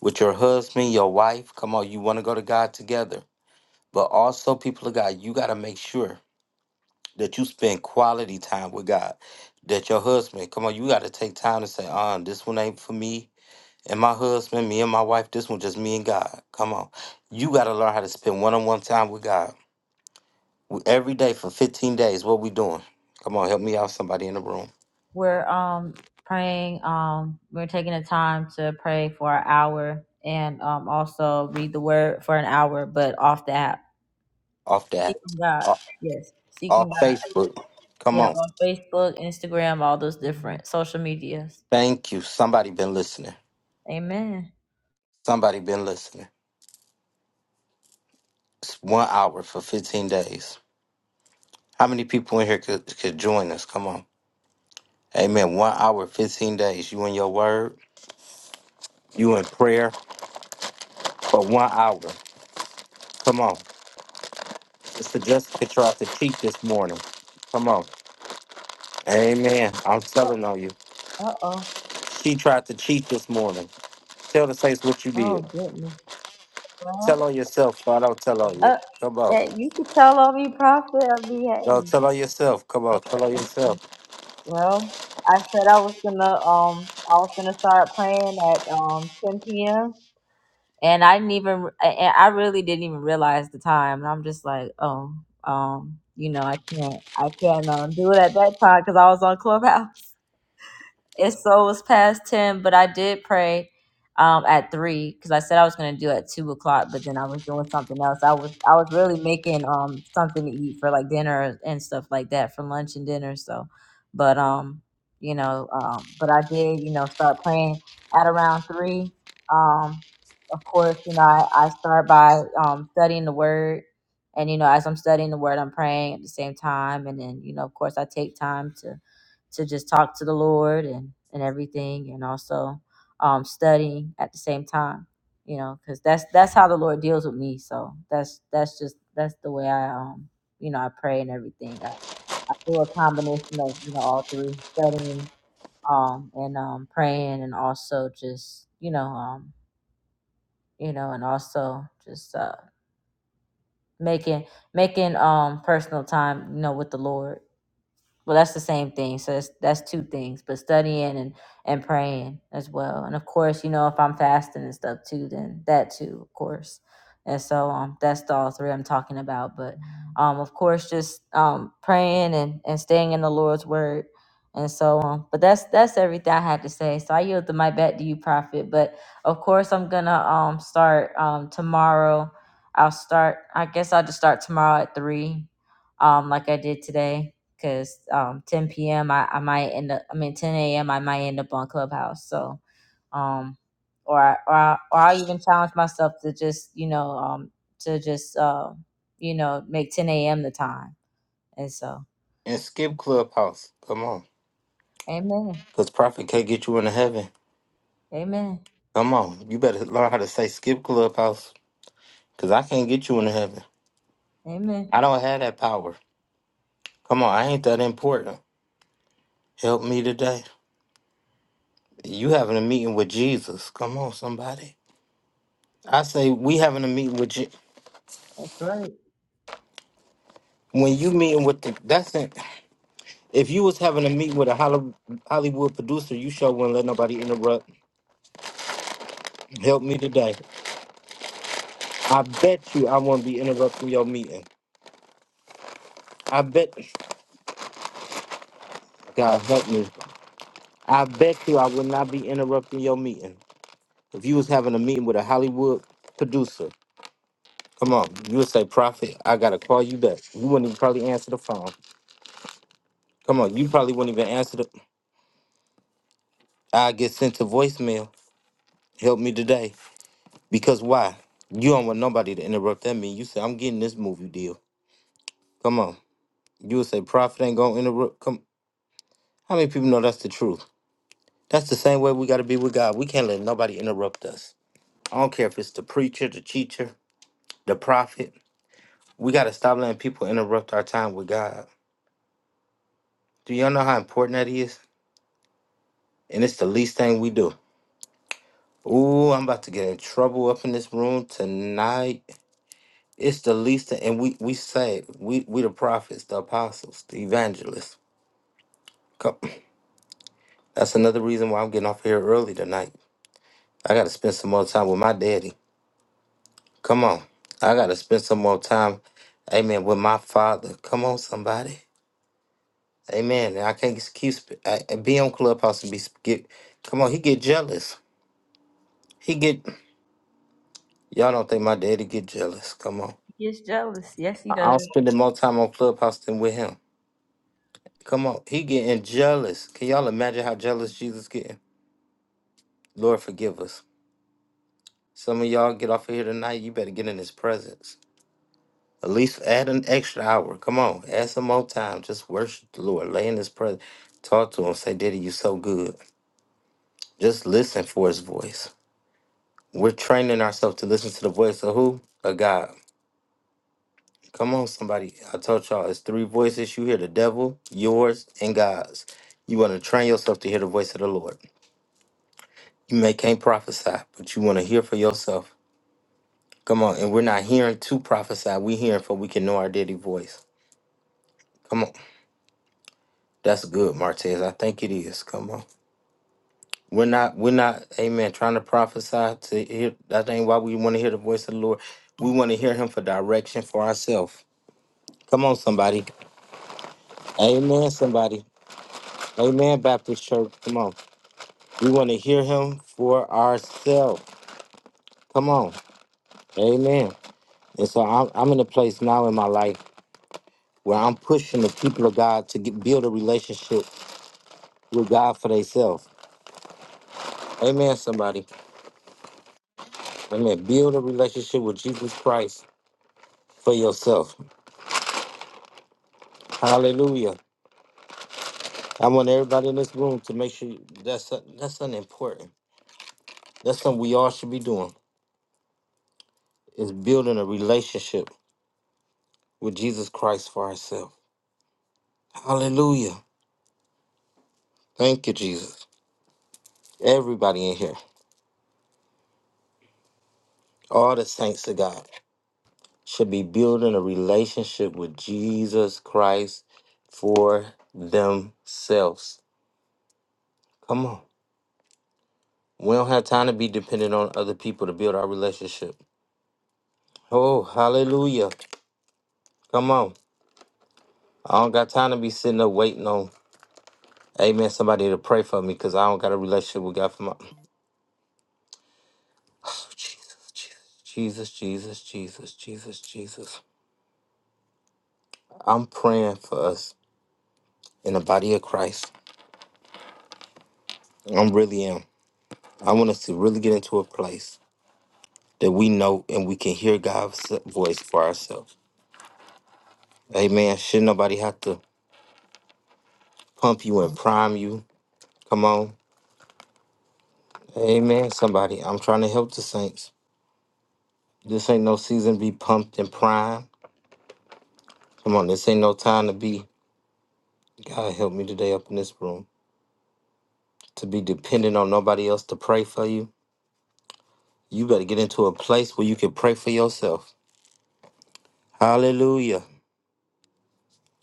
Speaker 1: With your husband, your wife. Come on. You want to go to God together. But also, people of God, you got to make sure that you spend quality time with God. that your husband, come on, you got to take time to say, uh, this one ain't for me and my husband, me and my wife, this one just me and God. Come on. You got to learn how to spend one on one time with God W- every day for 15 days. What we doing? Come on, help me out, somebody in the room.
Speaker 2: We're um praying. Um, we're taking the time to pray for an hour and um also read the word for an hour, but off the app.
Speaker 1: Off that,
Speaker 2: Seeking God.
Speaker 1: off,
Speaker 2: Yes. Seeking
Speaker 1: off
Speaker 2: God.
Speaker 1: Facebook. Come
Speaker 2: Yeah,
Speaker 1: on.
Speaker 2: on Facebook, Instagram, all those different social medias.
Speaker 1: Thank you. Somebody been listening.
Speaker 2: Amen.
Speaker 1: Somebody been listening. It's one hour for 15 days. How many people in here could, could join us? Come on. Amen. One hour, 15 days. You in your word, you in prayer. for one hour. Come on. Sister Jessica tried to cheat this morning. Come on. Amen. I'm
Speaker 2: Oh,
Speaker 1: telling on you.
Speaker 2: uh oh.
Speaker 1: She tried to cheat this morning. Tell the saints what you did.
Speaker 2: Oh goodness. Well,
Speaker 1: Tell on yourself, but don't tell on you.
Speaker 2: uh,
Speaker 1: Come on.
Speaker 2: that you could tell on me, prophet. I'll be
Speaker 1: Don't tell
Speaker 2: happy.
Speaker 1: on yourself. Come on. Tell on yourself.
Speaker 2: Well, I said I was gonna um I was gonna start praying at um 10 p.m. and I didn't even I, I really didn't even realize the time and I'm just like oh um you know I can't I can't um, do it at that time because I was on Clubhouse it's so it was past ten, but I did pray um at three because I said I was gonna do it at two o'clock, but then I was doing something else. I was I was really making um something to eat for like dinner and stuff like that for lunch and dinner. So, but um you know um but I did you know start praying at around three. Um of course you know I, I start by um studying the word. And you know, as I'm studying the word, I'm praying at the same time, and then you know, of course, I take time to to just talk to the Lord and and everything, and also um, studying at the same time. You know, because that's that's how the Lord deals with me. So that's that's just that's the way I um you know I pray and everything. I, I do a combination of you know all three studying um and um praying and also just you know um you know and also just uh making making um personal time you know with the lord Well, that's the same thing. So that's, that's two things, but studying and, and praying as well. And of course, you know, if I'm fasting and stuff too, then that too, of course. And so um, that's the all three I'm talking about. But um, of course, just um, praying and, and staying in the Lord's word. And so um, but that's that's everything I had to say. So I yield the my back to you, Prophet. But of course, I'm gonna um start um tomorrow. I'll start. I guess I'll just start tomorrow at three, um, like I did today because um 10 p.m I, I might end up i mean 10 a.m i might end up on clubhouse so um or I- or I, or i even challenge myself to just you know um to just uh you know make 10 a.m the time and so
Speaker 1: And skip Clubhouse. Come on.
Speaker 2: amen
Speaker 1: Because prophet can't get you into heaven.
Speaker 2: amen
Speaker 1: Come on. You better learn how to say skip Clubhouse. Because I can't get you into heaven.
Speaker 2: amen
Speaker 1: I don't have that power. Come on. I ain't that important. Help me today. You having a meeting with Jesus? Come on, somebody. I say we having a meeting with Je- when you meeting with the that's it. If you was having a meeting with a Holly- Hollywood producer, you sure wouldn't let nobody interrupt. Help me today. I bet you I wouldn't be interrupting your meeting. I bet God help me. I bet you I would not be interrupting your meeting if you was having a meeting with a Hollywood producer. Come on, you would say, Prophet, I gotta call you back. You wouldn't even probably answer the phone. Come on, you probably wouldn't even answer the I get sent to voicemail. Help me today. Because why? You don't want nobody to interrupt that mean you say I'm getting this movie deal. Come on. You would say profit ain't gonna interrupt come how many people know that's the truth? That's the same way we gotta be with God. We can't let nobody interrupt us. I don't care if it's the preacher, the teacher, the prophet. We gotta stop letting people interrupt our time with God. Do y'all know how important that is? And it's the least thing we do. Ooh, I'm about to get in trouble up in this room tonight. It's the least, and we we say it. we we the prophets, the apostles, the evangelists. Come, that's another reason why I'm getting off here early tonight. I got to spend some more time with my daddy. Come on, I got to spend some more time, amen, with my father. Come on, somebody, amen. I can't just keep sp- I, I be on clubhouse and be sp- get. Come on, he get jealous. He get y'all don't think my daddy get jealous. Come on,
Speaker 2: he gets jealous yes he
Speaker 1: I-
Speaker 2: does
Speaker 1: I'm spending more time on clubhouse than with him. Come on, he getting jealous. Can y'all imagine how jealous Jesus getting? Lord, forgive us. Some of y'all get off of here tonight. You better get in His presence. At least add an extra hour. Come on, add some more time. Just worship the Lord. Lay in His presence. Talk to Him. Say, Daddy, you so good. Just listen for His voice. We're training ourselves to listen to the voice of who? Of God. Come on, somebody. I told y'all, it's three voices you hear the devil, yours, and God's. You want to train yourself to hear the voice of the Lord. You may can't prophesy, but you want to hear for yourself Come on, and we're not hearing to prophesy. we are hearing for we can know our daily voice. Come on. That's good, Martez. I think it is. Come on. We're not, we're not, amen, trying to prophesy to hear. That ain't why we want to hear the voice of the Lord. We want to hear him for direction for ourselves. Come on, somebody. Amen, somebody. Amen, Baptist Church. Come on. We want to hear him for ourselves. Come on. Amen. And so I'm, I'm in a place now in my life where I'm pushing the people of God to get, build a relationship with God for themselves. Amen, somebody. Amen. Build a relationship with Jesus Christ for yourself. Hallelujah. I want everybody in this room to make sure that's that's something important. That's something we all should be doing is building a relationship with Jesus Christ for ourselves. Hallelujah. Thank you, Jesus. Everybody in here, all the saints of God should be building a relationship with Jesus Christ for themselves. Come on. We don't have time to be dependent on other people to build our relationship. Oh, hallelujah. Come on. I don't got time to be sitting up waiting on, amen, somebody to pray for me because I don't got a relationship with God for my. [sniffs] Jesus, Jesus, Jesus, Jesus, Jesus. Jesus. I'm praying for us in the body of Christ. i really am. I want us to really get into a place that we know and we can hear God's voice for ourselves. Amen. Shouldn't nobody have to pump you and prime you? Come on. Amen, somebody. I'm trying to help the saints. This ain't no season to be pumped and primed. Come on, this ain't no time to be, God help me today up in this room, to be dependent on nobody else to pray for you. You better get into a place where you can pray for yourself. Hallelujah.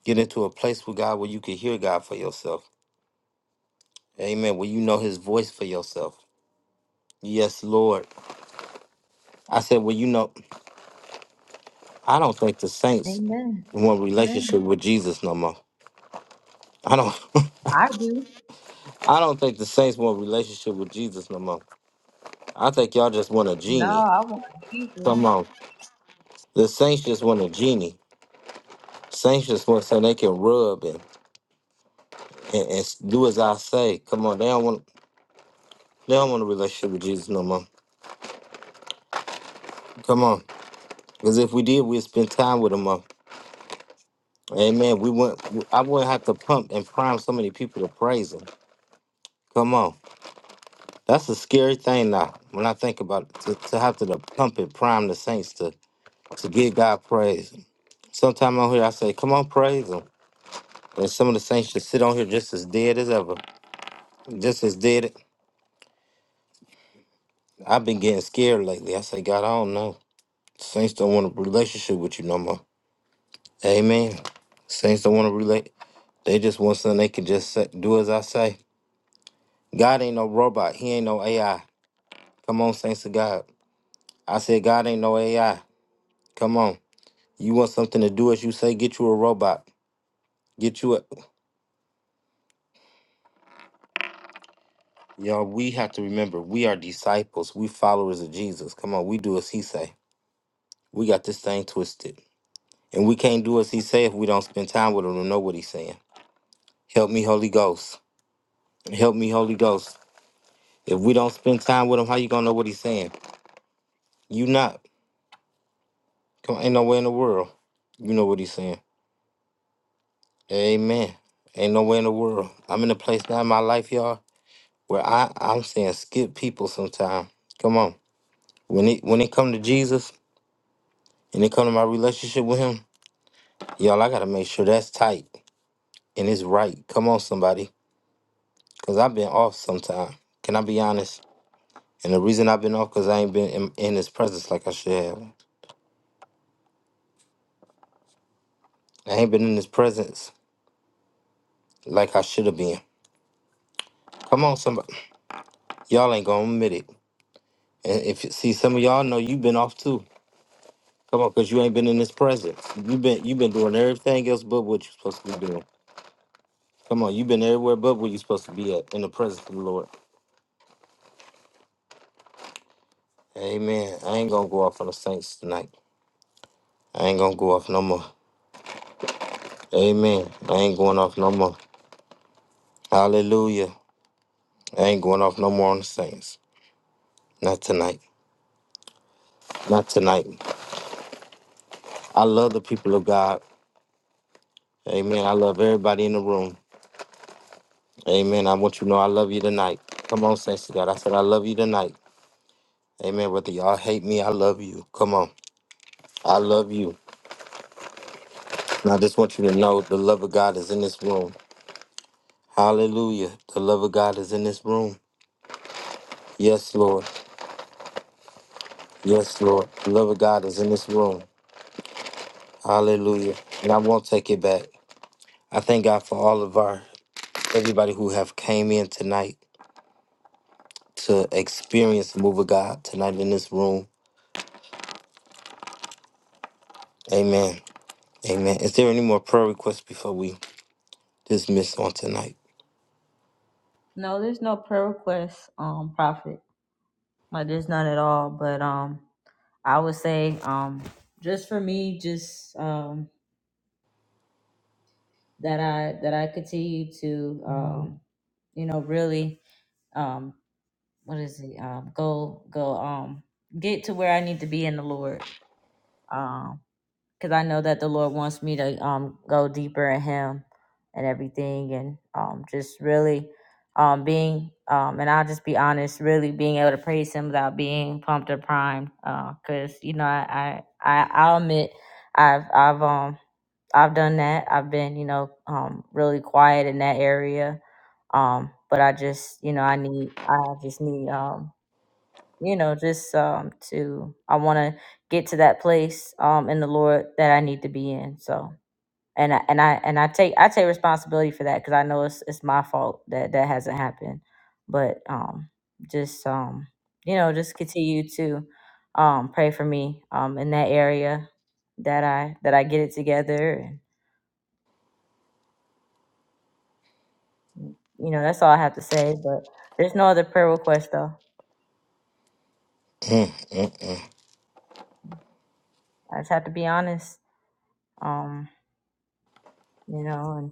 Speaker 1: Get into a place with God where you can hear God for yourself. Amen. Where you know his voice for yourself. Yes, Lord. I said, well, you know, I don't think the saints
Speaker 2: amen,
Speaker 1: want relationship
Speaker 2: amen.
Speaker 1: with Jesus no more. I don't. [laughs]
Speaker 2: i do
Speaker 1: I don't think the saints want relationship with Jesus no more. I think y'all just want a
Speaker 2: no
Speaker 1: genie.
Speaker 2: i won't either
Speaker 1: Come on. The saints just want a genie. Saints just want something they can rub and, and, and s- do as I say. Come on. They don't want they don't want a relationship with Jesus no more. Come on. Because if we did, we'd spend time with him more. Amen. We wouldn't I wouldn't have to pump and prime so many people to praise him. Come on. That's a scary thing now when I think about it, to, to have to, the pump and prime the saints to, to give God praise. Sometime on here I say, come on, praise him. And some of the saints just sit on here just as dead as ever. Just as dead. I've been getting scared lately. I say, God, I don't know. Saints don't want a relationship with you no more. Amen. Saints don't want to relate. They just want something they can just say, do as I say. God ain't no robot. He ain't no AI. Come on, saints of God. I said, God ain't no AI. Come on. You want something to do as you say, get you a robot. Get you a y'all. We have to remember we are disciples. We followers of Jesus. Come on, we do as he say. We got this thing twisted. And we can't do as he say if we don't spend time with him to know what he's saying. Help me, Holy Ghost. Help me, Holy Ghost. If we don't spend time with him, how you gonna know what he's saying? You not. Come on, ain't no way in the world. You know what he's saying. Amen. Ain't no way in the world. I'm in a place now in my life, y'all, where I, I'm saying skip people sometime. Come on. When it when it come to Jesus and it come to my relationship with him, y'all, I gotta make sure that's tight and it's right. Come on, somebody. Cause I've been off sometime. Can I be honest? And the reason I've been off because I ain't been in, in his presence like I should have. I ain't been in his presence like I should have been. Come on, somebody. Y'all ain't gonna admit it. And if you see some of y'all know you've been off too. Come on, cause you ain't been in his presence. You've been you've been doing everything else but what you're supposed to be doing. Come on, you've been everywhere but where you're supposed to be at in the presence of the Lord. Amen. I ain't gonna go off on the saints tonight. I ain't gonna go off no more. Amen. I ain't going off no more. Hallelujah. I ain't going off no more on the saints. Not tonight. Not tonight. I love the people of God. Amen. I love everybody in the room. Amen. I want you to know I love you tonight. Come on, saints of God. I said I love you tonight. Amen. Whether y'all hate me, I love you. Come on. I love you. And I just want you to know the love of God is in this room. Hallelujah. The love of God is in this room. Yes, Lord. Yes, Lord. The love of God is in this room. Hallelujah. And I won't take it back. I thank God for all of our everybody who have came in tonight to experience the move of God tonight in this room. Amen. Amen. Is there any more prayer requests before we dismiss on tonight?
Speaker 2: no there's no prayer request um prophet like there's none at all but um I would say, um, just for me, just um, that I that I continue to, um, you know, really, um, what is it? Um, go go um, get to where I need to be in the Lord. Um, because I know that the Lord wants me to um go deeper in Him and everything, and um just really um being um and I'll just be honest, really being able to praise Him without being pumped or primed, because you know I I I I'll admit I've I've um I've done that. I've been you know um really quiet in that area, um but I just you know I need I just need um you know, just um to I want to get to that place um in the Lord that I need to be in. So, and I and I and I take I take responsibility for that because I know it's it's my fault that that hasn't happened. But um, just um, you know, just continue to um pray for me um in that area that I that I get it together and you know that's all I have to say. But there's no other prayer request though.
Speaker 1: Mm, mm.
Speaker 2: I just have to be honest. Um, you know, and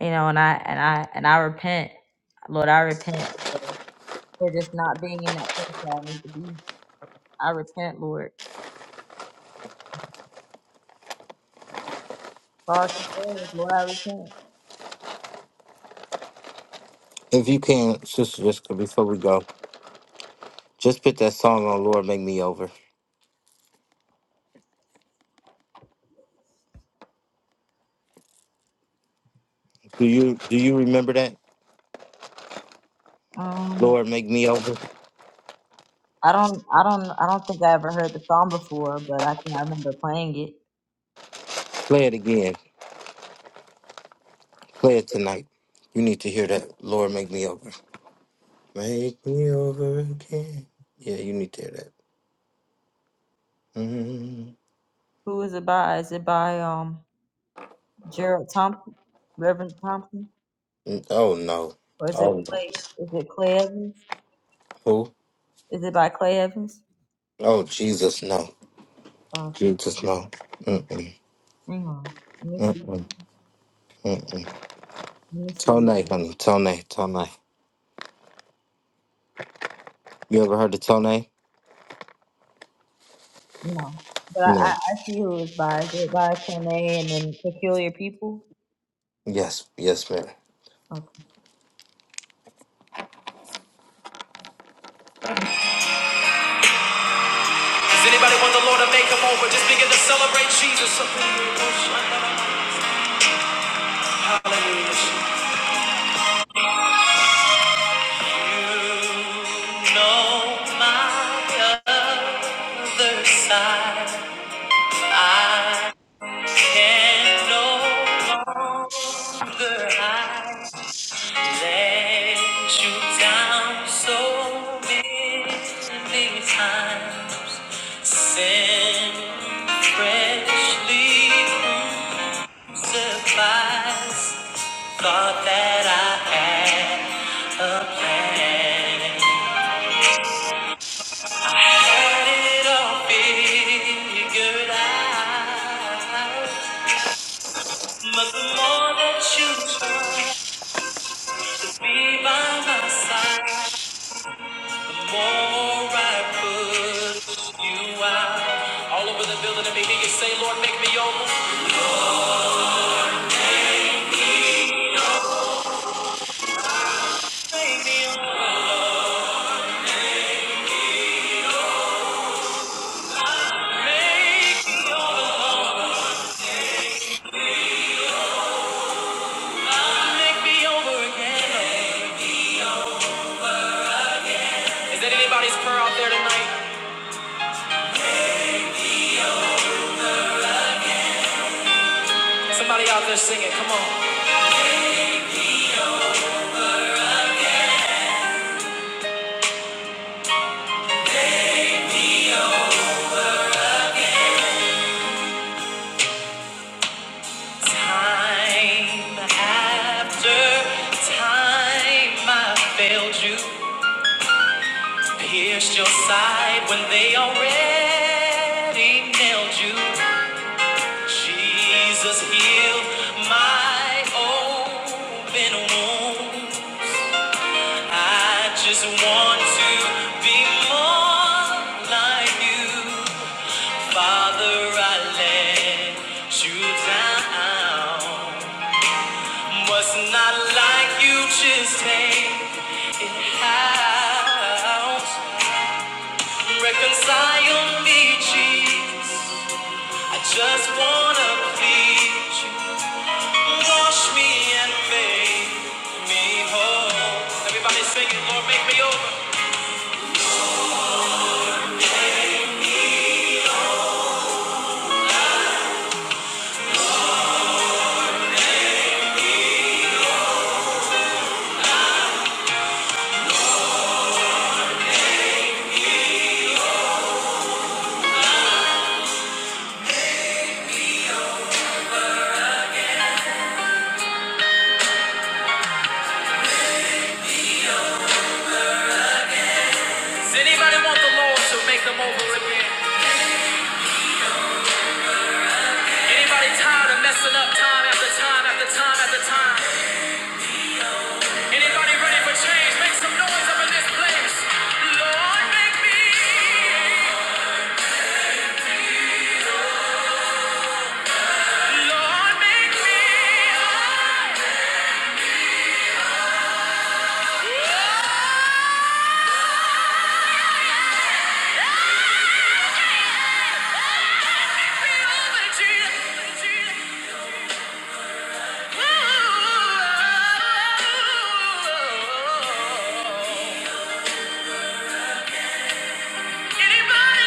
Speaker 2: you know, and I and I and I repent, Lord, I repent for for just not being in that place that I need to be. I repent, Lord. For all concerns, Lord, I repent.
Speaker 1: If you can, Sister Jessica, before we go, just put that song on Lord Make Me Over. Do you do you remember that?
Speaker 2: Um,
Speaker 1: Lord Make Me Over?
Speaker 2: I don't, I don't, I don't think I ever heard the song before, but I can I remember playing it.
Speaker 1: Play it again. Play it tonight. You need to hear that. Lord Make Me Over. Make me over again. Yeah, you need to hear that. Mm.
Speaker 2: Who is it by? Is it by um Gerald Thompson, Reverend Thompson,
Speaker 1: Mm, Oh no.
Speaker 2: or is it
Speaker 1: Oh no.
Speaker 2: Clay? Is it Clay Evans?
Speaker 1: Who?
Speaker 2: Is it by Clay Evans?
Speaker 1: Oh Jesus, no.
Speaker 2: Uh,
Speaker 1: Jesus, no. Mm-mm.
Speaker 2: hang on, let me see,
Speaker 1: Mm-mm.
Speaker 2: let me see.
Speaker 1: Tone, honey. Tone, Tone. You ever heard of Tone?
Speaker 2: No, but I, I,
Speaker 1: No.
Speaker 2: I see who is by. Is it by Corneille and then Peculiar People?
Speaker 1: Yes, yes, ma'am.
Speaker 2: Okay. Does anybody want the Lord to make them over? Just begin to celebrate Jesus. Hallelujah. No, my other side, I can no longer hide. let you down so many times. Sin freshly crucifies. Thought that I had a plan. Had it all figured out. But the more that you try to be, make me over again. Is that anybody's prayer out there tonight? Somebody out there singing, come on. Time after time I failed you, pierced your side when they already nailed you. Jesus healed my open wounds. I just want to be more like you. Father, I let you down. Was not like you just take it out. Reconcile me, Jesus. I just wanna please you. Wash me and make me whole. Everybody sing it, Lord, make me over. Does anybody want the Lord to make them over again? Anybody tired of messing up time after time after time after time? Anybody ready for change? Make some noise up in this place. Lord, make me. Anybody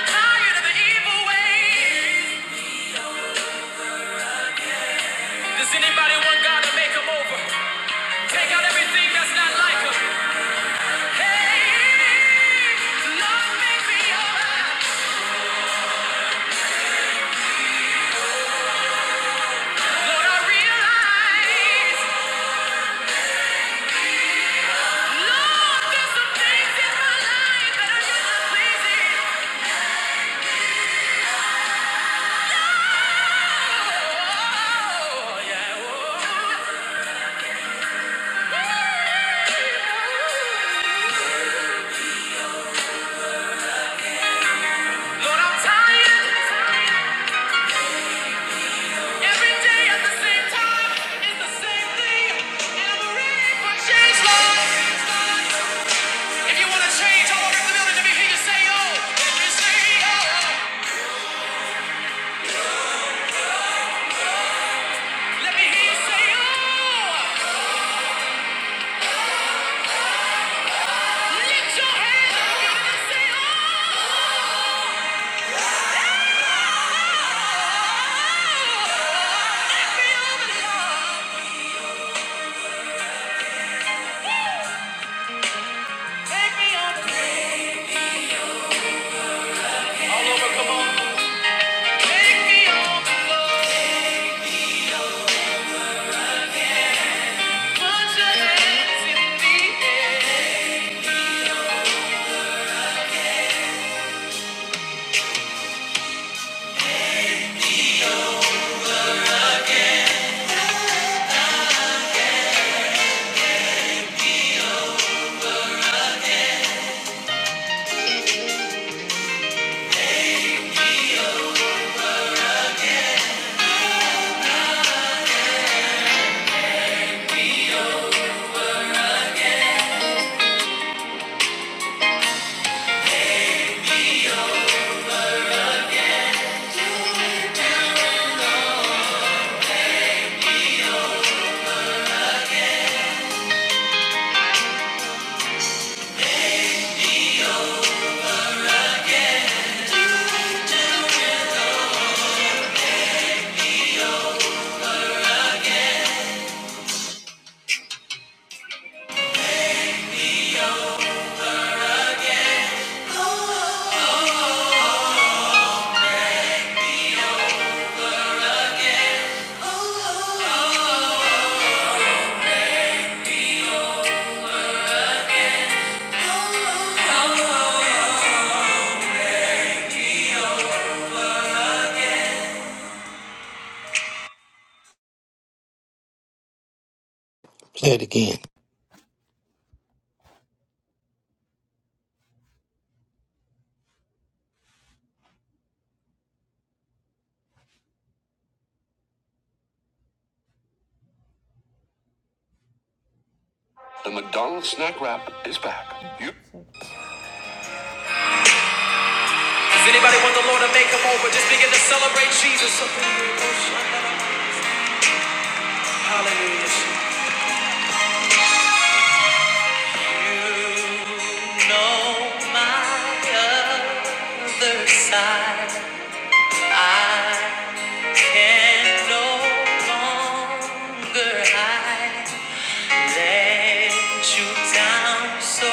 Speaker 2: tired of the evil Does anybody want God to make 'em over? Take out everything that's not like him. Hey, Lord, make me alright. Lord, I realize, Lord, there's some things in my life that are not pleasing.
Speaker 1: Play it again.
Speaker 2: Does anybody want the Lord to make them over? Just begin to celebrate Jesus. Hallelujah. You know my other side. I. Can no longer hide let you down so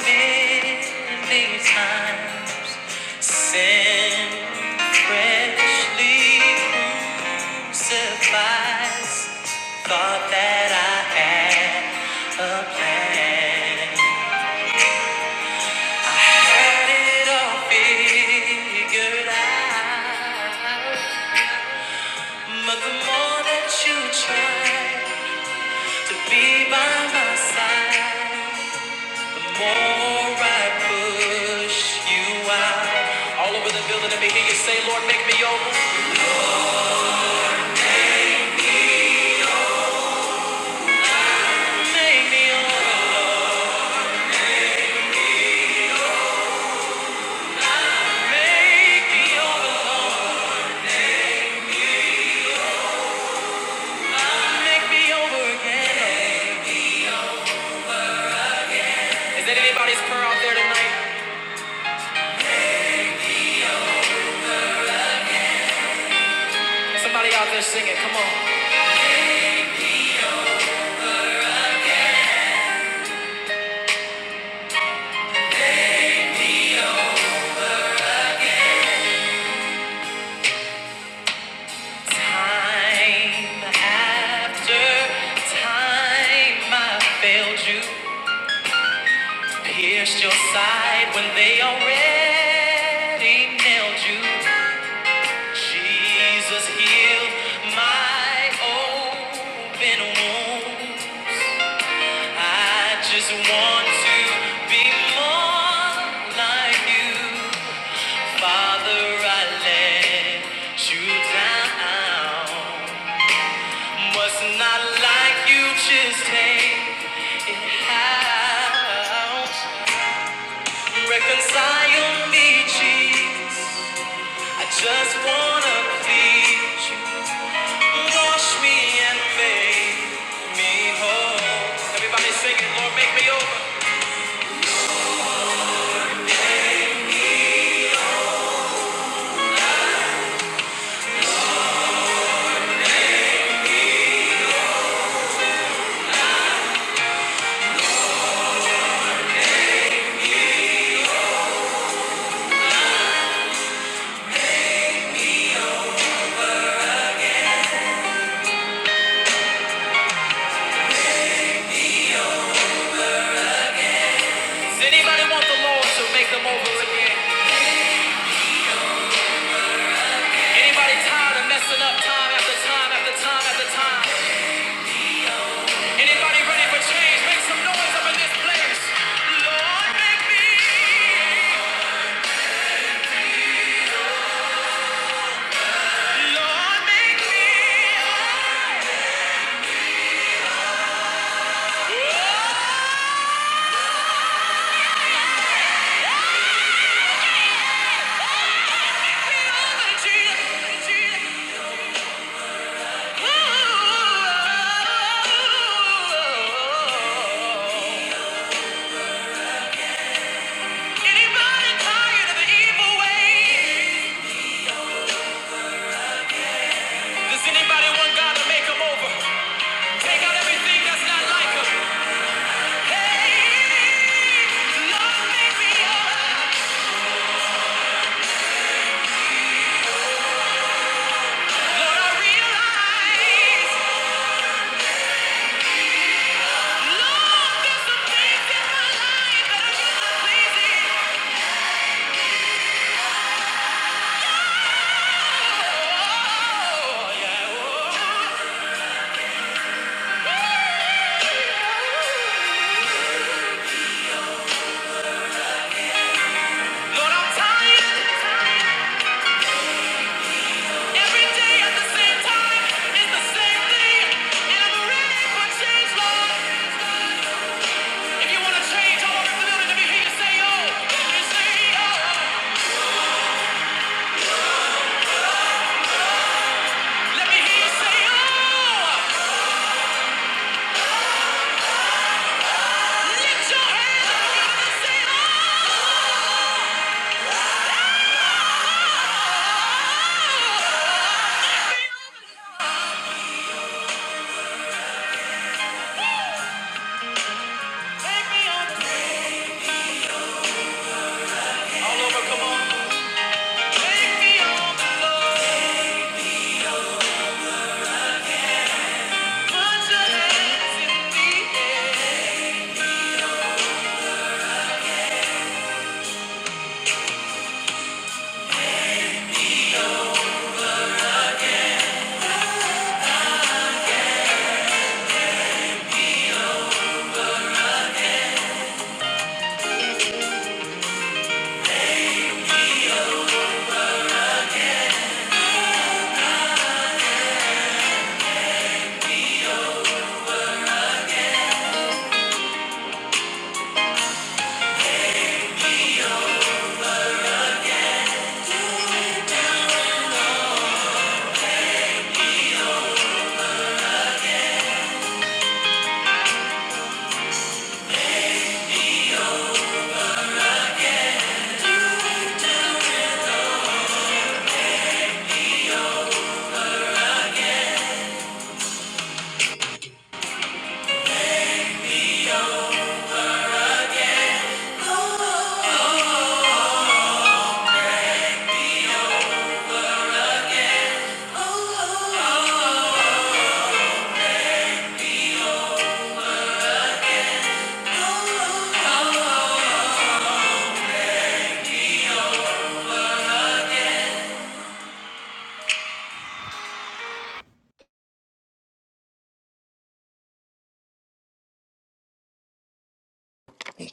Speaker 2: many times. Sin freshly crucifies. Thought that I had a plan. Had it all figured out. But the more that you try. to be by my side. The more I push you out, all over the building, let me hear you say, Lord, make me over. Make me over. Make me, make me over again. Is that anybody's prayer out there tonight? Somebody out there singing, come on. Time after time, I failed you. Pierced your side when they already nailed you. Jesus healed my open wound. I just want to be more like you. Father, I let you down. Was not like you, just take it out. Reconcile me, Jesus. I just wanna please you. Wash me and make Everybody sing it, Lord, make me over. Does anybody want the Lord to make them over again? Anybody tired of messing up time after time after time after time? Anybody ready for change? Make some noise up in this place. Lord, make me. Lord, make me. over, Jesus, Jesus. Ooh. Anybody tired of the evil way? Does anybody want God to make them over? Take out everything that's not like him. Hey, Lord, make me alive. Lord, I realize. Oh, yeah. oh. Lord, I'm tired. Every day at the same time is the same thing. And I'm ready for change, Lord. If you want to change, I want to build it. Let me you say, oh. Let say, oh. Let me hear you say, oh. Lift your hands. oh.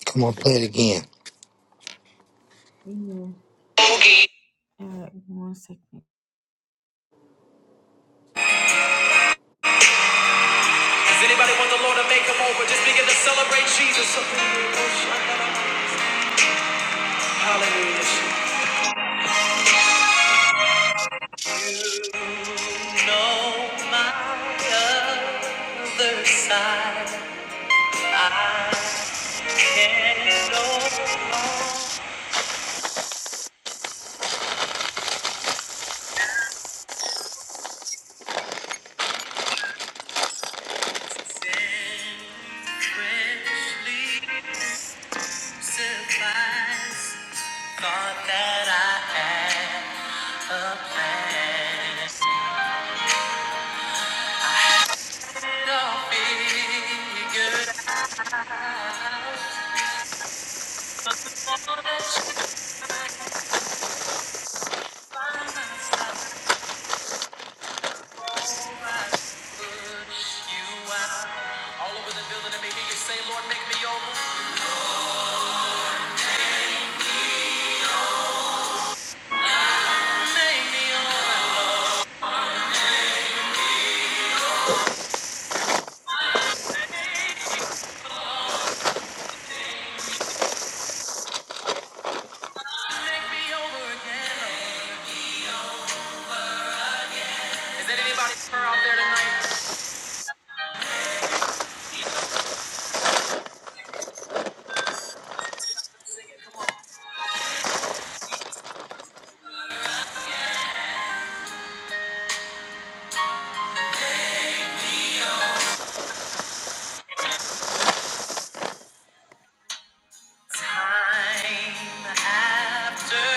Speaker 1: Come on, play it again.
Speaker 2: Does anybody want the Lord to make them over? Just begin to celebrate Jesus. Hallelujah. You know my other side. I can no longer sin. Freshly surprised. Thought that I had a plan. No figure all over the building, and maybe you say, Lord, make me over, make me over, make me over again. Is there anybody out there tonight? Time after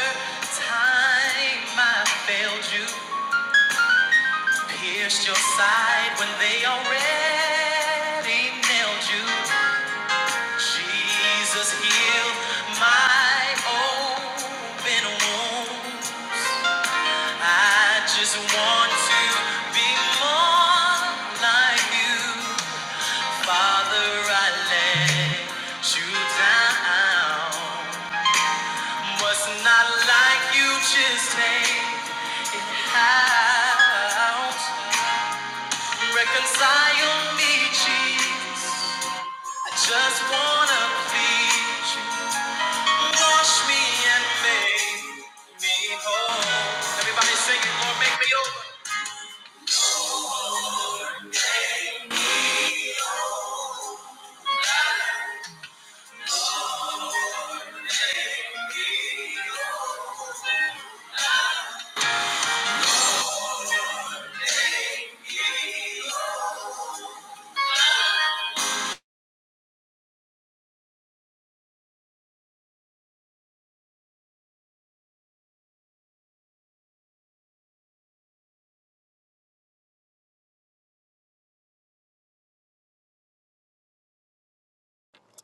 Speaker 2: time, I failed you, pierced your side when they already nailed you. Jesus healed my open wound. I just want to be more like you. Father, I let you down. What's not like you, just take it out. Reconcile me, Jesus. I just wanna please you. Wash me and make me whole. Everybody sing it, Lord, make me over.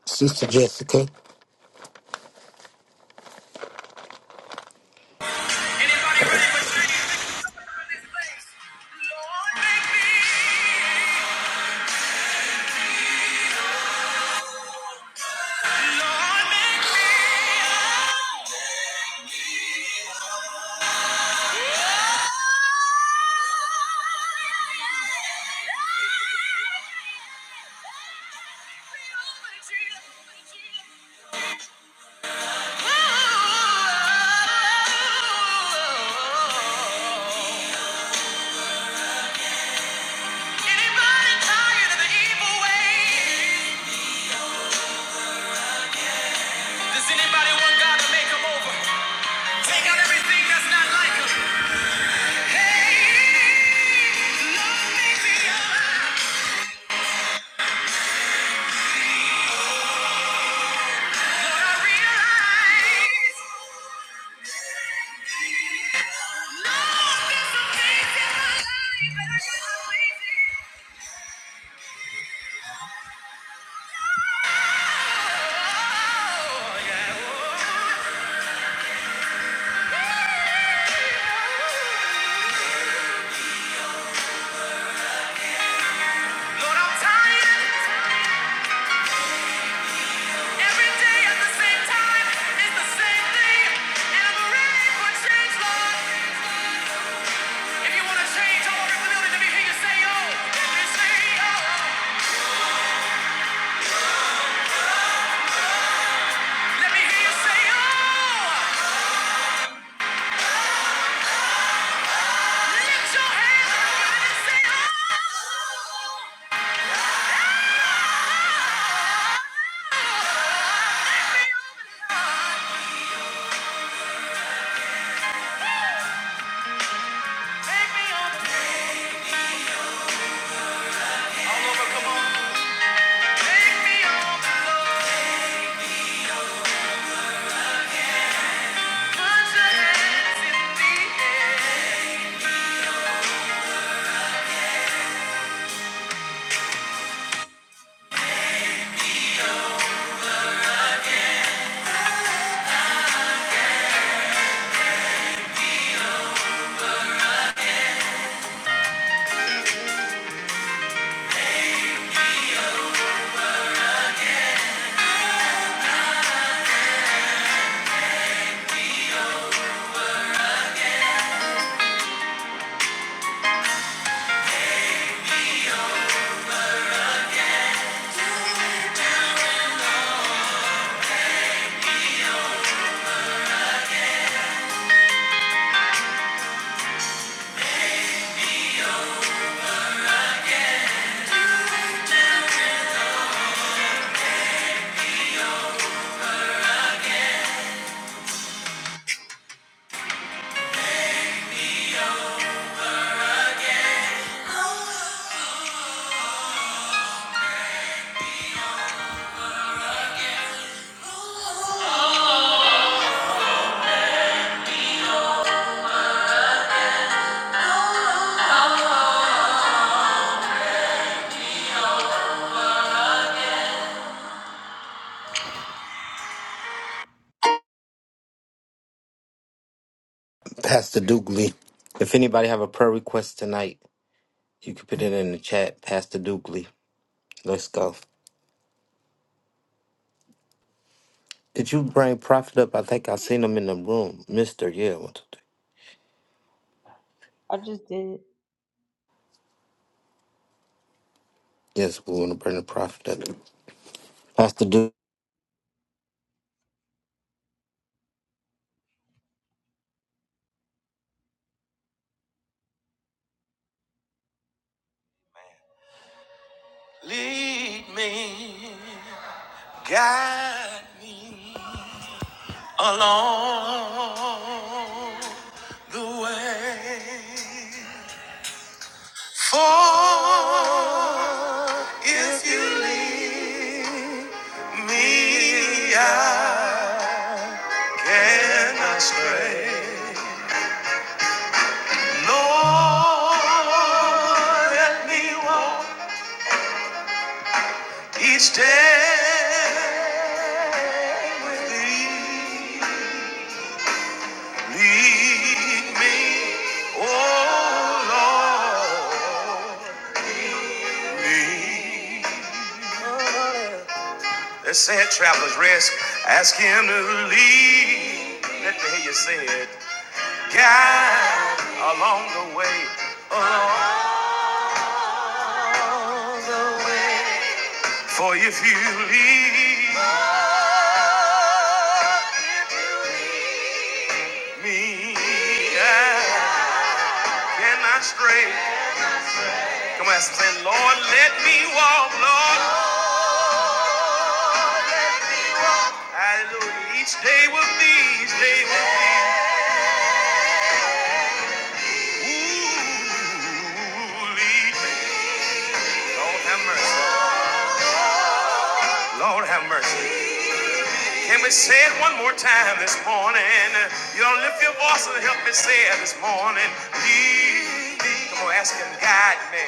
Speaker 1: Sister Jessica,
Speaker 2: Anybody tired of the evil ways? Does anybody want God to make make 'em over? Take out everything that's not like like 'em. Hey! Lord, Lord, I'm tired. Every day at the same time, it's the same thing. And I'm ready for change, Lord. oh. oh. oh. oh.
Speaker 1: Pastor Dugley. If anybody have a prayer request tonight, you can put it in the chat. Pastor Dugley. Let's go. Did you bring Prophet up? I think I seen him in the room. Mister, yeah. one, two, three.
Speaker 2: I just did it.
Speaker 1: Yes, we want to bring the Prophet up. Pastor Dugley.
Speaker 2: Lead me, guide me along the way. Lord, let me walk. Each day lead, lead me, oh Lord, lead. Let's say it, travelers, rest. Ask Him to lead. Let me hear you say it. Guide along the way. Oh, for if you lead me, I cannot stray. Come on, say, Lord, let me walk, Lord. Hallelujah. Each day will be, each day will be. Ooh, lead me, Lord have mercy. Lord have mercy. Can we say it one more time this morning? You don't lift your voice and help me say it this morning. Lead me. Come on, ask him, guide me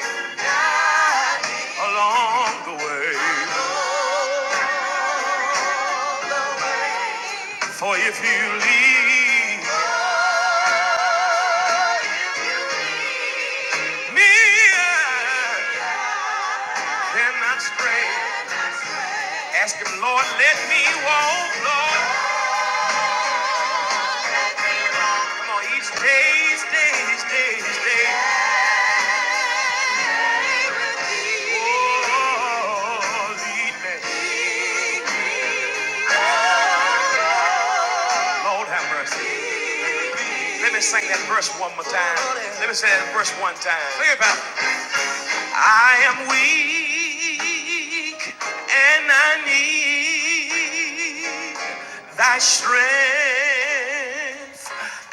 Speaker 2: along the way. For if you lead me, I cannot stray. Ask him, Lord, let me walk, Lord. Come on, each day, each day, each day, each day. Oh, lead me. Lord have mercy. Let me sing that verse one more time. Let me say that verse one time. Think about I am weak and I need thy strength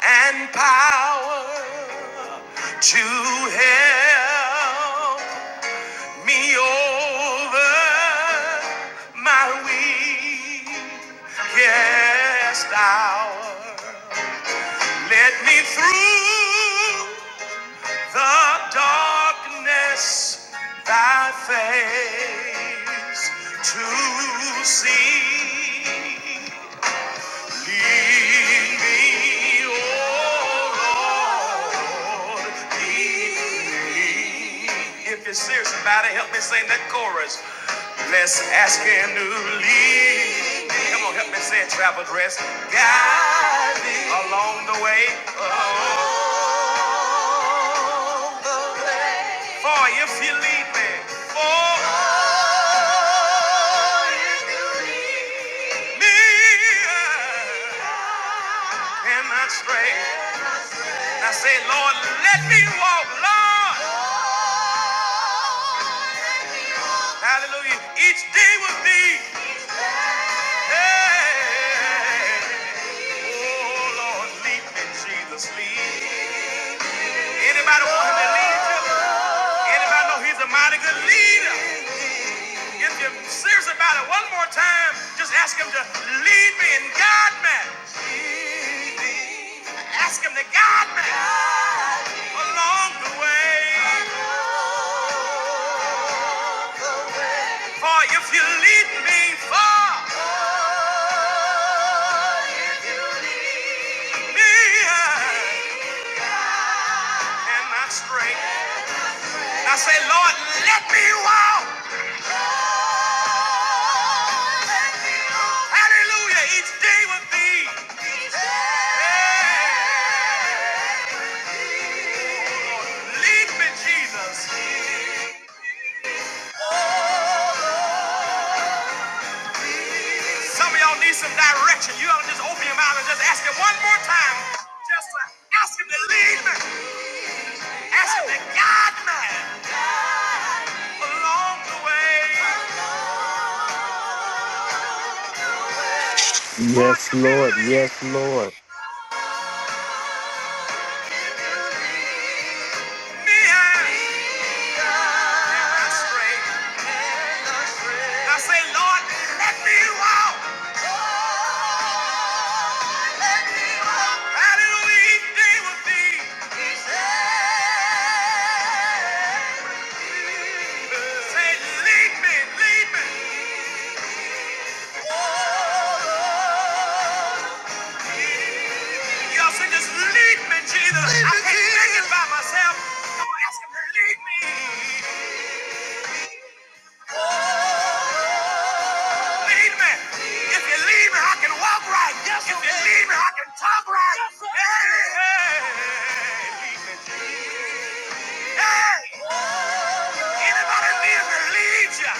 Speaker 2: and power to help me over my weaknesses to see. If you're serious about it, help me sing that chorus. Hallelujah. Each day with thee. Hey. Oh, Lord, lead me, Jesus, lead. Anybody want him to lead you? Anybody know he's a mighty good leader? If you're serious about it, one more time, just ask him to lead me and guide me. Ask him to guide me along the way. For if you lead me far, me and my strength. I say, Lord, let me walk. Hallelujah, each day with thee. Yeah. Lead me, Jesus. Some of y'all need some direction. You ought to just open your mouth and just ask him one more time. Just uh, ask him to lead me. Ask him to guide me along the way. Lord,
Speaker 1: Yes,
Speaker 2: you can
Speaker 1: Lord.
Speaker 2: lead
Speaker 1: Yes, Lord.
Speaker 2: me and I stray. I say, Lord, let me walk. Myself, I'm asking her to lead me. Oh. lead me. If you lead me, I can walk right. Yes, if you lead me, I can talk right. Yes, hey, hey, lead me, Hey, anybody need me to lead you?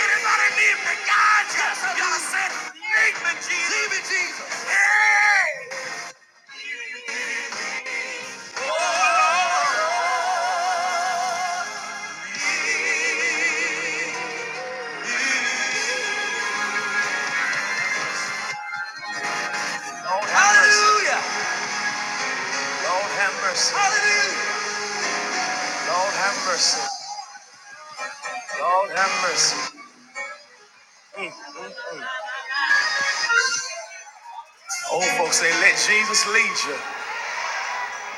Speaker 2: Anybody need me to guide you? Yes, sir. Y'all said, lead me, Jesus. Lead me, Jesus. Hey. Oh, Lord. Lord have mercy. Hallelujah. Lord have mercy. Hallelujah. Lord have mercy. Lord have mercy. Mm, mm, mm. Old folks say, let Jesus lead you.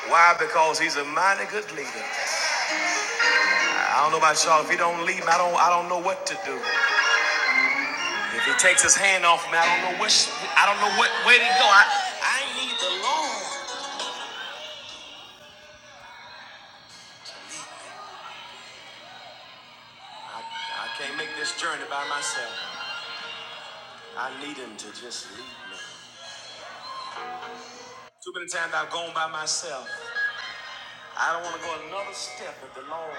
Speaker 2: Why? Because he's a mighty good leader. I don't know about y'all. If he don't lead me, I don't I don't know what to do. If he takes his hand off me, I don't know which I don't know what way to go. I, the Lord can't make this journey by myself. I need him to just lead. Too many times I've gone by myself. I don't want to go another step if the Lord.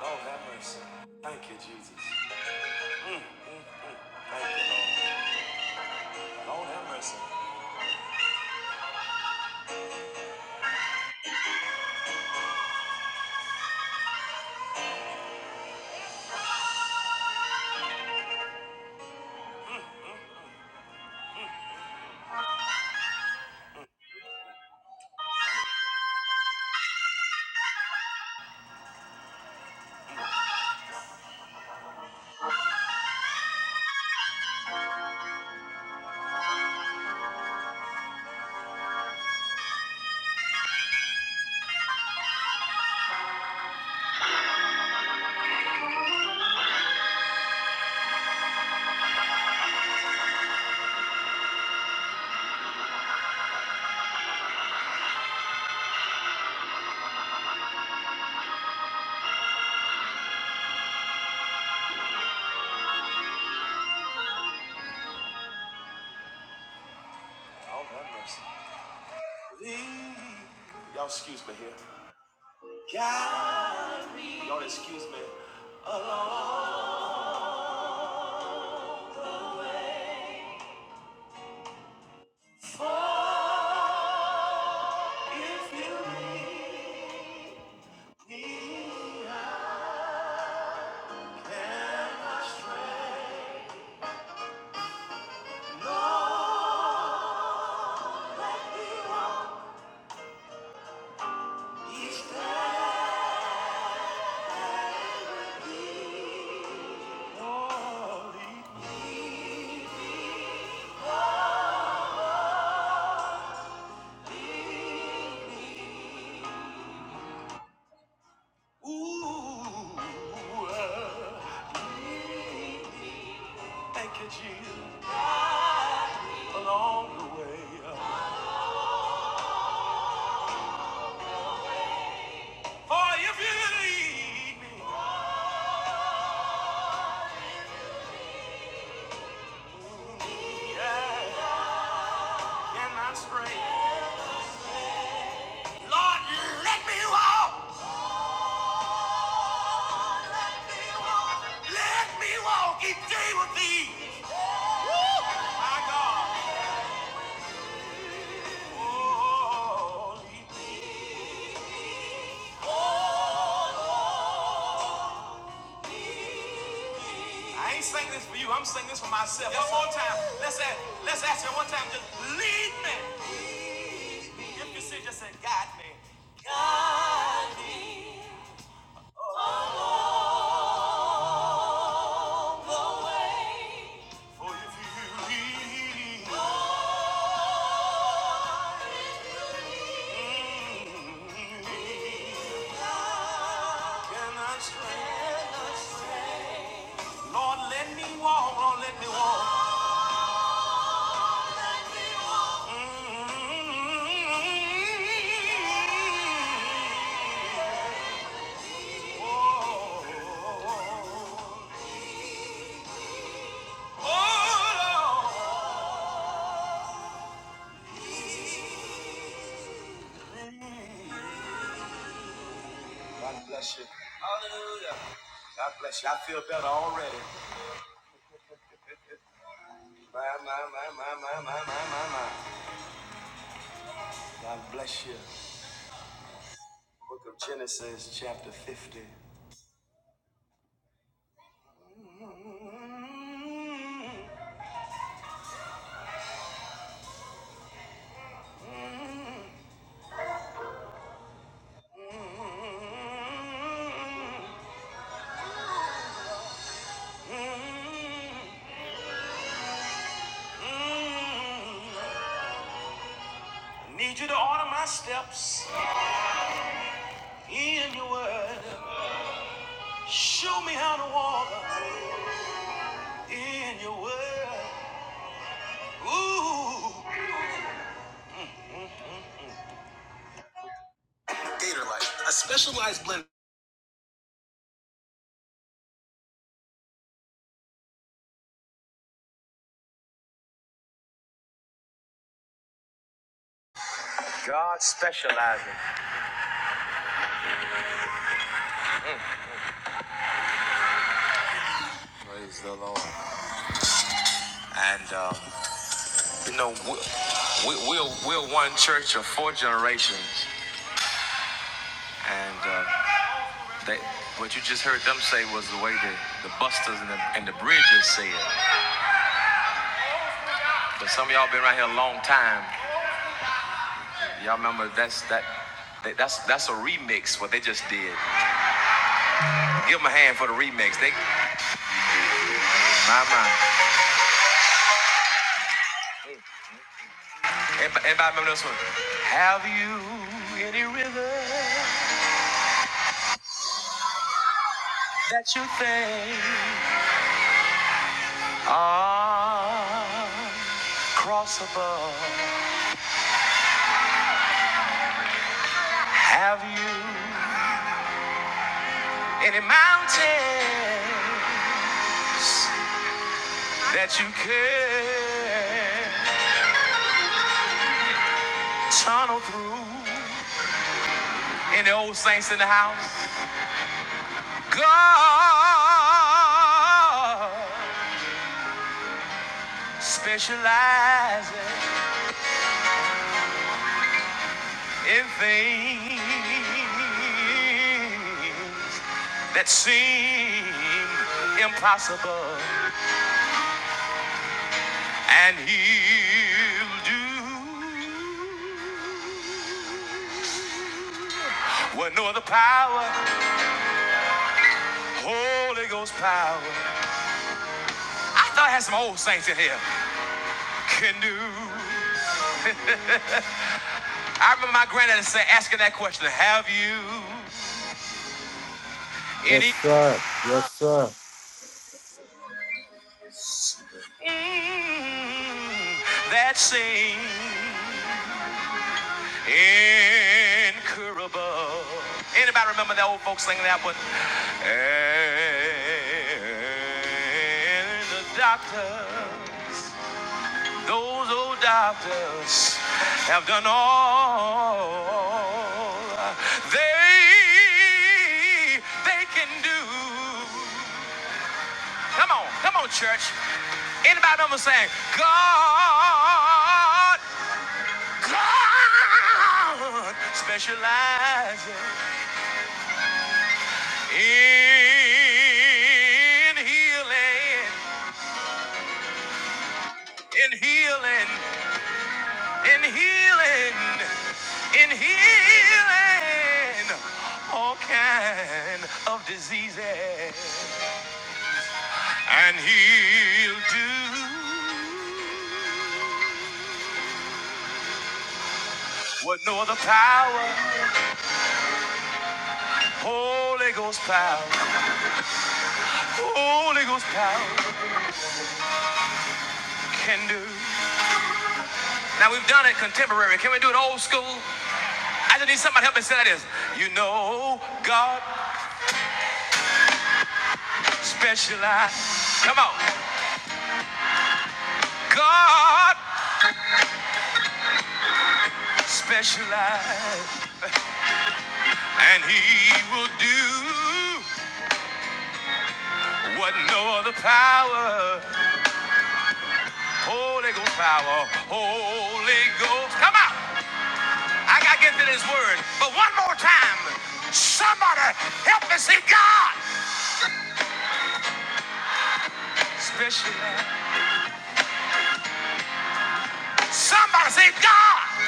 Speaker 2: Lord have mercy. Thank you, Jesus. Thank you, Lord. Ooh, thank you, Jesus, along the way. For if you lead me, yeah, in my strength, Lord, let me walk. Let me walk each day with thee, my God. Oh, lead me. I ain't singing this for you. I'm singing this for myself. One more time. Let's ask, let's ask him one time. Just lead me. If you say just say, guide me. Guide me. For if you lead me in the strength. I Need you to order my steps in your word. Show me how to walk in your word. Ooh. Gator Light, a specialized blend. God specializes. Praise the Lord. And um. uh, You know, we, we, we're, we're one church of four generations, and uh, they, what you just heard them say was the way the, the busters and the, and the bridges said. But some of y'all been around here a long time. Y'all remember that's that. that- That's that's a remix. What they just did. Give them a hand for the remix. They, my my. Anybody, anybody remember this one? Have you any river that you think ah cross above? Have you any mountain that you could tunnel through? Any old saints in the house? God specializes in things that seem impossible, and He'll do what no other power, Holy Ghost power. I thought I had some old saints in here. Can do. I remember my granddad saying, asking that question, have you
Speaker 1: Yes,
Speaker 2: any
Speaker 1: sir. Yes, sir.
Speaker 2: mm, that seems incurable? Anybody remember that old folks singing that one? And the doctors, those old doctors have done all they, they in healing. in healing, in healing all kind of diseases. And he'll do what no other power, Holy Ghost power, Holy Ghost power can do. Now we've done it contemporary. Can we do it old school? I just need somebody to help me say this. You know, God specializes. Come on. God specializes. And he will do What no other power, Holy Ghost power, Holy Ghost. Come on, I gotta get to this word. But one more time, somebody help me say God. Special. Somebody say God.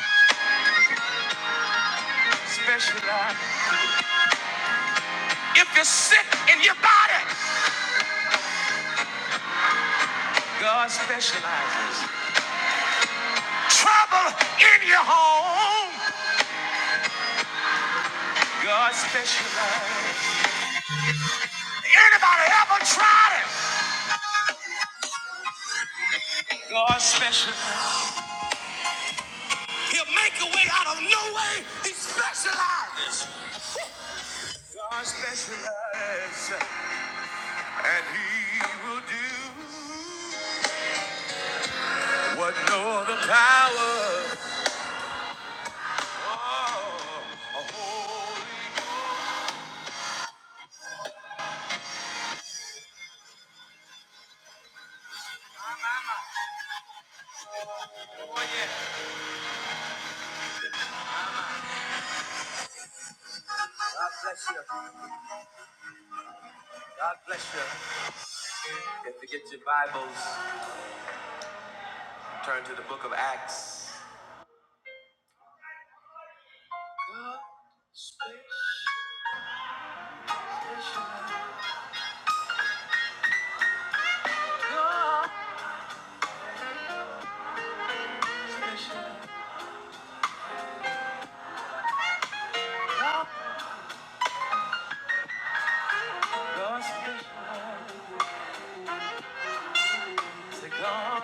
Speaker 2: Special. If you're sick in your body, God specializes. Trouble in your home, God specializes. Anybody ever tried it? God specializes. He'll make a way out of no way. God specializes, and He will do what no other power. Oh, a holy God specializes. God God specializes. Say, God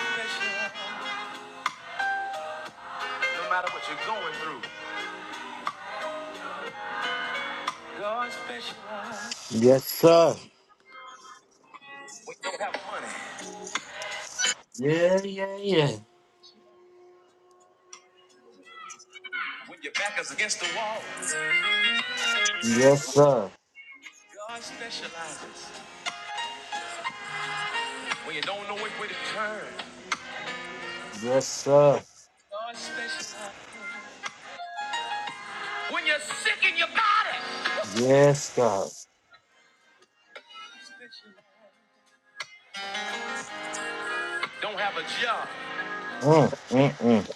Speaker 2: specializes. No matter what you're going through, God specializes.
Speaker 1: Yes, sir.
Speaker 2: When you don't have money,
Speaker 1: Yeah, yeah, yeah.
Speaker 2: when your back is against the wall,
Speaker 1: Yes, sir.
Speaker 2: God specializes. When you don't know which way to turn,
Speaker 1: Yes, sir.
Speaker 2: God specializes. When you're sick in your body,
Speaker 1: Yes, God.
Speaker 2: don't have a job.
Speaker 1: Mm, mm, mm.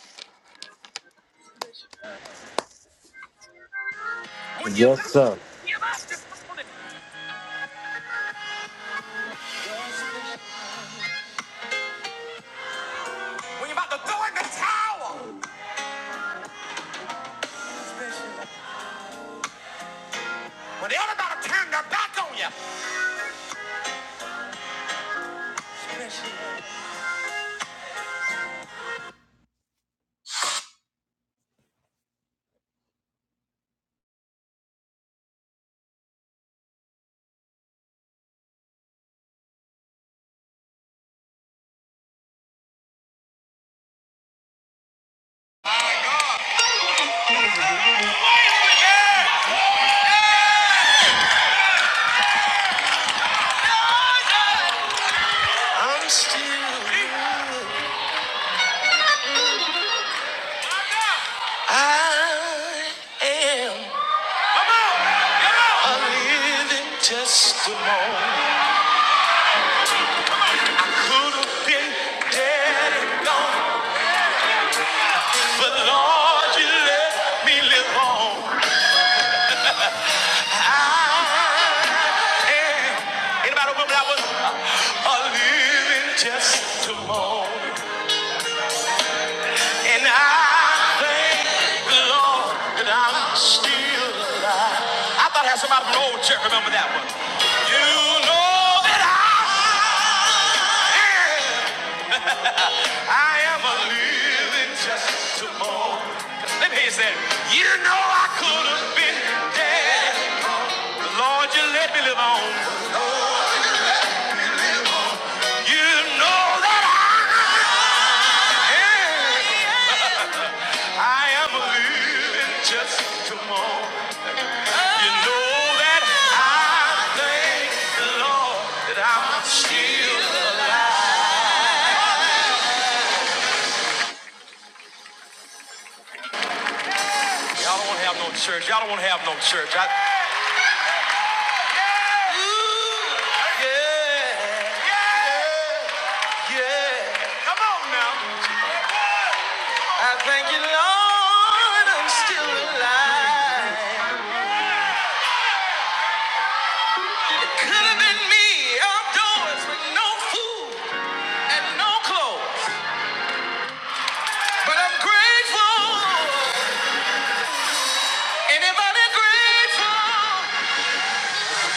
Speaker 2: When you when
Speaker 1: Yes, sir.
Speaker 2: you're about to when you're about to throw in the towel, when they're about to turn their back on you. Good morning. Could have been dead and gone, but Lord, you let me live on. I am. Ain't Anybody remember that was uh, a living testimony? And I thank the Lord that I'm still alive. I thought I had somebody from the old church remember that one. You know that I, am. I am a living testimony. Let me hear you say, it. you know I could have been dead. but Lord, you let me live on. You know that I, am. [laughs] I am a living testimony. You all don't want to have no church. Y'all don't want to have no church. I... Yeah. Ooh, yeah, yeah, yeah. Come on now. I thank you, Lord, I'm still alive. Could have been me outdoors with no food and no clothes, but I'm grateful. Anybody grateful?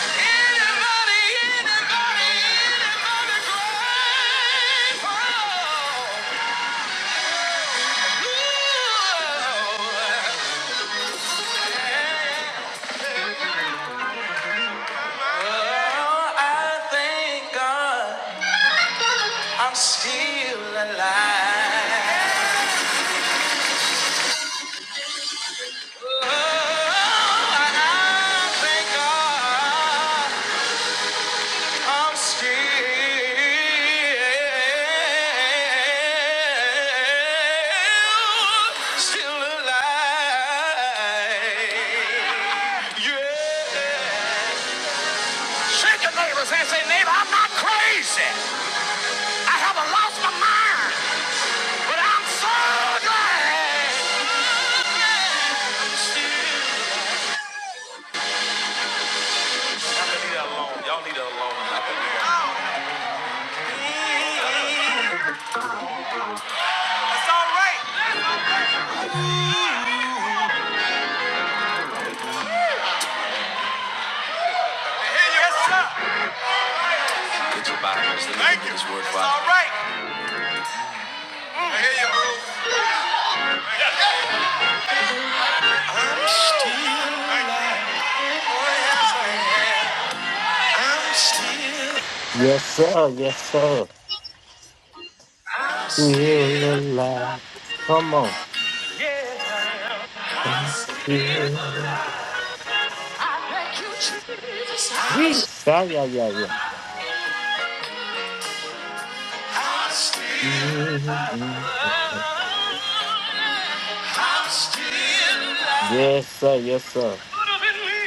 Speaker 2: Anybody, anybody, anybody grateful? Oh, I thank God I'm still alive. Oh, I thank God I'm still, still alive. Yeah. Shake your neighbors and say, neighbor, I'm not crazy. I haven't lost my mind, but I'm so glad. Y'all still. leave that alone. Y'all need it alone. I can leave that alone. It's all right. I hear you. Yes, sir. Get your Bibles. Let me Thank give you. you this word That's for all right. Mm. There you go.
Speaker 1: Yes, sir. Yes, sir. We alive. the light. Come on. Feel alive.
Speaker 2: Yes.
Speaker 1: Yes, yeah, yeah, yeah. yeah. Mm, mm, mm. mm. Yes, sir. Yes, sir.
Speaker 2: Could have been me.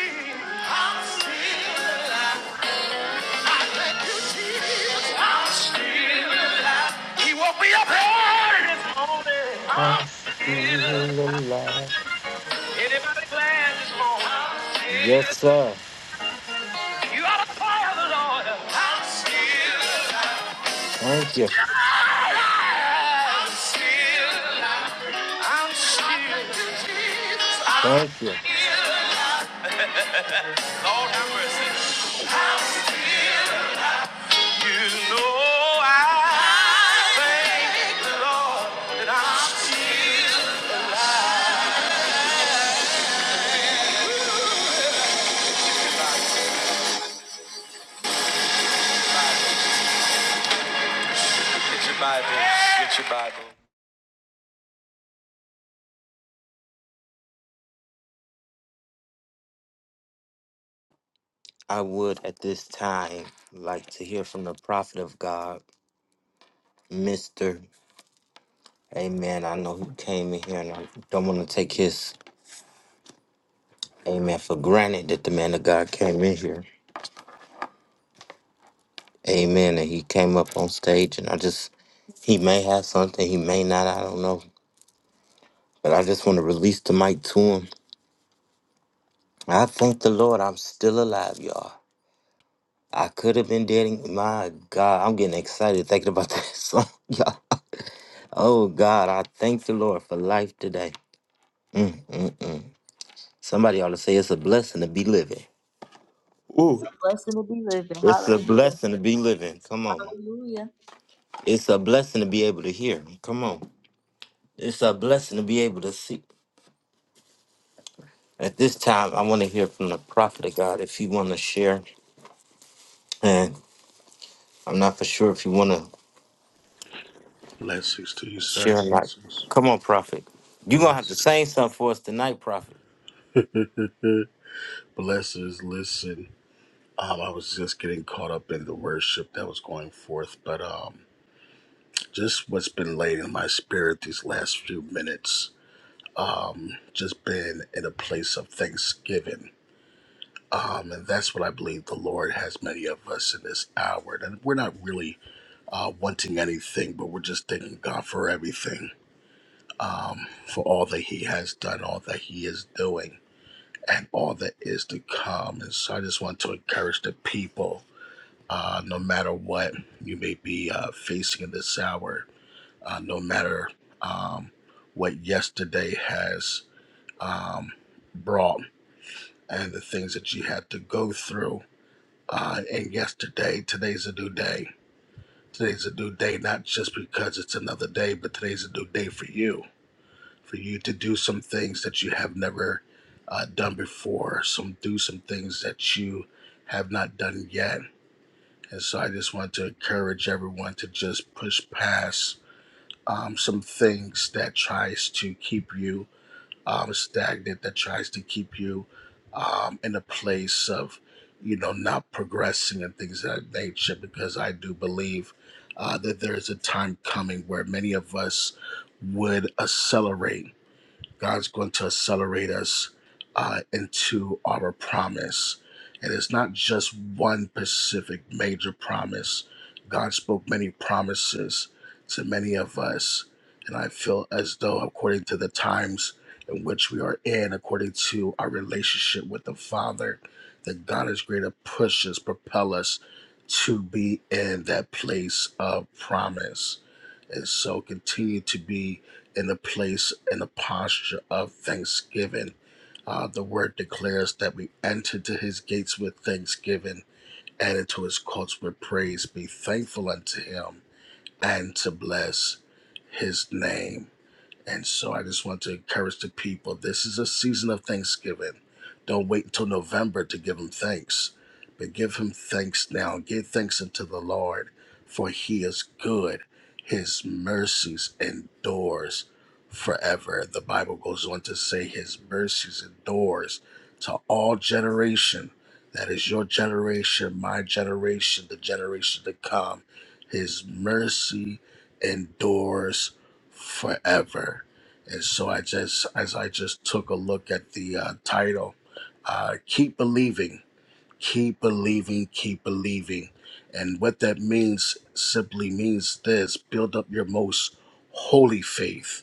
Speaker 1: I feel alive.
Speaker 2: Anybody glad this
Speaker 1: Yes,
Speaker 2: morning?
Speaker 1: sir.
Speaker 2: You ought to fire the Lord.
Speaker 1: Thank you. Thank you. I would at this time like to hear from the prophet of God, Mr. Amen. I know he came in here, and I don't want to take his amen for granted that the man of God came in here. Amen. And he came up on stage, and I just, he may have something, he may not, I don't know. But I just want to release the mic to him. I thank the Lord I'm still alive, y'all. I could have been dead. and- My God, I'm getting excited thinking about [laughs] that song, y'all. Oh, God, I thank the Lord for life today. Mm, mm, mm. Somebody ought to say it's a blessing to be living. Ooh.
Speaker 2: It's a blessing to be living.
Speaker 1: It's a
Speaker 2: Hallelujah.
Speaker 1: blessing to be living. Come on.
Speaker 2: Hallelujah.
Speaker 1: It's a blessing to be able to hear. Come on. It's a blessing to be able to see. At this time, I want to hear from the prophet of God if you want to share. And I'm not for sure if you want to
Speaker 6: Blessings to you, sir.
Speaker 1: share or not.
Speaker 6: Blessings.
Speaker 1: Come on, prophet. You're going to have to sing
Speaker 6: Blessings.
Speaker 1: something for us tonight, prophet.
Speaker 6: Uh, Blessings. Listen, um, I was just getting caught up in the worship that was going forth, but um, just what's been laid in my spirit these last few minutes, just been in a place of thanksgiving. Um, and that's what I believe the Lord has many of us in this hour. And we're not really uh, wanting anything, but we're just thanking God for everything, um, for all that He has done, all that He is doing. and all that is to come. And so I just want to encourage the people, uh, no matter what you may be uh, facing in this hour, uh, no matter um, what yesterday has um, brought and the things that you had to go through. Uh, and yesterday, today's a new day. Today's a new day, not just because it's another day, but today's a new day for you for you to do some things that you have never uh, done before, some do some things that you have not done yet. And so I just want to encourage everyone to just push past um, some things that tries to keep you um, stagnant, that tries to keep you um, in a place of, you know, not progressing and things of that nature. Because I do believe uh, that there is a time coming where many of us would accelerate God's going to accelerate us uh, into our promise. And it's not just one specific major promise. God spoke many promises to many of us. And I feel as though, according to the times in which we are in, according to our relationship with the Father, that God is going to push us, propel us to be in that place of promise. And so continue to be in a place in a posture of thanksgiving. Uh, the word declares that we enter to his gates with thanksgiving and into his courts with praise. Be thankful unto him and to bless his name. And so I just want to encourage the people this is a season of Thanksgiving. Don't wait until November to give him thanks, but give him thanks now. Give thanks unto the Lord, for he is good. His mercies endures forever. The Bible goes on to say his mercies endures to all generation. That is your generation, my generation, the generation to come. His mercy endures forever. And so I just, as I just took a look at the uh, title, uh, keep believing, keep believing, keep believing. And what that means simply means this build up your most holy faith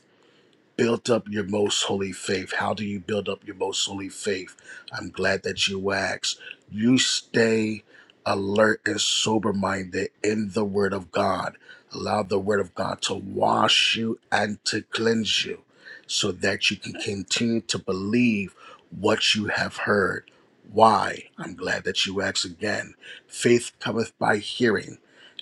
Speaker 6: built up your most holy faith. How do you build up your most holy faith? I'm glad that you asked. You stay alert and sober minded in the Word of God. Allow the Word of God to wash you and to cleanse you so that you can continue to believe what you have heard. Why? I'm glad that you asked again. Faith cometh by hearing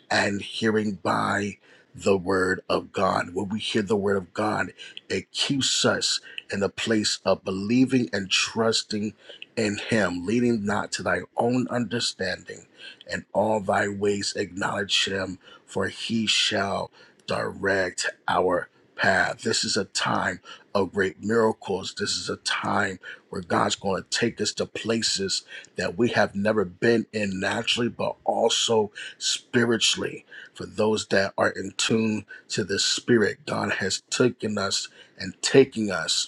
Speaker 6: and hearing by the word of God. When we hear the word of God, it keeps us in a place of believing and trusting in Him, leading not to thy own understanding, and all thy ways acknowledge Him, for He shall direct our path. This is a time of great miracles. This is a time where God's going to take us to places that we have never been in naturally, but also spiritually for those that are in tune to the spirit god has taken us and taking us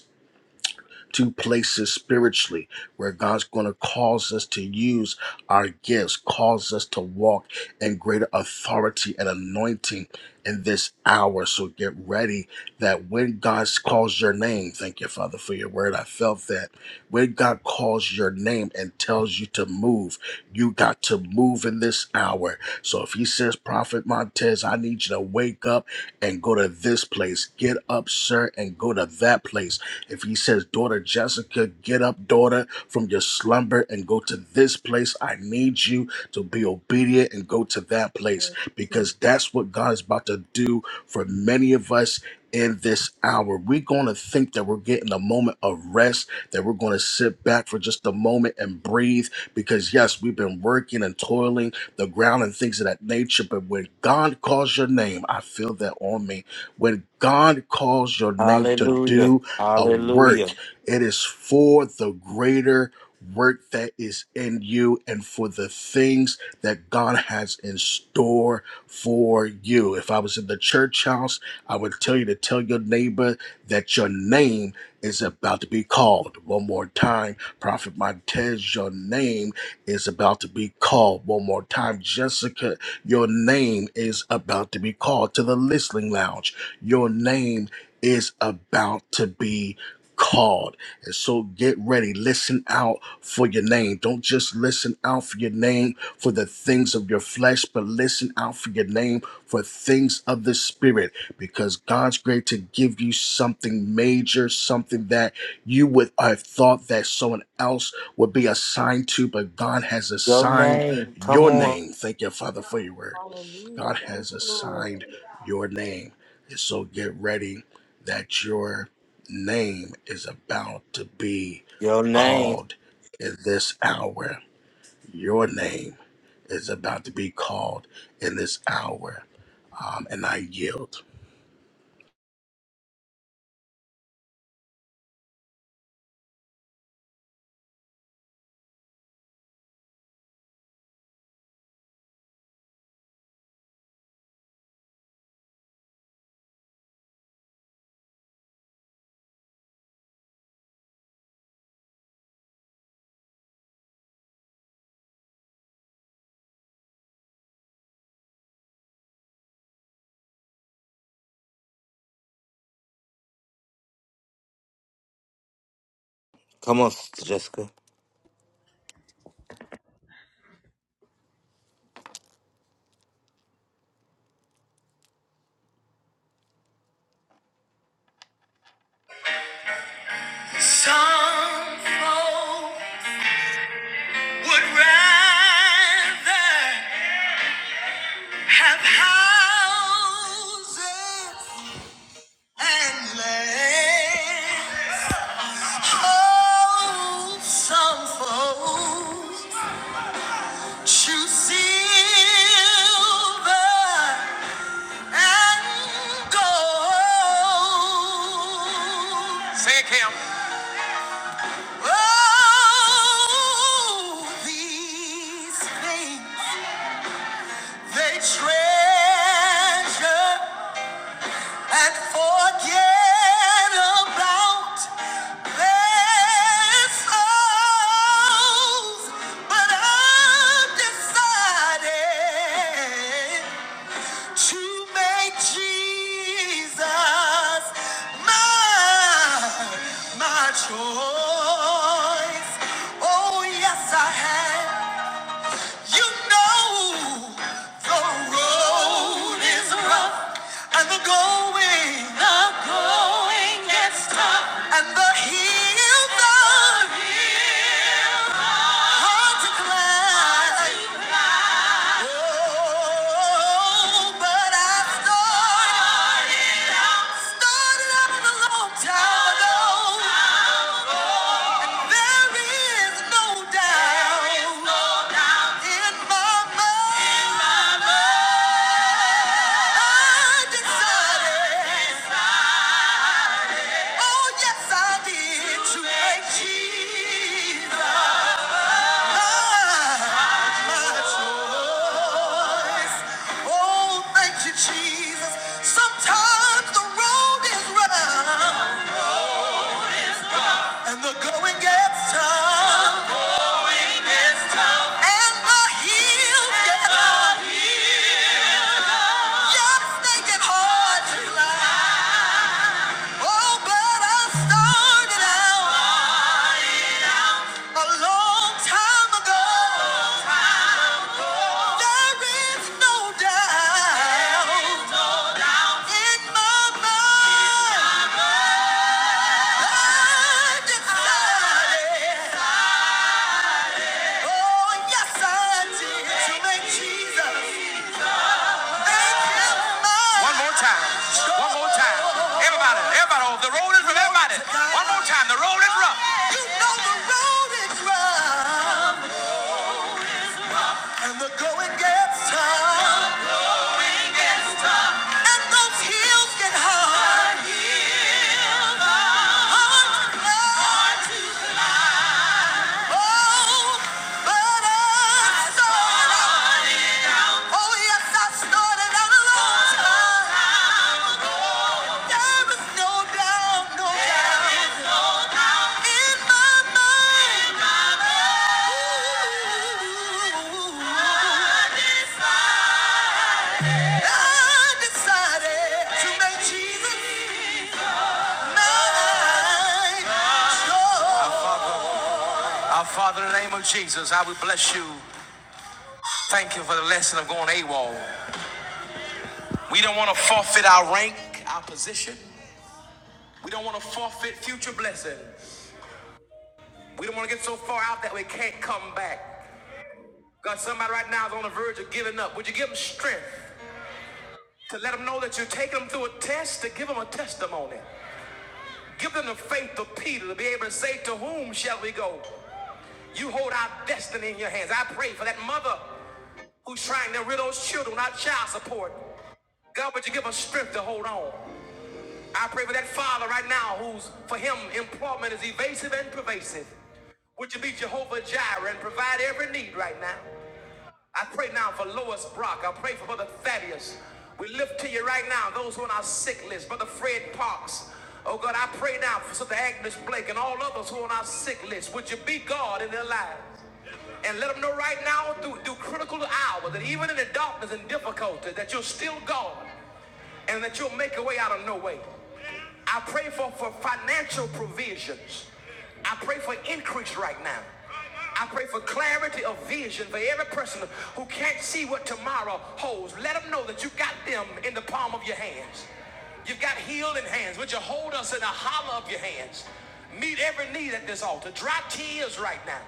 Speaker 6: to places spiritually where God's going to cause us to use our gifts, cause us to walk in greater authority and anointing in this hour. So get ready that when God calls your name, thank you, Father, for your word. I felt that. When God calls your name and tells you to move, you got to move in this hour. So if He says, Prophet Montez, I need you to wake up and go to this place, get up, sir, and go to that place if he says, Daughter Jessica, get up, daughter, from your slumber and go to this place, I need you to be obedient and go to that place because that's what God is about to do for many of us. In this hour, we're going to think that we're getting a moment of rest, that we're going to sit back for just a moment and breathe. Because, yes, we've been working and toiling the ground and things of that nature. But when God calls your name, I feel that on me. When God calls your name to do,
Speaker 1: Hallelujah.
Speaker 6: a work.
Speaker 1: Hallelujah.
Speaker 6: It is for the greater work that is in you and for the things that God has in store for you. If I was in the church house, I would tell you to tell your neighbor that your name is about to be called. One more time, Prophet Montez, your name is about to be called. One more time, Jessica, your name is about to be called to the listening lounge. Your name is about to be called. And so get ready. Listen out for your name. Don't just listen out for your name for the things of your flesh, but listen out for your name for things of the spirit because God's great to give you something major, something that you would have thought that someone else would be assigned to, but God has
Speaker 1: Your
Speaker 6: assigned
Speaker 1: name. Come
Speaker 6: your
Speaker 1: on.
Speaker 6: name. Thank you, Father, for your word.
Speaker 2: Hallelujah.
Speaker 6: God
Speaker 2: Thank
Speaker 6: has
Speaker 2: you, Lord.
Speaker 6: assigned your name. And so get ready that your name is about to be
Speaker 1: Your name.
Speaker 6: called in this hour. Your name is about to be called in this hour. Um, and I yield.
Speaker 1: Come on, Sister Jessica.
Speaker 2: Say it, Cam. about Choice. Oh, yes, I have. You know the road is rough and the going, the going gets tough and the hills are hard to climb. Oh, but I started, started out a long time ago. There is no doubt in my mind. I decided, oh yes, I did to thank Jesus. Oh, thank you, Jesus. Sometimes the road is rough and the going gets tough, and my heel gets high. Yeah. One more time. One more time. Everybody, everybody. The road is rough. Everybody. One more time. The road is rough. It's rough. Hills Oh, yes, I started out alone. There is no doubt, no doubt in my mind. Ooh, I decided to make Jesus mine. Our Father, in the name of Jesus, I will bless you. Thank you for the lesson of going AWOL. We don't want to forfeit our rank, our position. We don't want to forfeit future blessings. We don't want to get so far out that we can't come back. God, somebody right now is on the verge of giving up. Would you give them strength to let them know that you're taking them through a test to give them a testimony? Give them the faith of Peter to be able to say, To whom shall we go? You hold our destiny in your hands. I pray for that mother who's trying to rid those children without child support. God, would you give us strength to hold on? I pray for that father right now who's, for him, employment is evasive and pervasive. Would you be Jehovah Jireh and provide every need right now? I pray now for Lois Brock. I pray for Brother Thaddeus. We lift to you right now those who are on our sick list. Brother Fred Parks. Oh God, I pray now for Sister Agnes Blake and all others who are on our sick list. Would you be God in their lives? and let them know right now through, through critical hours that even in the darkness and difficulty that you're still God and that you'll make a way out of no way. I pray for, for financial provisions. I pray for increase right now. I pray for clarity of vision for every person who can't see what tomorrow holds. Let them know that you got them in the palm of your hands. You've got healing hands. Would you hold us in the hollow of your hands? Meet every need at this altar. Dry tears right now.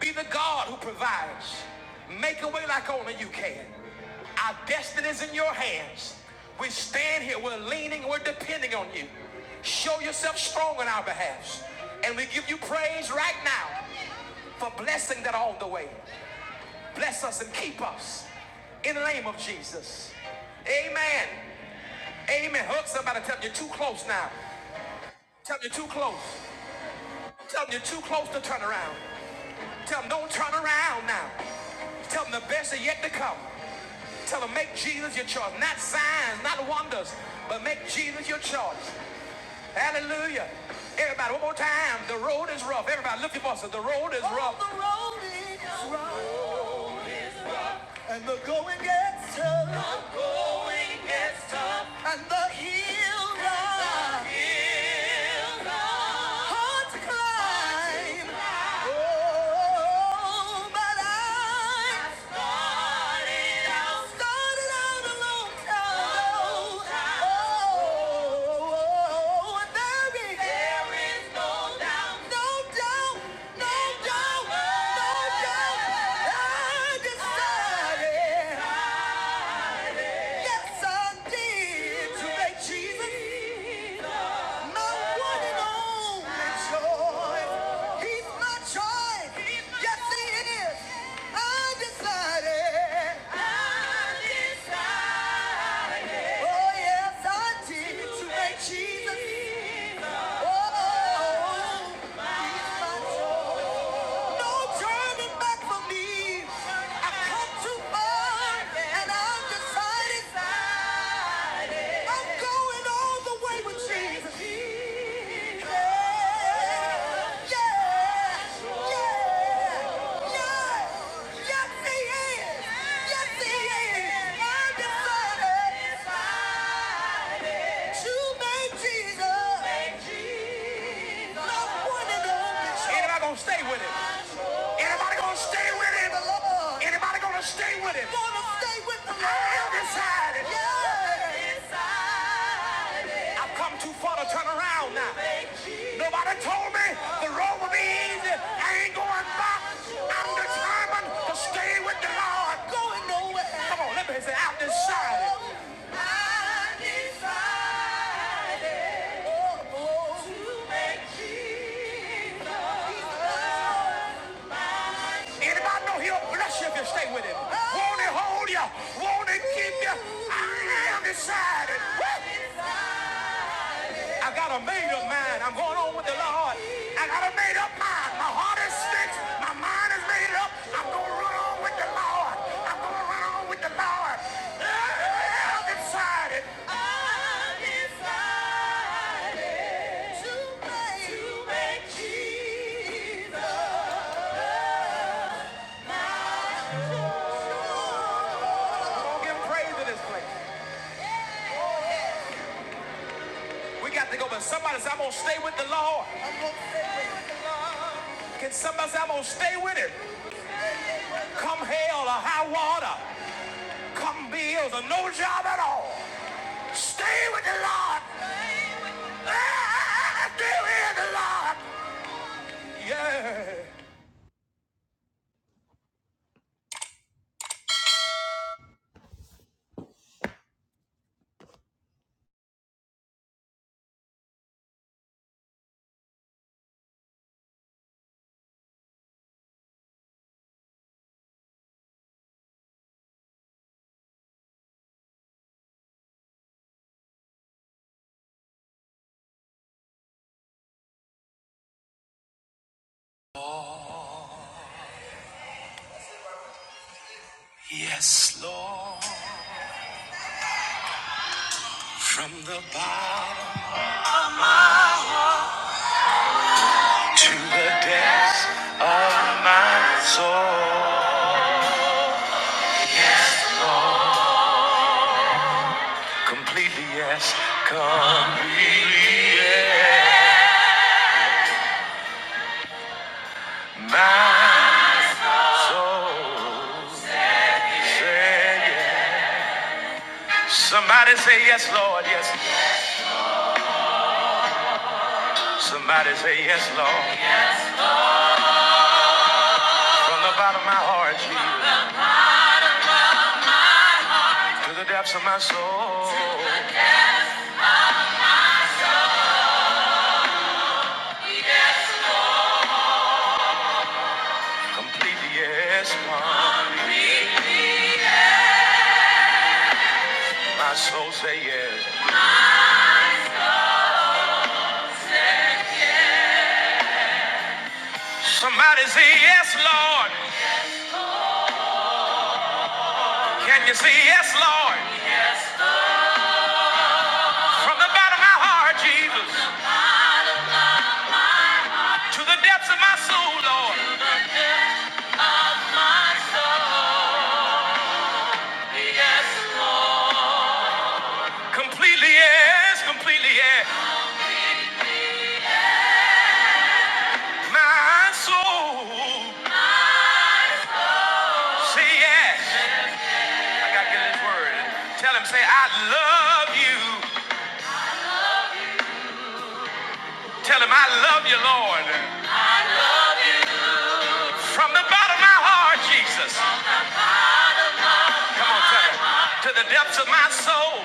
Speaker 2: Be the God who provides. Make a way like only you can. Our destiny is in your hands. We stand here, we're leaning, we're depending on you. Show yourself strong on our behalf. And we give you praise right now for blessing that all the way. Bless us and keep us in the name of Jesus. Amen. Amen. Hug somebody. Tell them you're too close now. Tell them you're too close. Tell them you're too close to turn around. Tell them don't turn around now. Tell them the best is yet to come. Tell them make Jesus your choice. Not signs, not wonders, but make Jesus your choice. Hallelujah. Everybody, one more time. The road is rough. Everybody, look at your voices. The road is oh, rough. Oh, the road is rough. And the going gets tough. The going gets tough. And the hill rises hard to climb. Oh, but I started out started out a long time ago. Oh, there is there is no doubt, no doubt, no doubt, no doubt. I decided. Yes, I did. Today, Jesus, my one and only joy. He's my joy. Yes, he is. I decided. Oh, yes, I did. Today, Jesus. Oh, he's my joy. No Yeah, yeah, yeah. Anybody gonna stay with him? Anybody gonna stay with him? Anybody gonna stay with him? Gonna stay with the Lord. I am decided. Yeah. I've come too far to turn around now. Nobody told me the road would be easy. I ain't going back. I'm determined to stay with the Lord. Going nowhere. Come on, let me say, I've decided. I've decided Oh oh. to make Jesus. my Lord. Anybody know he'll bless you if you stay with him? Won't he hold you? Won't he keep you? I am decided. Woo! I got a made up mind. I'm going on with the Lord. I got a made up mind. My heart is fixed. My mind is made up. I'm going to run on with the Lord. I'm going to run on with the Lord. I've decided. I've decided to make, to make Jesus. I'm gonna give praise in this place. We got to go, but somebody said, I'm gonna stay with the Lord. Can somebody say, I'm gonna stay with him? Come hell or high water. Come bills or no job at all. Stay with the Lord. Ah, Stay with the Lord. Yeah. Yes, Lord. From the bottom of my heart to the depths of my soul. Yes, Lord. Completely yes. Completely yes. Completely yes. my soul say yes. Somebody say yes, Lord. Can you say yes, Lord? From the bottom of my heart, Jesus. completely yes, completely yes. My soul, say yes. I gotta get this word. Tell him, say, I love you. Tell him, I love you, Lord. From the bottom of my heart, Jesus. Come on, tell him. To the depths of my soul,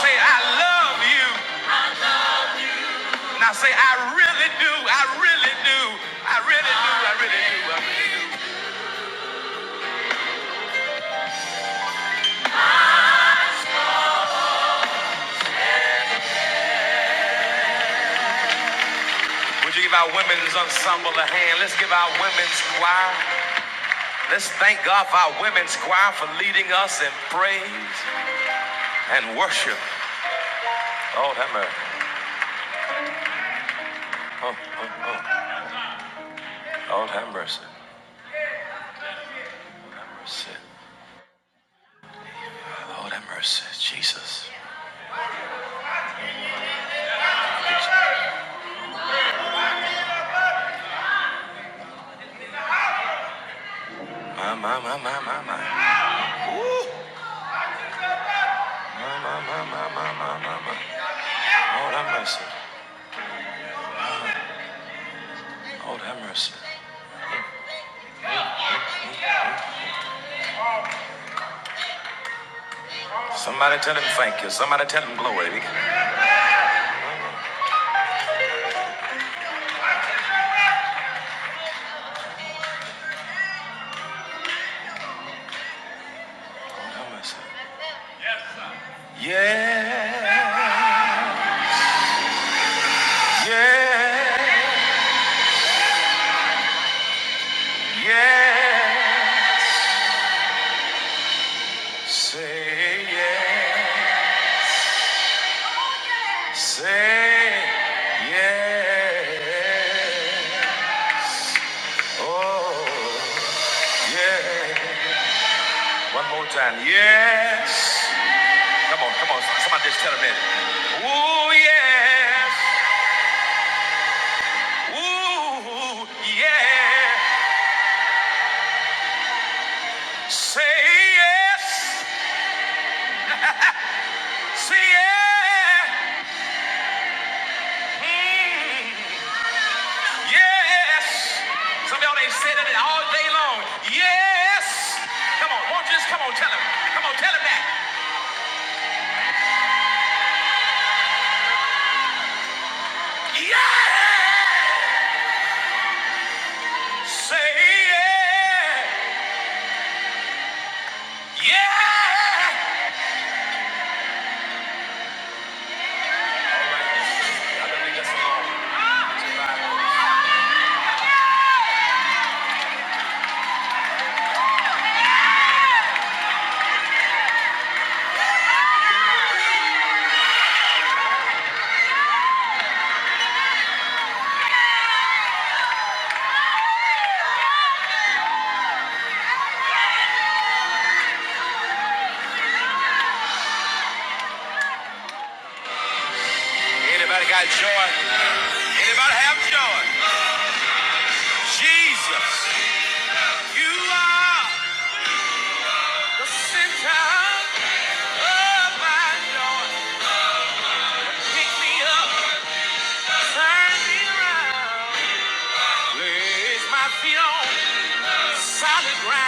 Speaker 2: say, I love you. Now say, I really do. I really do. I really do. I really do. I really do. Would you give our women's ensemble a hand? Let's give our women's choir. Let's thank God for our women's choir for leading us in praise and worship. Lord have mercy. Oh, oh, oh. Lord have mercy. My, my, my, my, my, my, my, my, my. my. Lord have mercy. Lord have mercy. Somebody tell him thank you. Somebody tell him glory. Lord have mercy. Yeah. Yeah. Yeah. Say yeah. Say yeah. Oh yeah. One more time. Yes. Come on, come on. Somebody just tell him that. Ooh yes. Ooh yeah. Say yes. Say yeah. Mm, yes. Some of y'all ain't said it all day long. Yes. Come on, won't you just come on, tell him. Come on, tell him that. Yes. Say yeah, yeah. Y'all better leave this alone. Anybody got joy? Anybody have joy? Jesus, you are the center of my joy. Pick me up, turn me around. Place my feet on solid ground.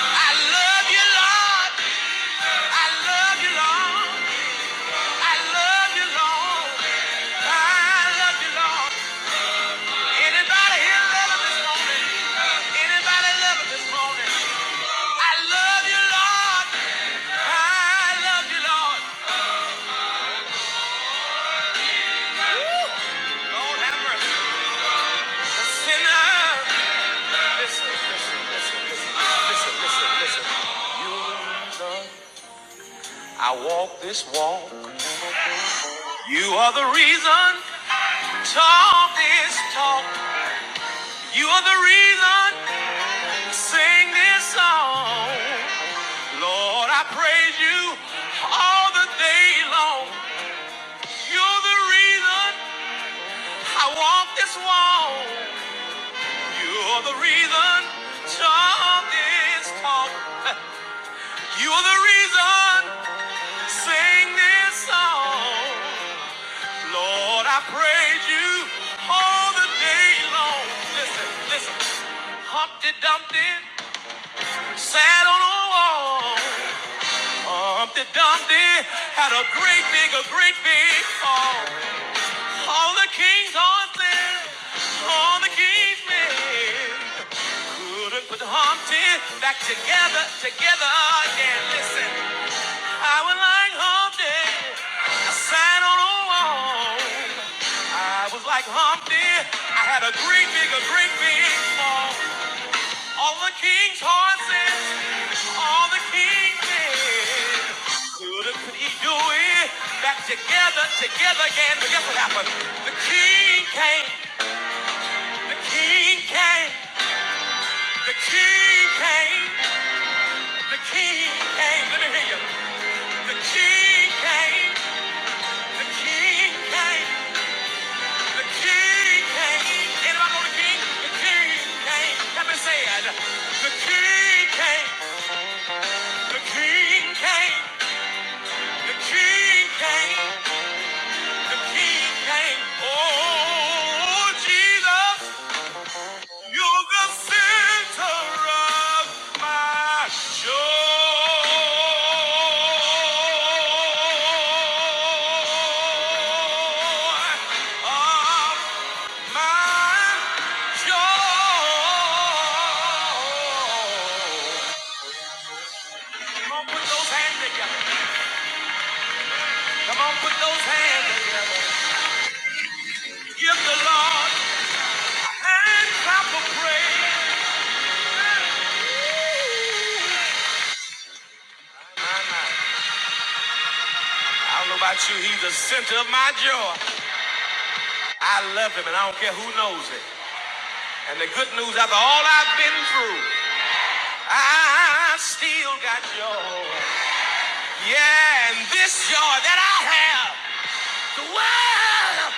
Speaker 2: I love you, Lord. I love you, Lord. I love you, Lord. I love you, Lord. Anybody here love him this morning? Anybody love him this morning? I love you, Lord. I love you, Lord. Woo! Lord have mercy. A sinner. Listen, listen, listen, listen, listen, listen, listen. You are the reason I walk this walk. You are the reason talk this talk. You are the reason I sing this song. Lord, I praise you all the day long. You're the reason I walk this walk. You're the reason talk this talk. You're the reason sing this song. Lord, I praise you all the day long. Listen, listen. Humpty Dumpty sat on a wall. Humpty Dumpty had a great big, a great big fall. All the kings on there, all the kings men couldn't put the Humpty back together, together again. Listen, I was like Humpty, sat on a wall. I was like Humpty, I had a great big, a great big fall. All the kings' horses, all the kings men couldn't put Edie back together, together again. But guess what happened? The king came. The king came. The king came. The king came. Let me hear you. The king came. The king came. The king came. Anybody know the king? The king came. Let me say it. The king came. The king came. The king came. The king came. Oh, Jesus. You're the center of my joy. Of my joy. Come on, put those hands together. Come on, put those hands together. Give the Lord a hand clap of praise. My, my. I don't know about you, he's the center of my joy. I love him and I don't care who knows it. And the good news after all I've been through, I still got joy. Yeah, and this joy that I have, the world.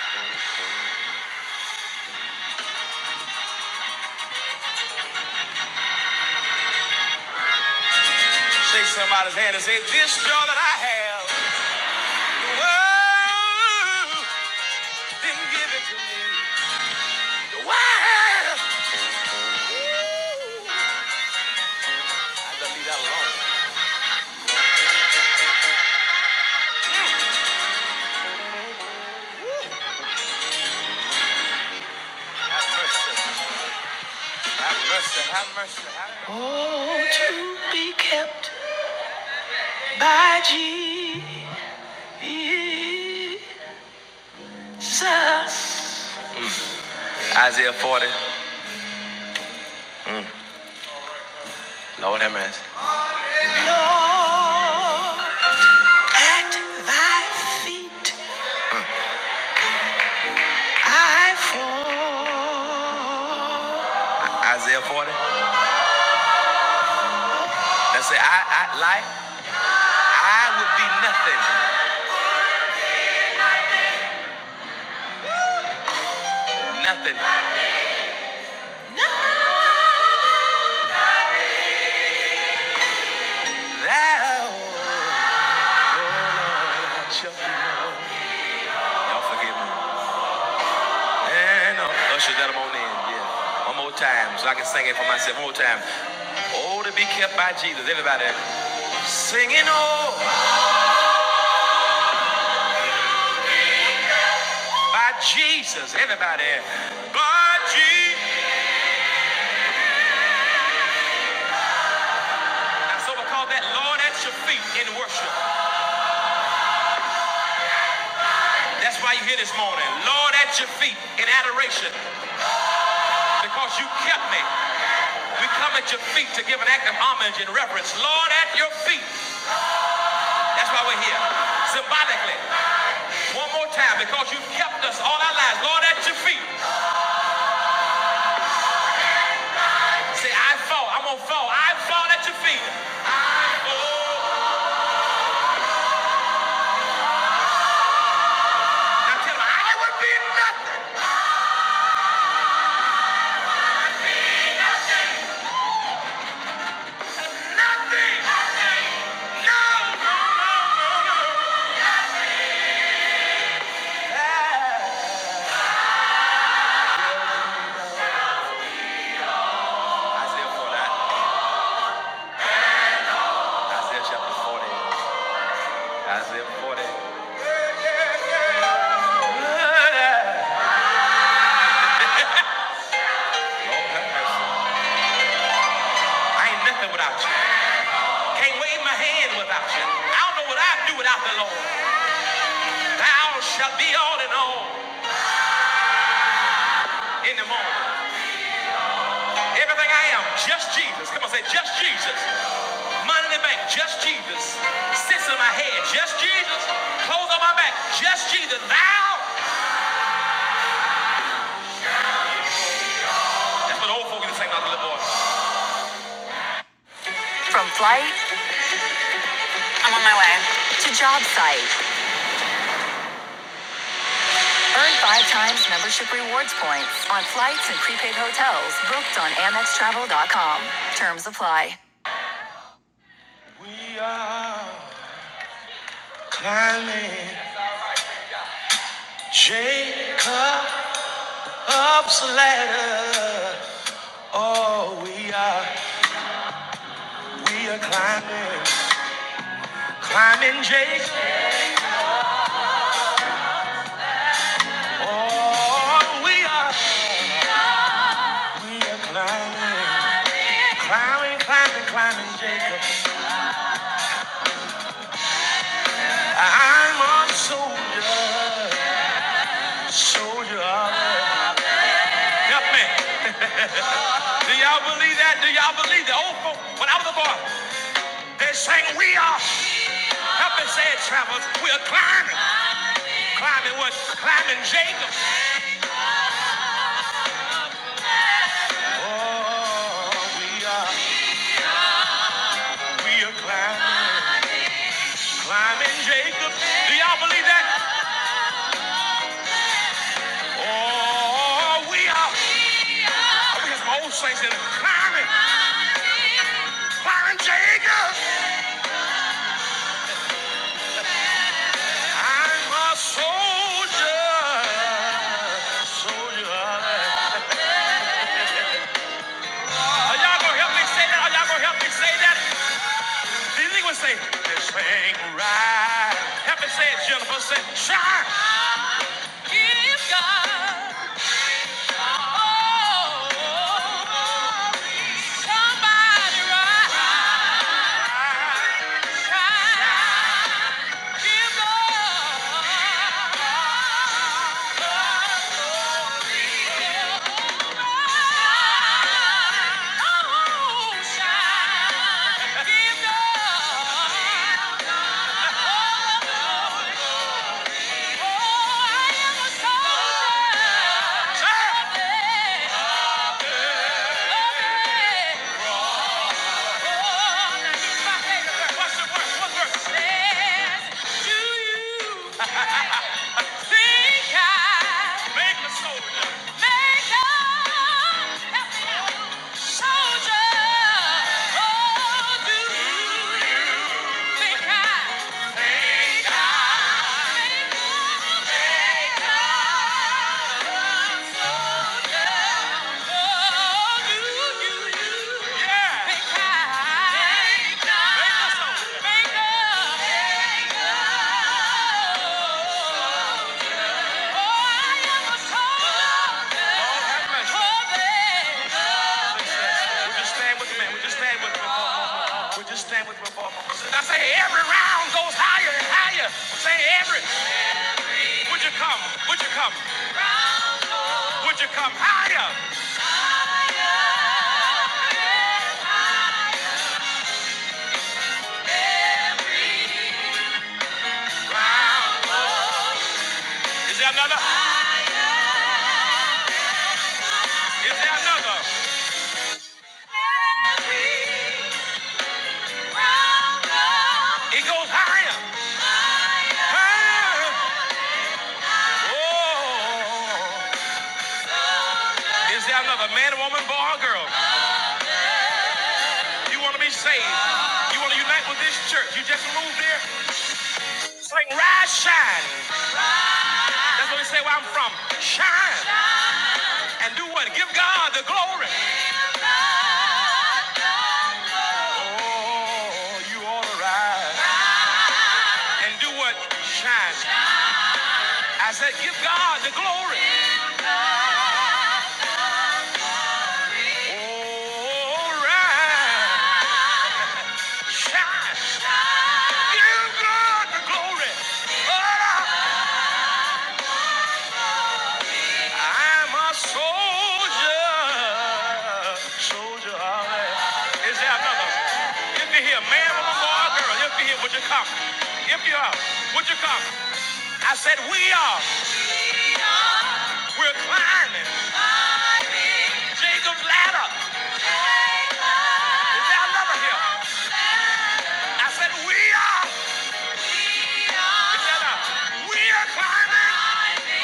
Speaker 2: Shake somebody's hand and say, this joy that I have, the world didn't give it to me. The world. I love you that alone. Have mercy. Have mercy. Have mercy. Have mercy. Isaiah 40. Lord have mercy. At thy feet. I fall. Isaiah 40. That say, I, I like, I would be nothing, nothing. Thou, oh Lord, shalt be known. Y'all forgive me. And uh, usher that on in, yeah. One more time, so I can sing it for myself. One more time. Oh, to be kept by Jesus, everybody. Singing oh by Jesus, everybody. By Jesus. That's what we call that Lord at your feet in worship. That's why you're here this morning. Lord, at your feet in adoration because you kept me. We come at your feet to give an act of homage and reverence. Lord, at your feet. That's why we're here. Symbolically. One more time because you've kept us all our lives. Lord, at your feet. Say, I fall. I'm going to fall. I fall at your feet. I fall. Now tell them, I would be nothing. nothing. No, no, no, no, no. Ah. Isaiah 49. Isaiah chapter 40. Isaiah 40. Lord have mercy. I ain't nothing without you. Can't wave my hand without you. I don't know what I'd do without the Lord. Thou shalt be all in all in the morning. Everything I am, just Jesus. Come on, say just Jesus. Money in the bank, just Jesus. Sits in my head, just Jesus. Clothes on my back, just Jesus. Thou. That's what old folks used to sing about the little boy. From flight, I'm on my way to job site. Earn five times membership rewards points on flights and prepaid hotels booked on AmexTravel.com. Terms apply. Jacob's ladder. Oh, we are, we are climbing, climbing Jacob. Oh, we are, we are climbing, climbing, climbing, climbing Jacob. I'm a soldier, soldier. of- Help me. Do y'all believe that? Do y'all believe that? Oh, folk, when I was a boy, they sang, We are, help me say it, travelers, we are climbing. Climbing what? Climbing Jacob. Oh, we are, we are climbing, climbing Jacob. Do y'all believe that? Oh, we are, I think it's my old saints in it, climbing, climbing Jacob. I'm a soldier, soldier. Are y'all gonna help me say that? Are y'all gonna help me say that? These niggas say, this ain't right. Help me say it, Jennifer. Say, shine. Give God. Oh, somebody right. Shine. Give God. oh, glory. Yeah. Make up. Make up. Make up. Make us. Would you stand with me, man? Would you stand with me? Would you stand with me? I say every round goes higher and higher. Say every. Would you come? Would you come? Would you come higher? Round. Is there another? Is there another? It goes higher. Higher. Oh. Is there another man, woman, boy, or girl? You want to be saved? You want to unite with this church? You just moved here. Sing, rise, shine. That's what we say where I'm from. Shine. And do what? Give God the glory. Oh, you ought to rise. And do what? Shine. I said, give God the glory. Oh, rise. Shine. Give God the glory. Ah, I'm a soldier. Soldier. all right. Is there another? If you're here, man, woman, boy, or girl, if you're here, would you come? If you are, would you come? I said, we are. We're climbing. Climbing. Jacob's ladder. Jacob. Is there another here? I said we are. We are. Is that a- We are climbing. Climbing.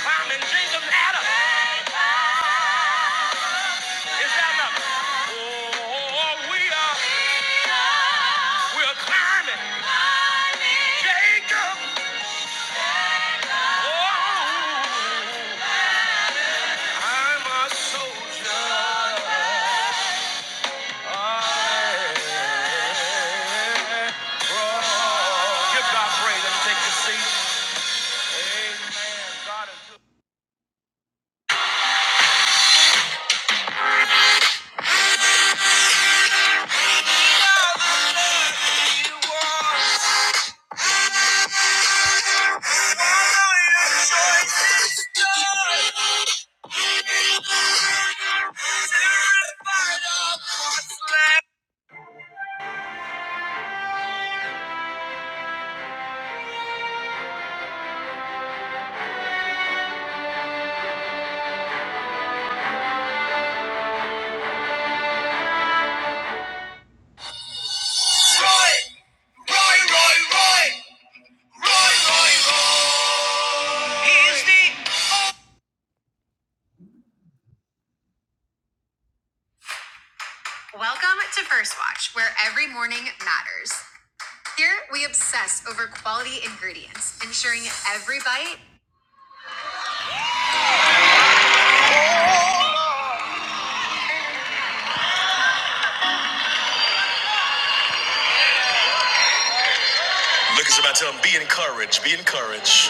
Speaker 2: Climbing Jacob's ladder. Jacob. Is there another? Oh, oh, oh, we are. We are. We are climbing. Climbing. Jacob. I'm a soldier. Oh, yeah. Give God praise. Let's take a seat. Amen. God is good. You are your choices, Welcome to First Watch, where every morning matters. Here we obsess over quality ingredients, ensuring every bite. Look at somebody tell them, be encouraged, be encouraged.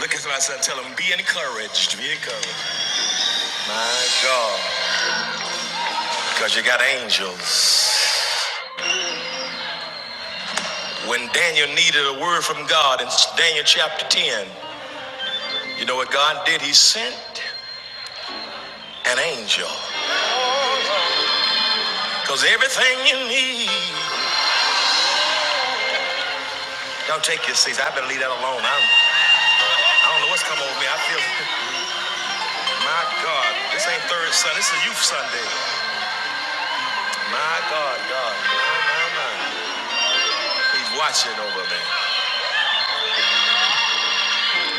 Speaker 2: Look at somebody and tell them, be encouraged. Be encouraged. My God. Because you got angels. When Daniel needed a word from God in Daniel chapter 10, you know what God did? He sent an angel. Because everything you need. Y'all take your seats. I better leave that alone. I'm, I don't know what's come over me. I feel, my God. This ain't third Sunday. This is youth Sunday. My God, God. My, my, my. He's watching over me.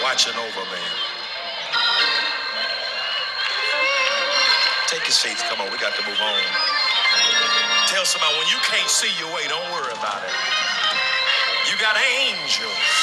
Speaker 2: Watching over me. Take your seats. Come on. We got to move on. Tell somebody when you can't see your way, don't worry about it. You got angels.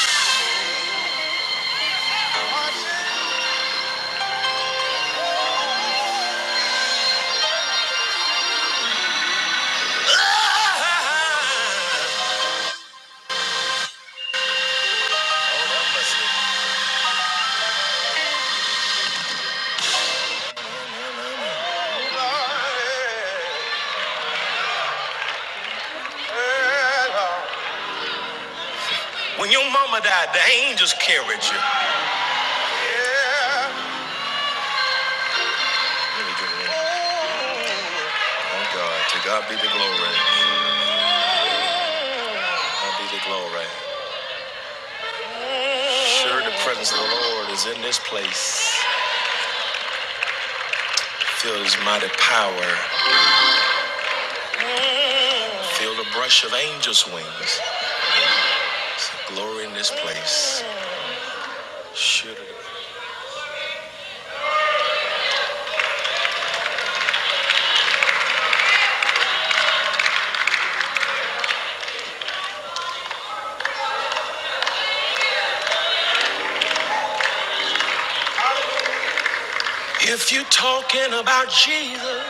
Speaker 2: Sure to feel the brushes. Glory in this place. Sure to. If you're talking about Jesus,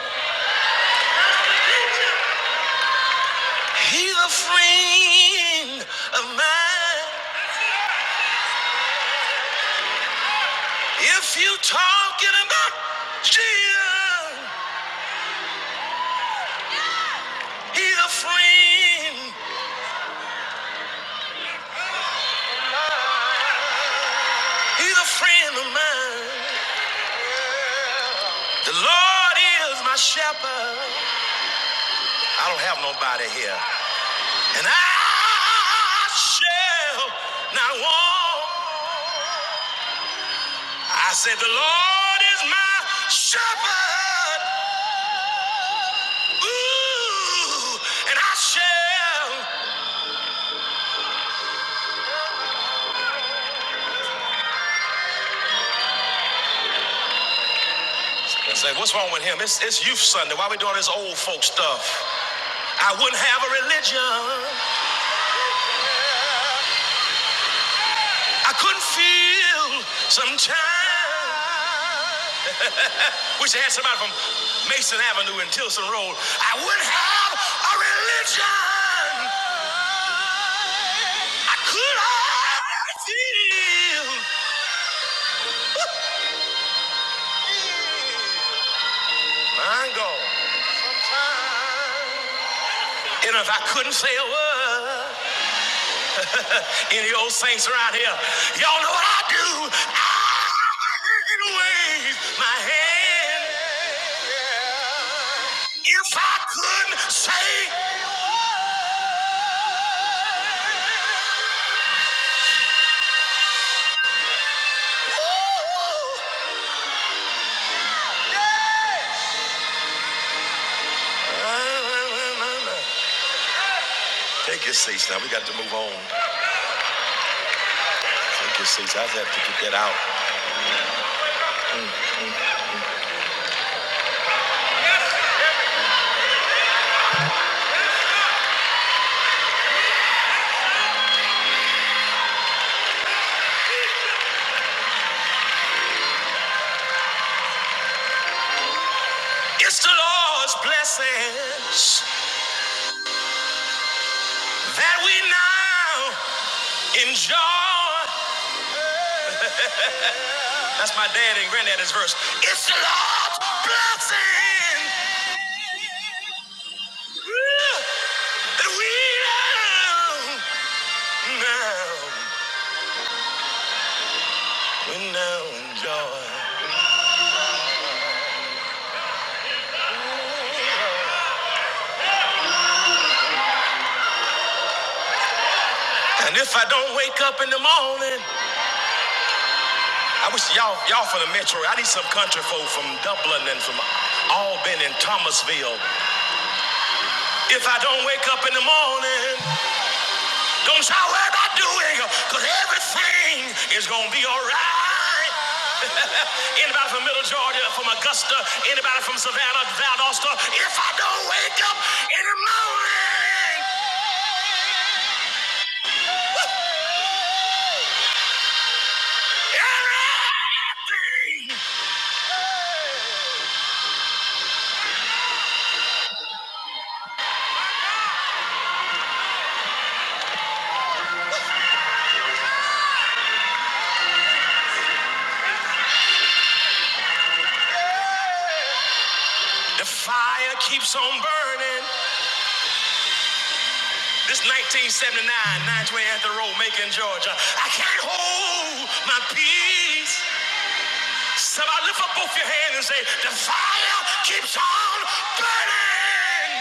Speaker 2: he's a friend of mine. If you're talking about Jesus, he's a friend, friend of mine. Lord is my shepherd. I don't have nobody here. And I shall not want. I said, The Lord is my shepherd, ooh, and I shall. I said, What's wrong with him? It's, it's Youth Sunday. Why we doing this old folk stuff? I wouldn't have a religion. I couldn't feel sometimes. Wish I had somebody from Mason Avenue and Tilson Road. I would have a religion. I could have feel my God. And if I couldn't say a word, [laughs] Any old saints around here, y'all know what I do. I wave my hand. If I could say, a word, it's the Lord's blessings that we now enjoy. That's my dad and granddad's verse. It's the Lord's blessing. And if I don't wake up in the morning, I wish y'all y'all from the metro. I need some country folk from Dublin and from Albany and Thomasville. If I don't wake up in the morning, Don't shout what about doing, because everything is going to be all right. [laughs] Anybody from Middle Georgia, from Augusta, anybody from Savannah, Valdosta, if I don't wake up in the morning, everything, the fire keeps on burning. This 1979 920 Anthony Road, Macon, Georgia. I can't hold my peace. Somebody lift up both your hands and say, the fire keeps on burning.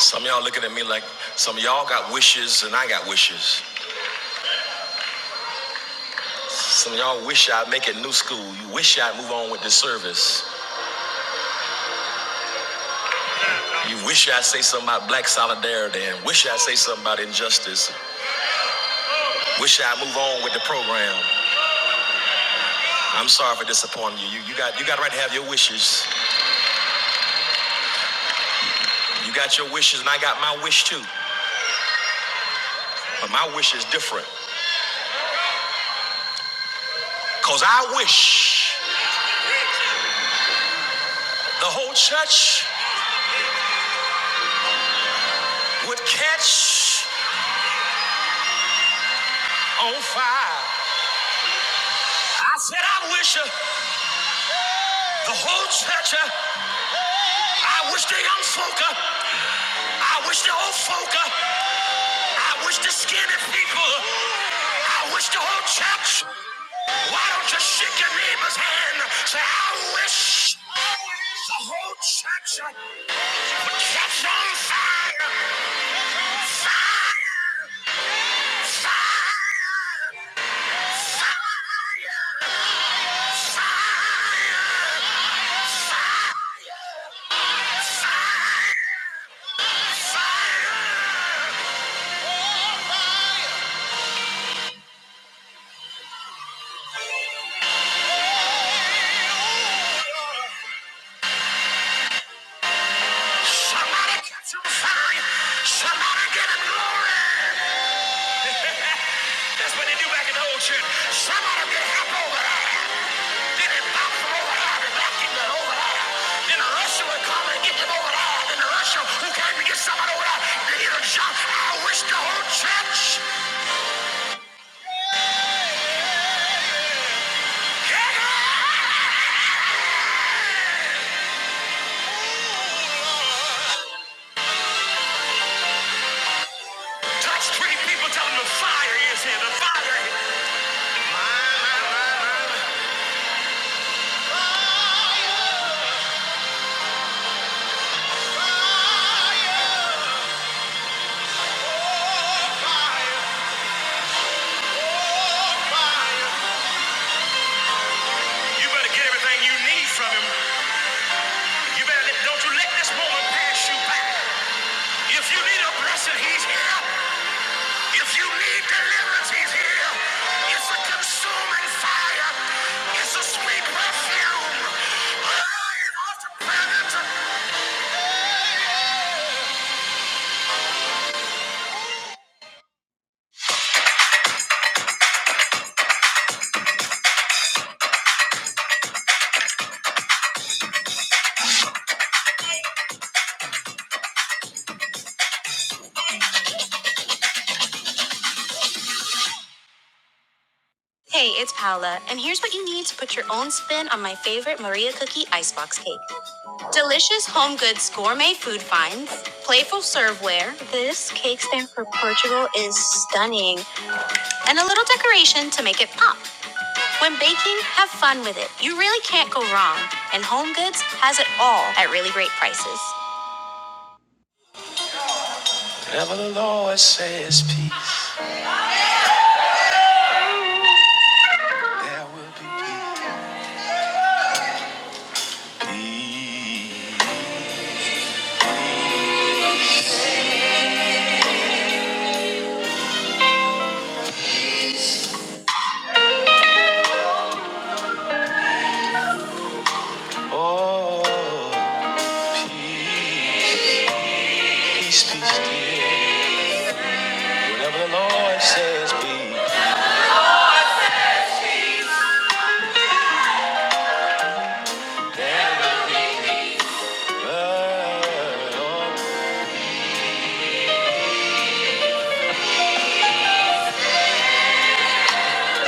Speaker 2: Some of y'all looking at me like some of y'all got wishes and I got wishes. Some of y'all wish I'd make it new school. You wish I'd move on with the service. You wish I'd say something about black solidarity and wish I'd say something about injustice. Wish I'd move on with the program. I'm sorry for disappointing you. You, you got you got a right to have your wishes. You got your wishes and I got my wish too. But my wish is different. Cause I wish. The whole church would catch on fire. I said, I wish uh, the whole church, uh, I wish the young folk, uh, I wish the old folk, uh, I wish the skinny people, uh, I wish the whole church. Why don't you shake your neighbor's hand? Say, I wish the whole church uh, would catch on fire. Fire! Fire! Somebody get some fire. Somebody get him glory. That's what they do back in the old Somebody get up over there. Then it back from over there. Then back him over there. Then the would come and get him over there. Then the Russian who came to get somebody over there. Then he'd have I wish the whole church had Touch three people, tell them the fire is here. The fire. My, my, my, my. Ah, awesome Hey, it's Paola, and here's what you need to put your own spin on my favorite Maria Cookie icebox cake. Delicious home goods gourmet food finds, playful serveware. This cake stand for Portugal is stunning. And a little decoration to make it pop. When baking, have fun with it. You really can't go wrong. And Home Goods has it all at really great prices.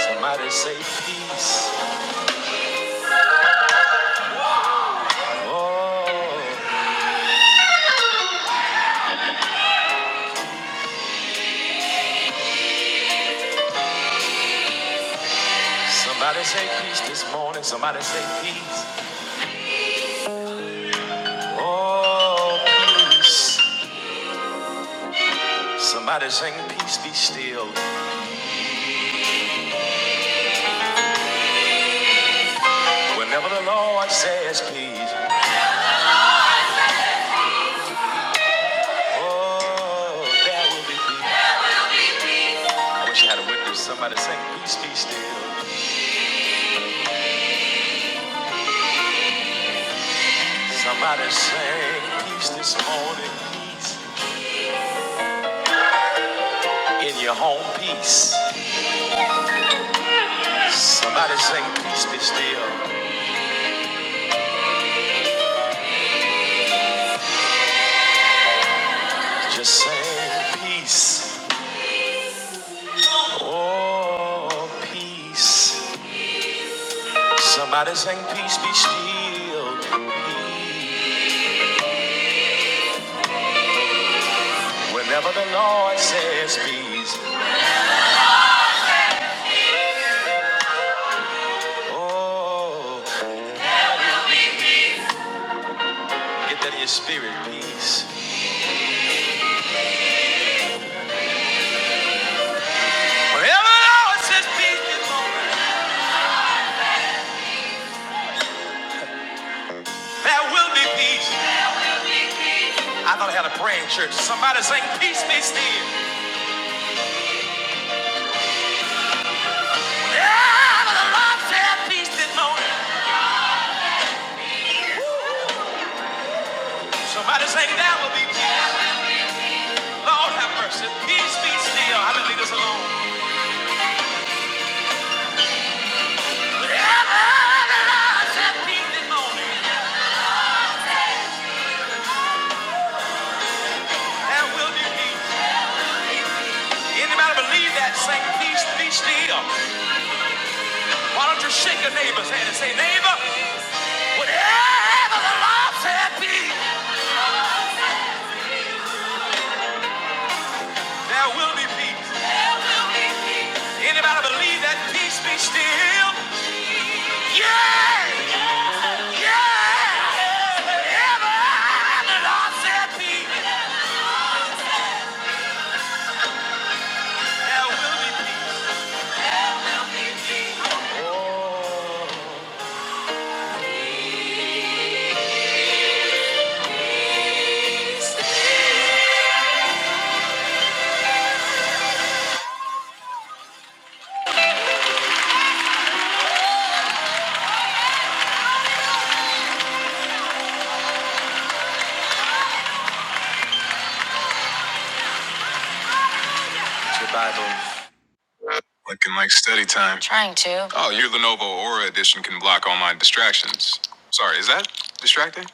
Speaker 2: Somebody say peace. Oh, somebody say peace this morning. Somebody say peace. Oh, peace. Somebody sing peace be still. Whenever the Lord says peace. Oh, that would be peace. I wish I had a witness. Somebody say peace, be still. Somebody say peace this morning, peace in your home, peace. Somebody say peace, be still. Just say peace. Oh, peace. Somebody say peace, be still. Peace be. Oh, get that in your spirit, peace. Wherever the Lord says peace, this moment, there will be peace. I thought I had a praying church. Somebody sang Peace Be Still. Yeah, but the Lord said peace this morning. Somebody sang that will be peace. Lord have mercy. Peace be still. I've been leaving this alone. Yeah, but the Lord said peace this morning. There will be peace. Anybody believe that? Sing peace be still. Why don't you shake your neighbor's hand and say, neighbor, whatever the Lord said peace, there will be peace. Anybody believe that peace be still? The Lord said peace. Two. Distractions. Sorry, is that distracting?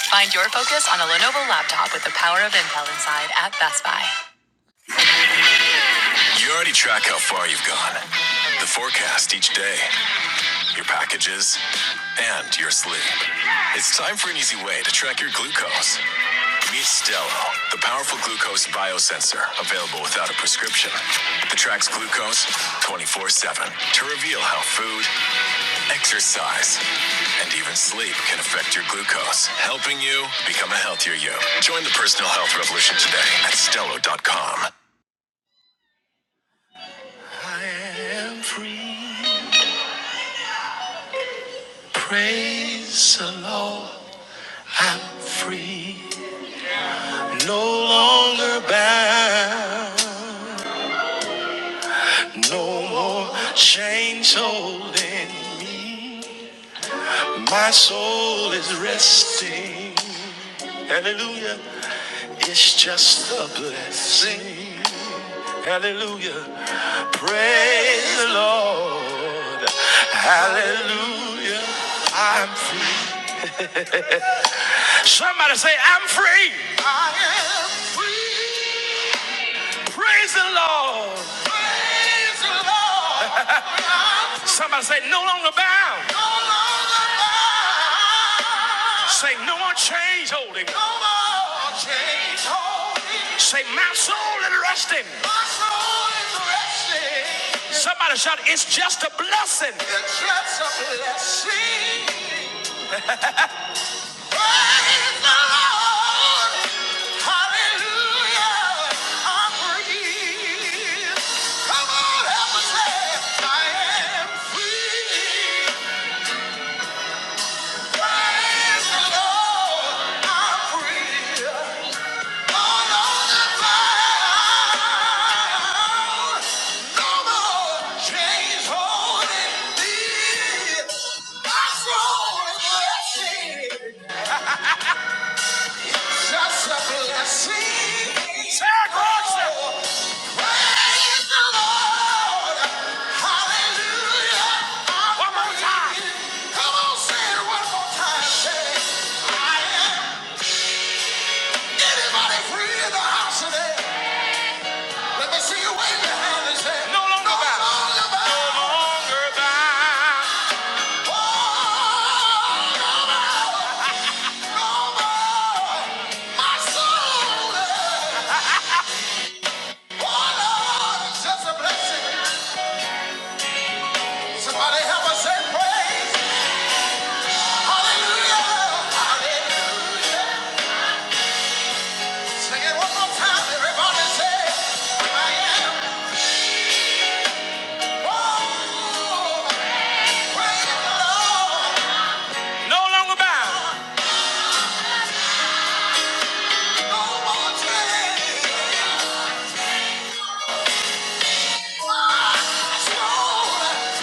Speaker 2: Find your focus on a Lenovo laptop with the power of Intel inside at Best Buy. You already track how far you've gone, the forecast each day, your packages, and your sleep. It's time for an easy way to track your glucose Meet Stello, the powerful glucose biosensor available without a prescription. It tracks glucose 24 7 to reveal how food, exercise, and even sleep can affect your glucose, helping you become a healthier you. Join the personal health revolution today at Stello.com. I am for praise the Lord. Thou chains holding, my soul is resting. Hallelujah. It's just a blessing. Hallelujah. Praise the Lord. Say, I'm free. I am free. Praise the Lord. Praise the Lord. I'm [laughs] free. Somebody say, no longer bound. No longer bound. Say, no more chains holding. No more chains holding. Say, my soul is resting. My soul is resting. Somebody shout, it's just a blessing. It's just a blessing. Praise the Lord. Hallelujah. I'm free. Come on, help me say, I am free. Praise the Lord. I'm free. All on the bound. No more chains holding me. My soul is free. Just a blessing. Say it, Lord. Praise the Lord. Hallelujah. One more time. Come on, say it one more time. Say, I am. Anybody free in the house today? Let me see you wave your hand and say, No longer bound, No longer bound. Oh, No more, No more. My soul. Oh, Lord, it's just a blessing. Somebody help us say praise. Hallelujah. Hallelujah. Sing it one more time. Everybody say, I am. Oh, praise the Lord. No more tears. My soul,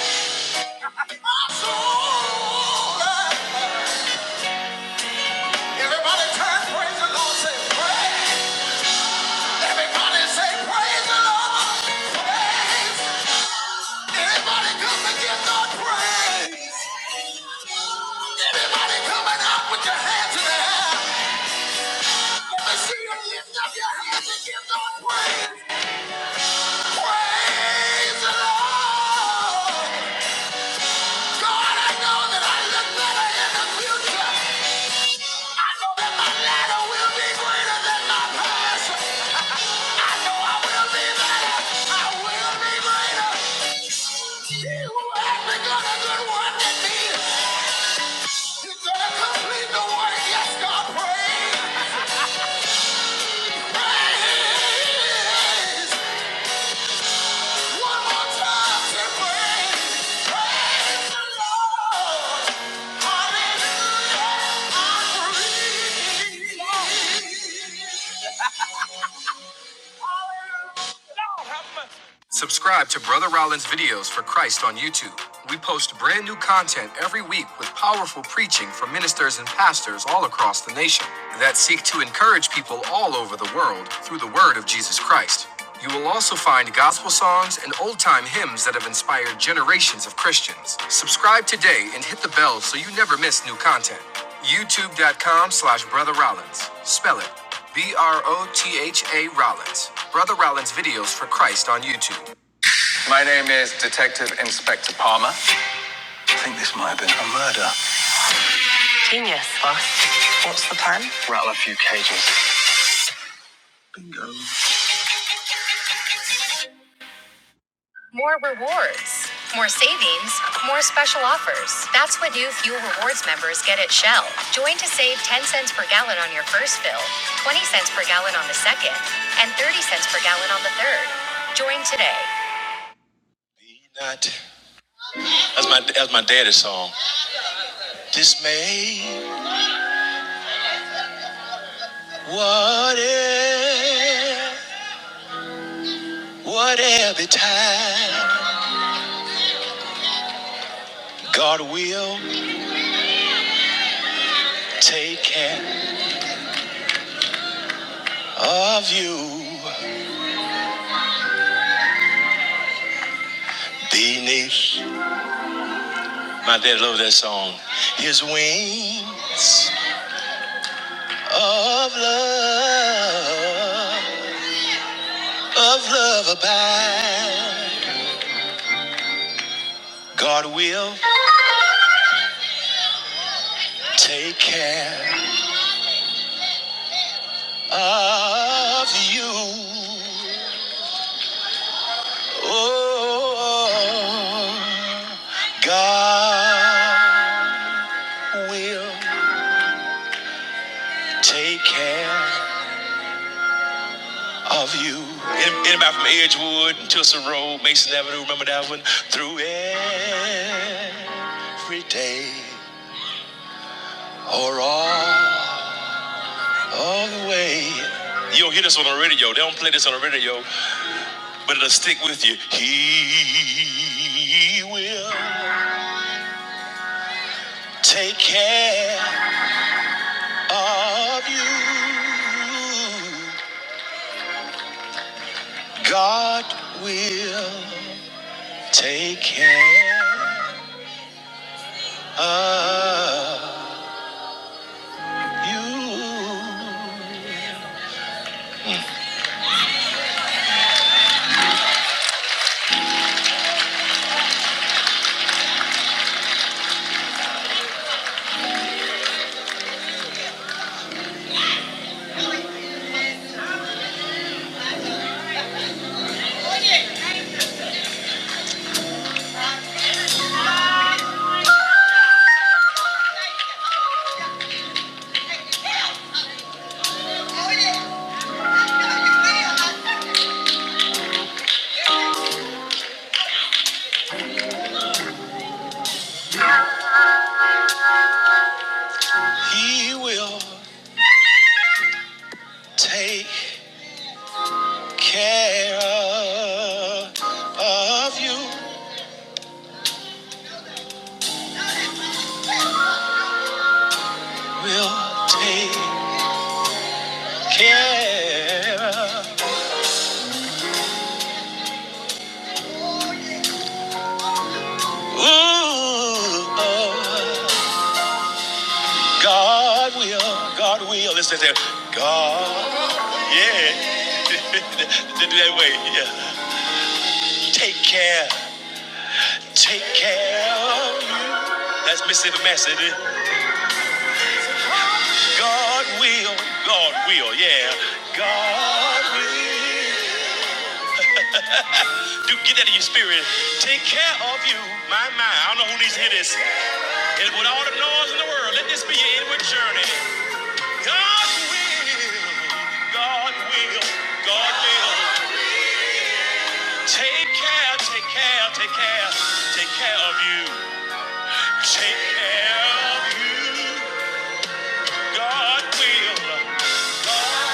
Speaker 2: my soul. Everybody turn, praise the Lord. Say, praise. Everybody say, praise the Lord. Praise. Everybody come and give God praise. Everybody coming up with your hands in the air. Let me see you lift up your hands and give God praise. Praise the Lord. God, I know that I look better in the future. I know that my ladder will be greater than my past. I know I will be better. I will be greater. He who has begun a good work in me, he's gonna complete the work. Yes, God, praise. Hallelujah. Subscribe to Brother Rollins Videos for Christ on YouTube. We post brand new content every week with powerful preaching from ministers and pastors all across the nation that seek to encourage people all over the world through the word of Jesus Christ. You will also find gospel songs and old time hymns that have inspired generations of Christians. Subscribe today and hit the bell so you never miss new content. YouTube.com slash Brother Rollins. Spell it B R O H A Rollins. Brother Rollins videos for Christ on YouTube. My name is Detective Inspector Palmer. I think this might have been a murder. Genius, boss. What's the plan? Rattle a few cages. More rewards, more savings, more special offers. That's what new Fuel Rewards members get at Shell. Join to save 10 cents per gallon on your first fill, 20 cents per gallon on the second, and 30 cents per gallon on the third. Join today. Be not. That's my that's my daddy's song. Dismay. What if? Whatever time God will take care of you beneath. My dad loved that song. His wings of love, of love abide. God will take care of you. Oh, God will take care of you. Anybody from Edgewood, and Tilson Road, Mason Avenue, remember that one? Through every day or all all the way. You don't hear this on the radio. They don't play this on the radio, but it'll stick with you. He will take care of you. God will take care of you. He will take care of Of you. Will take care. of. Ooh, oh. God will. God will. Listen there. God. Yeah. [laughs] Did that way. Yeah. Take care. Take care of you. That's missing the message. God will. God will. Yeah. God will. Do get that in your spirit. Take care of you, my mind. I don't know who needs to hear this. And with all the noise in the world, let this be your inward journey. God will. God will. God will. Take care. Take care. Take care. Take care of you. Take care of you. God will. God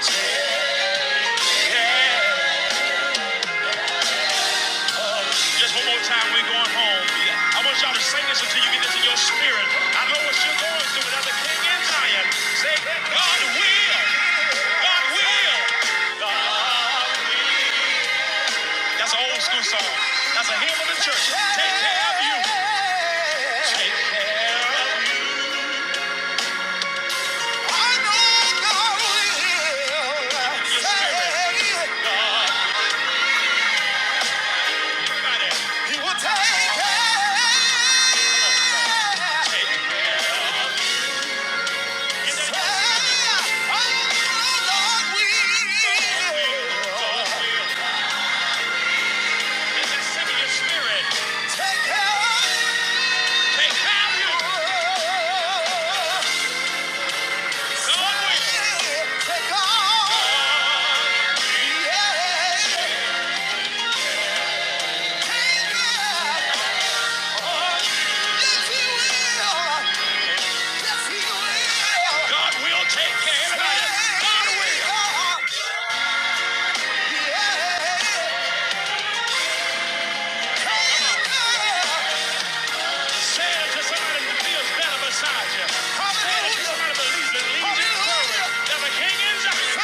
Speaker 2: take care. Just one more time, we're going home. I want y'all to sing this until you get this in your spirit. I know what you're going through, but as a king in Zion, say, God will, God will, God will. That's an old school song. That's a hymn of the church. Take care of you. Take care of you. In Your spirit. Everybody. He will take care. Take care. Take care. Everybody. God will. Yeah. Come on. Says that somebody who feels better beside you. Says somebody believes and leads you forward. There's a king inside.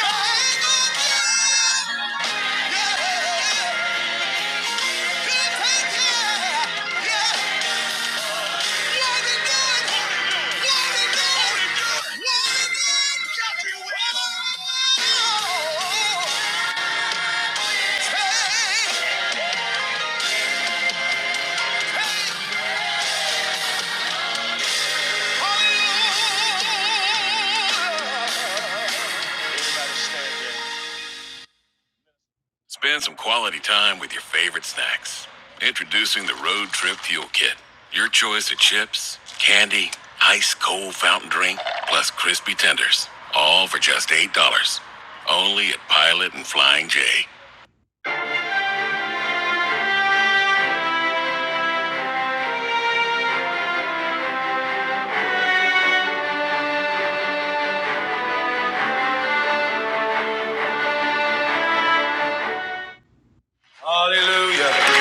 Speaker 2: Everybody stand there. Spend some quality time with your favorite snacks. Introducing the Road Trip Fuel Kit. Your choice of chips, candy, ice cold fountain drink, plus crispy tenders. All for just $8. Only at Pilot and Flying J. Hallelujah.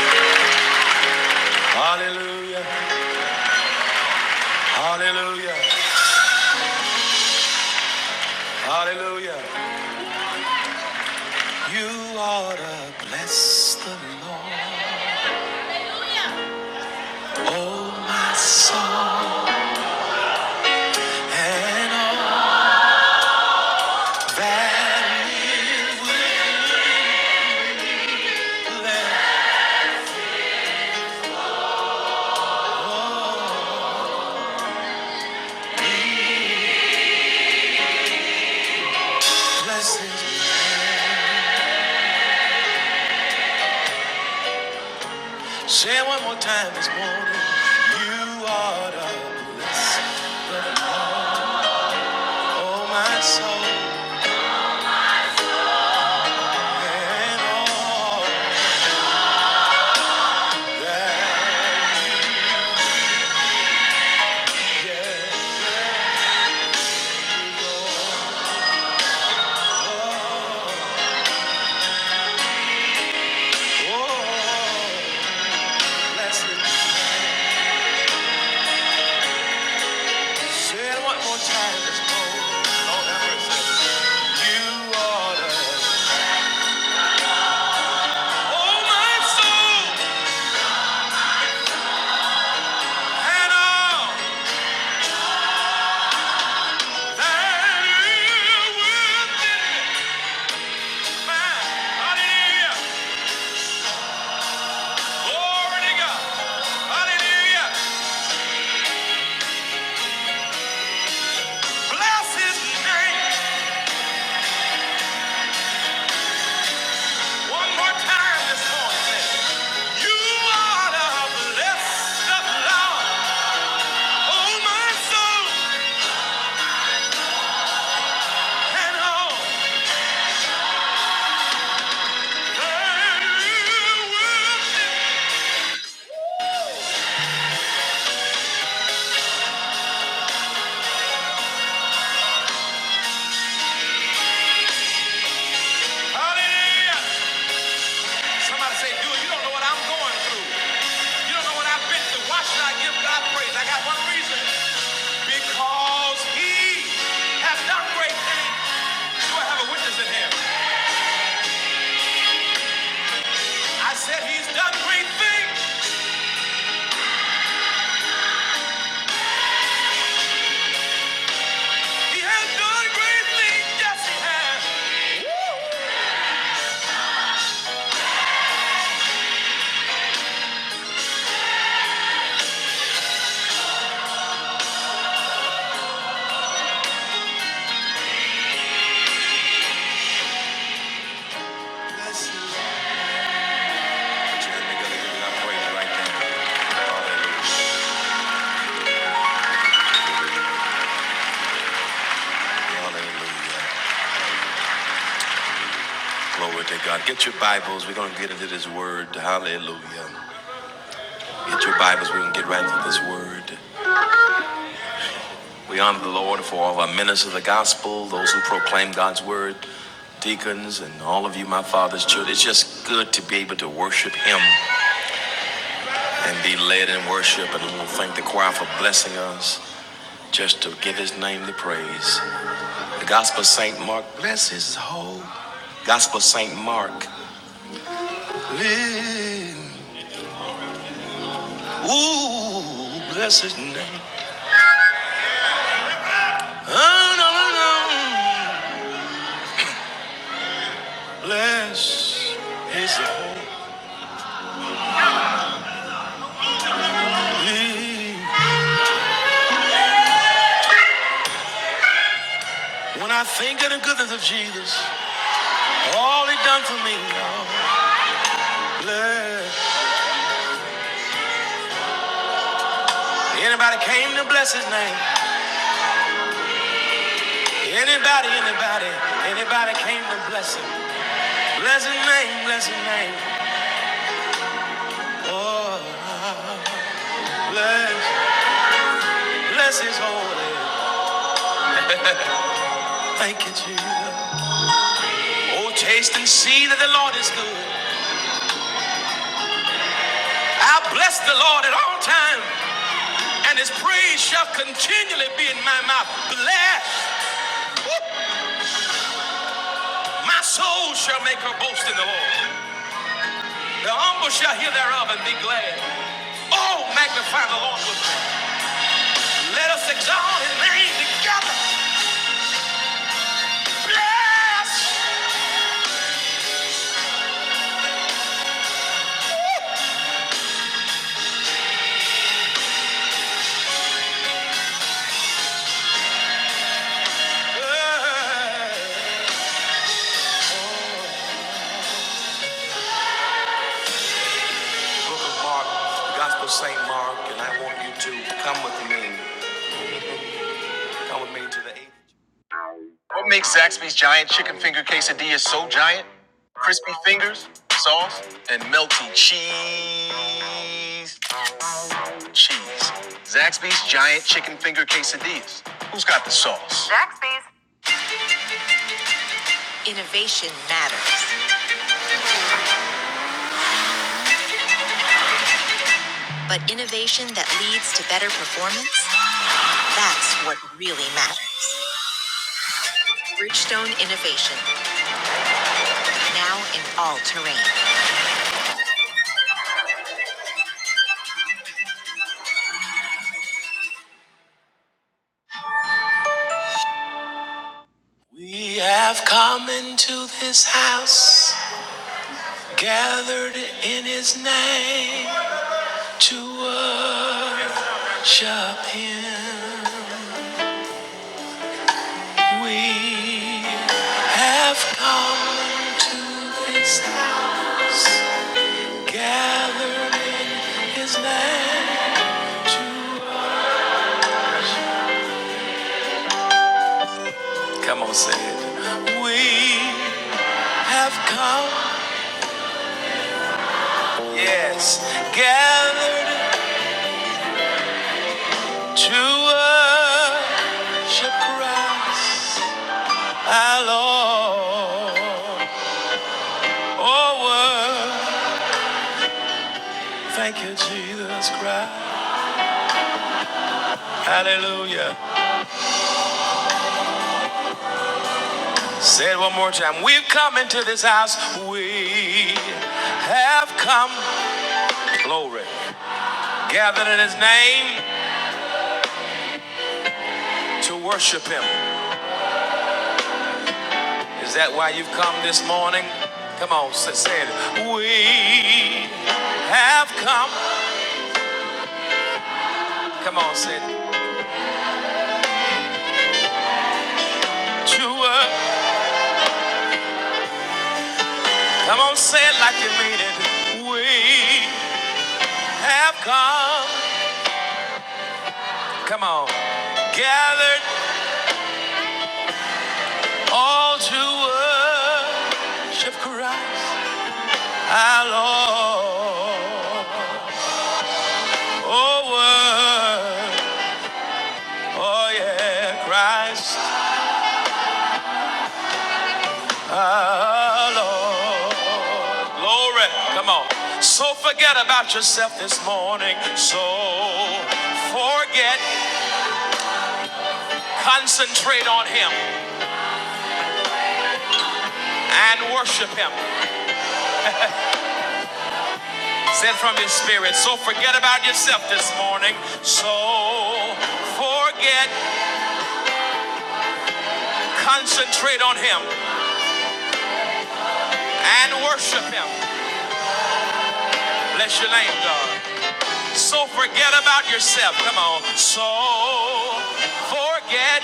Speaker 2: Blessings. Say it one more time this morning. You are the blessed and all blessings. Oh, that verse. You are the, oh, my soul. Hallelujah. Glory God. Hallelujah. That's his name. this morning. You are the star. And so all Hallelujah. Somebody say, dude, you don't know what I'm going through. You don't know what I've been through. Why should I give God praise? I got one reason. Because he has done great things. Do I have a witness in here? I said he's done great things. He has done great things. Yes, he has. right Hallelujah. Glory to God. Get your Bibles. We're going to get into this word. Hallelujah. Get your Bibles. We're going to get right into this word. We honor the Lord for all our ministers of the gospel, those who proclaim God's word, deacons, and all of you, my Father's children. It's just good to be able to worship Him. and be led in worship. And I want to thank the choir for blessing us just to give his name the praise. The Gospel of St. Mark, bless his whole. Gospel of St. Mark, live. Ooh, bless his name. Oh, no, no, no. Bless his whole. When I think of the goodness of Jesus, all he done for me, oh, bless. Anybody came to bless his name. Anybody, anybody, anybody came to bless him. Bless his name, bless his name. Oh, bless, bless his holy. Thank you, Jesus. Oh, taste and see that the Lord is good. I bless the Lord at all times, and his praise shall continually be in my mouth. Bless. Woo. My soul shall make her boast in the Lord. The humble shall hear thereof and be glad. Oh, magnify the Lord with me. Let us exalt his name together. Gospel St. Mark, and I want you to come with me. [laughs] Come with me to the eighth. What makes Zaxby's giant chicken finger quesadilla so giant? Crispy fingers, sauce, and melty cheese. Cheese. Zaxby's giant chicken finger quesadillas. Who's got the sauce? Zaxby's. Innovation matters, but innovation that leads to better performance, that's what really matters. Bridgestone Innovation, now in all terrain. Japan, we have come to this house, gathered in his name Come on, say it. We have come, yes, gathered to worship Christ, our Lord. Oh, worship. Thank you, Jesus Christ. Hallelujah. Say it one more time. We've come into this house. We have come. Glory. Gathered in his name to worship him. Is that why you've come this morning? Come on, say it. We have come. Come on, say it. To work. Come on, say it like you mean it. We have come. Come on. Gathered all to worship Christ our Lord. Oh, word, oh yeah, Christ our Lord. Glory, come on. So forget about yourself this morning. So forget, concentrate on Him and worship Him. Send from His Spirit. So forget about yourself this morning. So forget, Concentrate on Him and worship Him. Bless your name, God. So forget about yourself. Come on. So forget.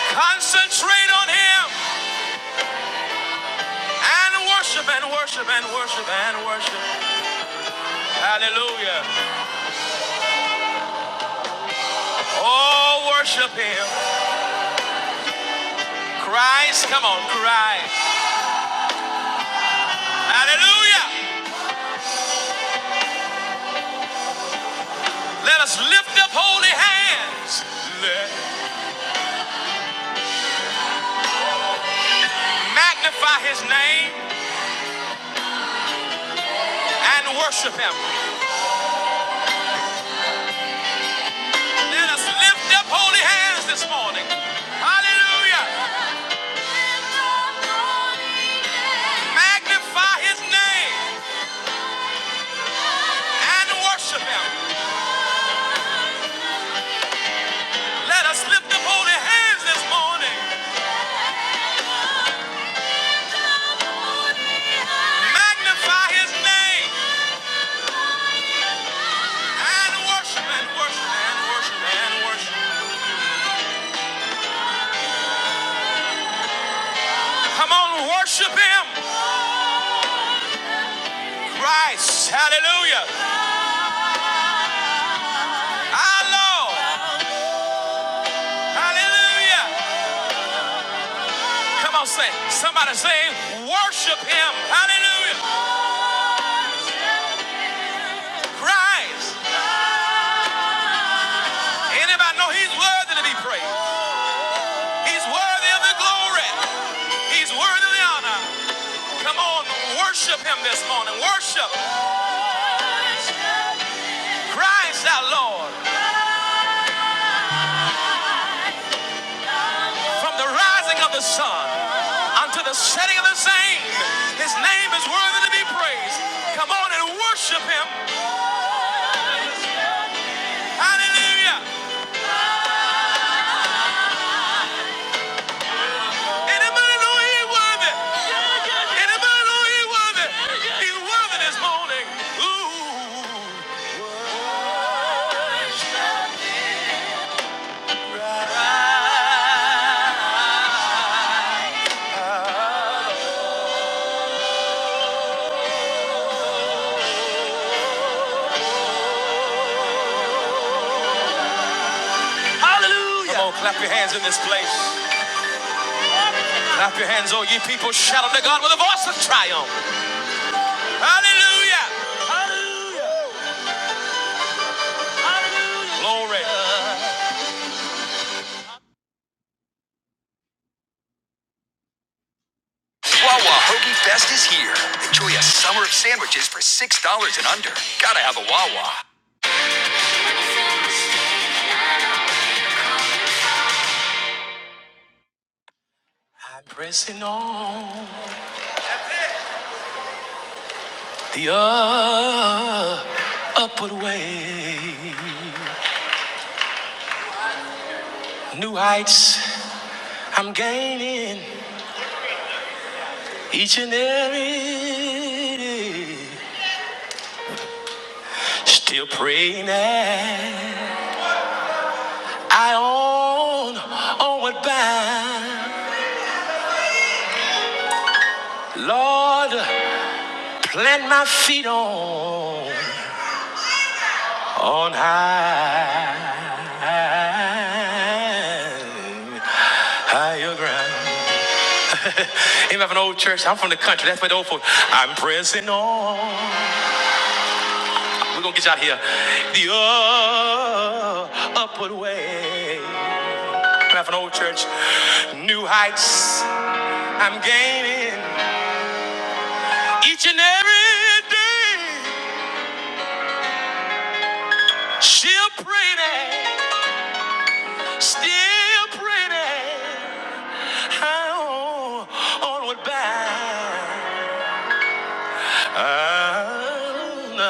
Speaker 2: Concentrate on Him and worship and worship and worship and worship. Hallelujah. Oh, worship Him. Christ, come on, Christ. Hallelujah. Let us lift up holy hands. Let- Magnify His name and worship Him. Let us lift up holy hands this morning. Hallelujah. Magnify his name and worship him. Let us lift up holy hands this morning. Magnify his name and worship and worship and worship and worship. Come on, worship him. Christ. Hallelujah. Our Lord. Hallelujah. Come on, say, somebody say, worship him. Hallelujah. Christ. Anybody know he's worthy to be praised. He's worthy of the glory. He's worthy of the honor. Come on, worship him this morning. Worship. Christ our Lord. From the rising of the sun unto the setting of the same. His name is worthy to be praised. Come on and worship him. Hallelujah. Anybody know he's worthy? Anybody know he's worthy? He's worthy this morning. Ooh. Hallelujah. Come on, clap your hands in this place. Clap your hands, oh ye people. Shout unto God with a voice of triumph. Hallelujah. Hallelujah. Glory. Wawa Hoagie Fest is here. Enjoy a summer of sandwiches for $6 and under. Gotta have a Wawa. I'm pressing on the uh, upward way. New heights I'm gaining each and every day. Still praying that I own onward bound. Lord, plant my feet on on high, higher ground. [laughs] Even if an old church, I'm from the country. That's where the old folks. I'm pressing on. We're gonna get you out here. The uh, upward way. Coming out from the old church. New heights I'm gaining. Each and every day. Still pretty. Still pretty. How onward bound. I'll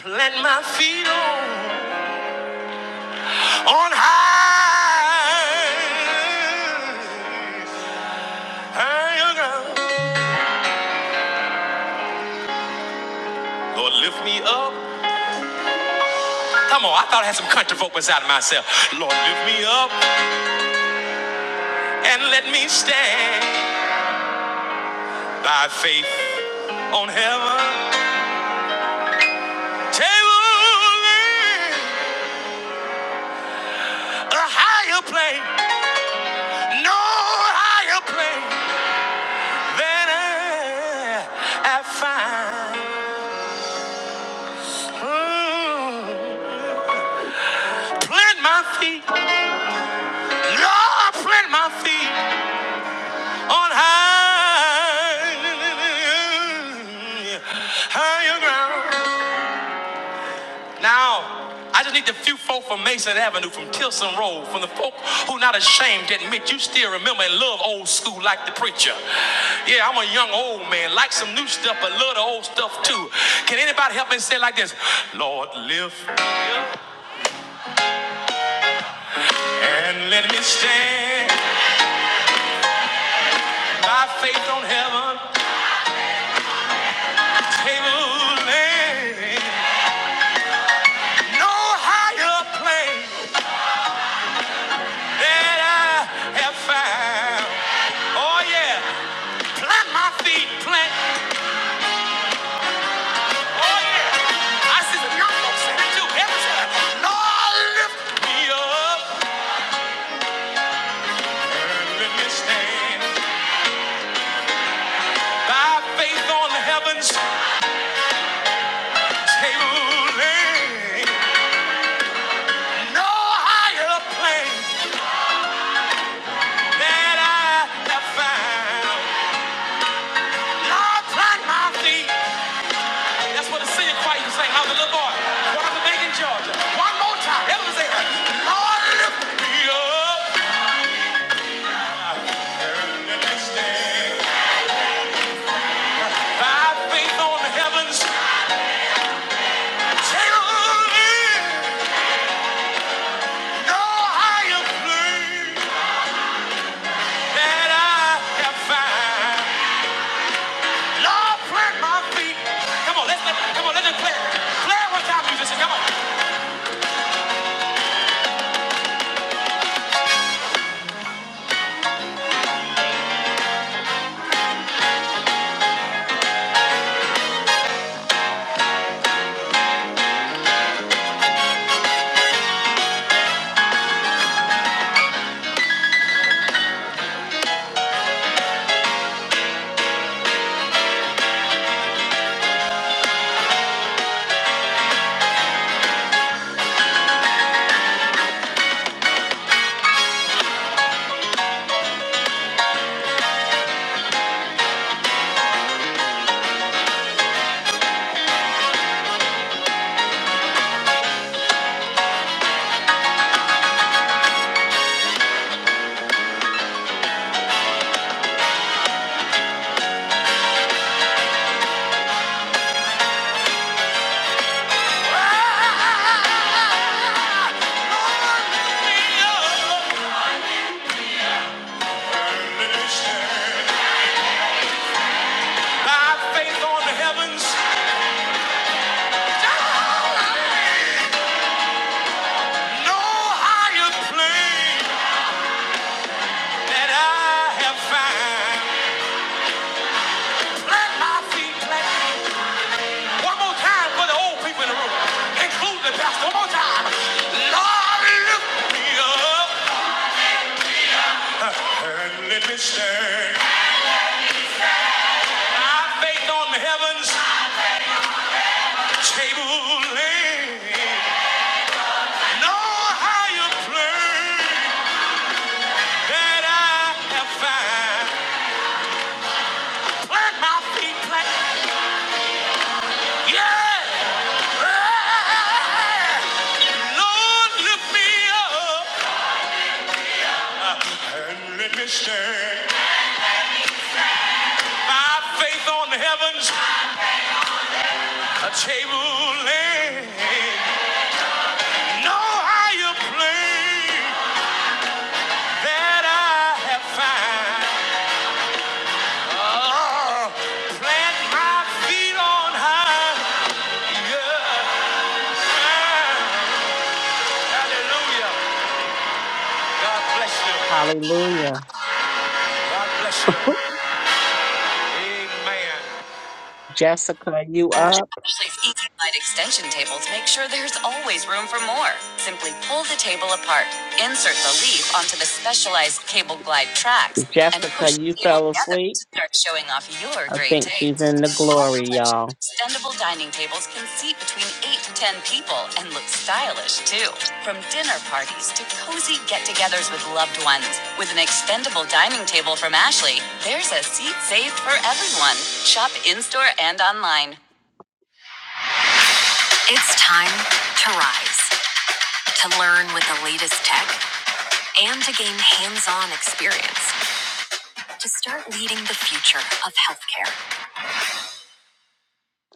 Speaker 2: plant my feet on, on high. Hang around. Lord, lift me up. Come on, I thought I had some country folk inside of myself. Lord, lift me up and let me stand by faith on heaven. Table in a higher plane, no higher plane than I, I find. Mm. Plant my feet, Lord, plant my feet on high, higher ground. Now, I just need the few folk from Mason Avenue, from Tilson Road, from the folk who not ashamed to admit you still remember and love old school like the preacher. Yeah, I'm a young old man, like some new stuff, but love the old stuff too. Can anybody help me say it like this? Lord, lift and let me stand by faith on heaven, table, land, no higher plane. that I have found. Oh yeah, plant my feet, plant. Oh yeah, I said, no, say that too every time. Lord, lift me up and let me stand by faith on the heaven's table. No higher plane that I have found. Lord, plant my feet. That's what the singing choir used to sing. I was a little boy. When I was back Georgia. One more time. Everyone say, Lord, lift me up. By faith on the heavens. Till no higher plane that I have found. Lord, plant my feet. Come on, let's let, come on, let's just play. Play it one time, musician. Come on. Lord, lift me up. By faith on the no One more time for the old people in the room, including the pastor. One more time. Lord, lift me up and let me stand. By faith on heavens, table No higher plane that I have found. Plant my feet, plant. Yeah. Yeah. Lord, lift me up and let me stand. My faith on heaven's a table land. No higher plane that I have found. Oh, plant my feet on high. Yeah. Ah, Hallelujah. God bless you.
Speaker 3: Hallelujah.
Speaker 2: God bless you.
Speaker 3: [laughs]
Speaker 2: Amen.
Speaker 3: Jessica, you up?
Speaker 2: Ashley's Easy Slide extension tables make sure there's always room for more. Simply pull the table apart, insert the leaf onto the specialized cable glide tracks, and
Speaker 3: Jessica,
Speaker 2: push the
Speaker 3: you
Speaker 2: table
Speaker 3: fell
Speaker 2: together to
Speaker 3: asleep?
Speaker 2: start showing off your
Speaker 3: I
Speaker 2: great
Speaker 3: think she's
Speaker 2: taste.
Speaker 3: in the
Speaker 2: Our
Speaker 3: glory,
Speaker 2: collection of
Speaker 3: y'all.
Speaker 2: extendable dining tables can seat between 8 to 10 people and look stylish too. From dinner parties to cozy get togethers with loved ones, with an extendable dining table from Ashley, there's a seat saved for everyone. Shop in store and online. It's time to rise, to learn with the latest tech, and to gain hands on experience to start leading the future of healthcare.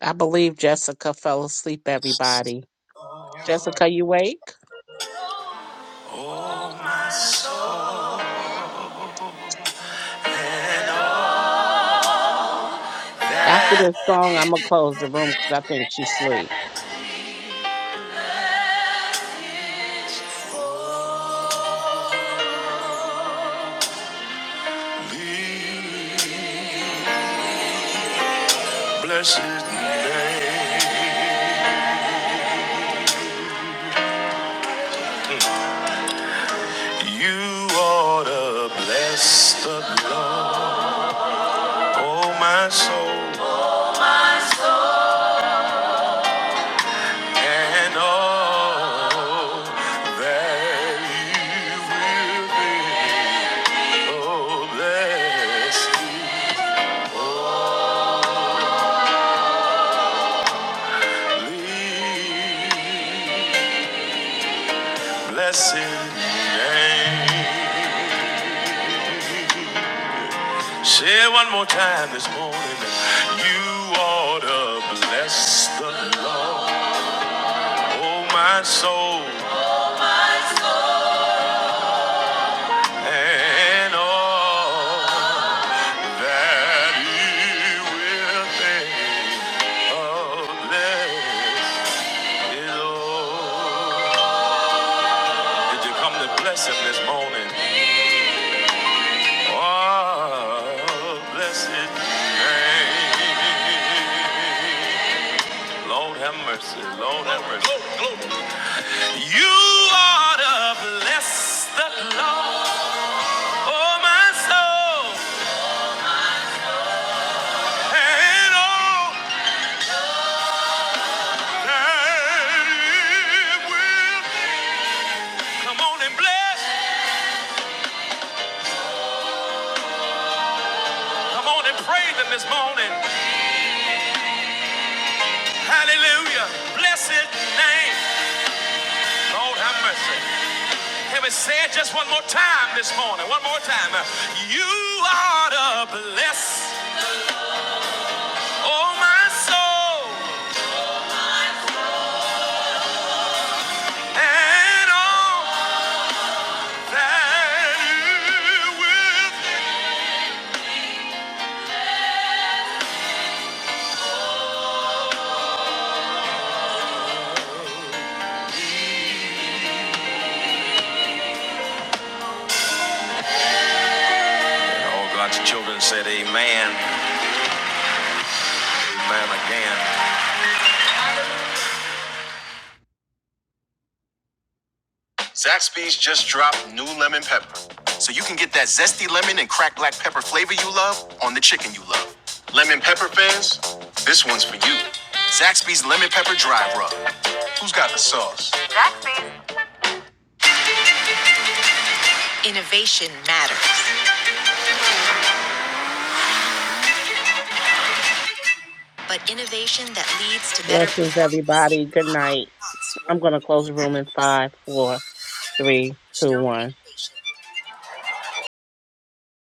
Speaker 3: I believe Jessica fell asleep, everybody. Jessica, you wake? After this song, I'm going to close the room because I think she's asleep.
Speaker 2: Blessed name, you ought to bless the Lord, oh my soul, and all that you will be. Oh, bless the Blessed name. Say it one more time this morning. You ought to bless the Lord, oh my soul, and all that He will think of bless. Oh, the blessed, oh, blessed name. Lord have mercy. Lord have mercy. You are to bless the blessed Lord, oh my soul, and all that it will be. Come on and bless. Come on and praise Him this morning. Hallelujah. Bless His name. Lord have mercy. Can we say it just one more time this morning? One more time. You are to bless, oh my soul, and all that it will be. All God's children said amen, amen again. Zaxby's just dropped new lemon pepper. So you can get that zesty lemon and cracked black pepper flavor you love on the chicken you love. Lemon pepper fans, this one's for you. Zaxby's Lemon Pepper Dry Rub. Who's got the sauce? Innovation matters, but innovation that leads to better
Speaker 3: Blessings,
Speaker 2: performance.
Speaker 3: everybody. Good night. I'm going to close the room in five, four, three, two,
Speaker 2: Don't
Speaker 3: one.
Speaker 2: innovation.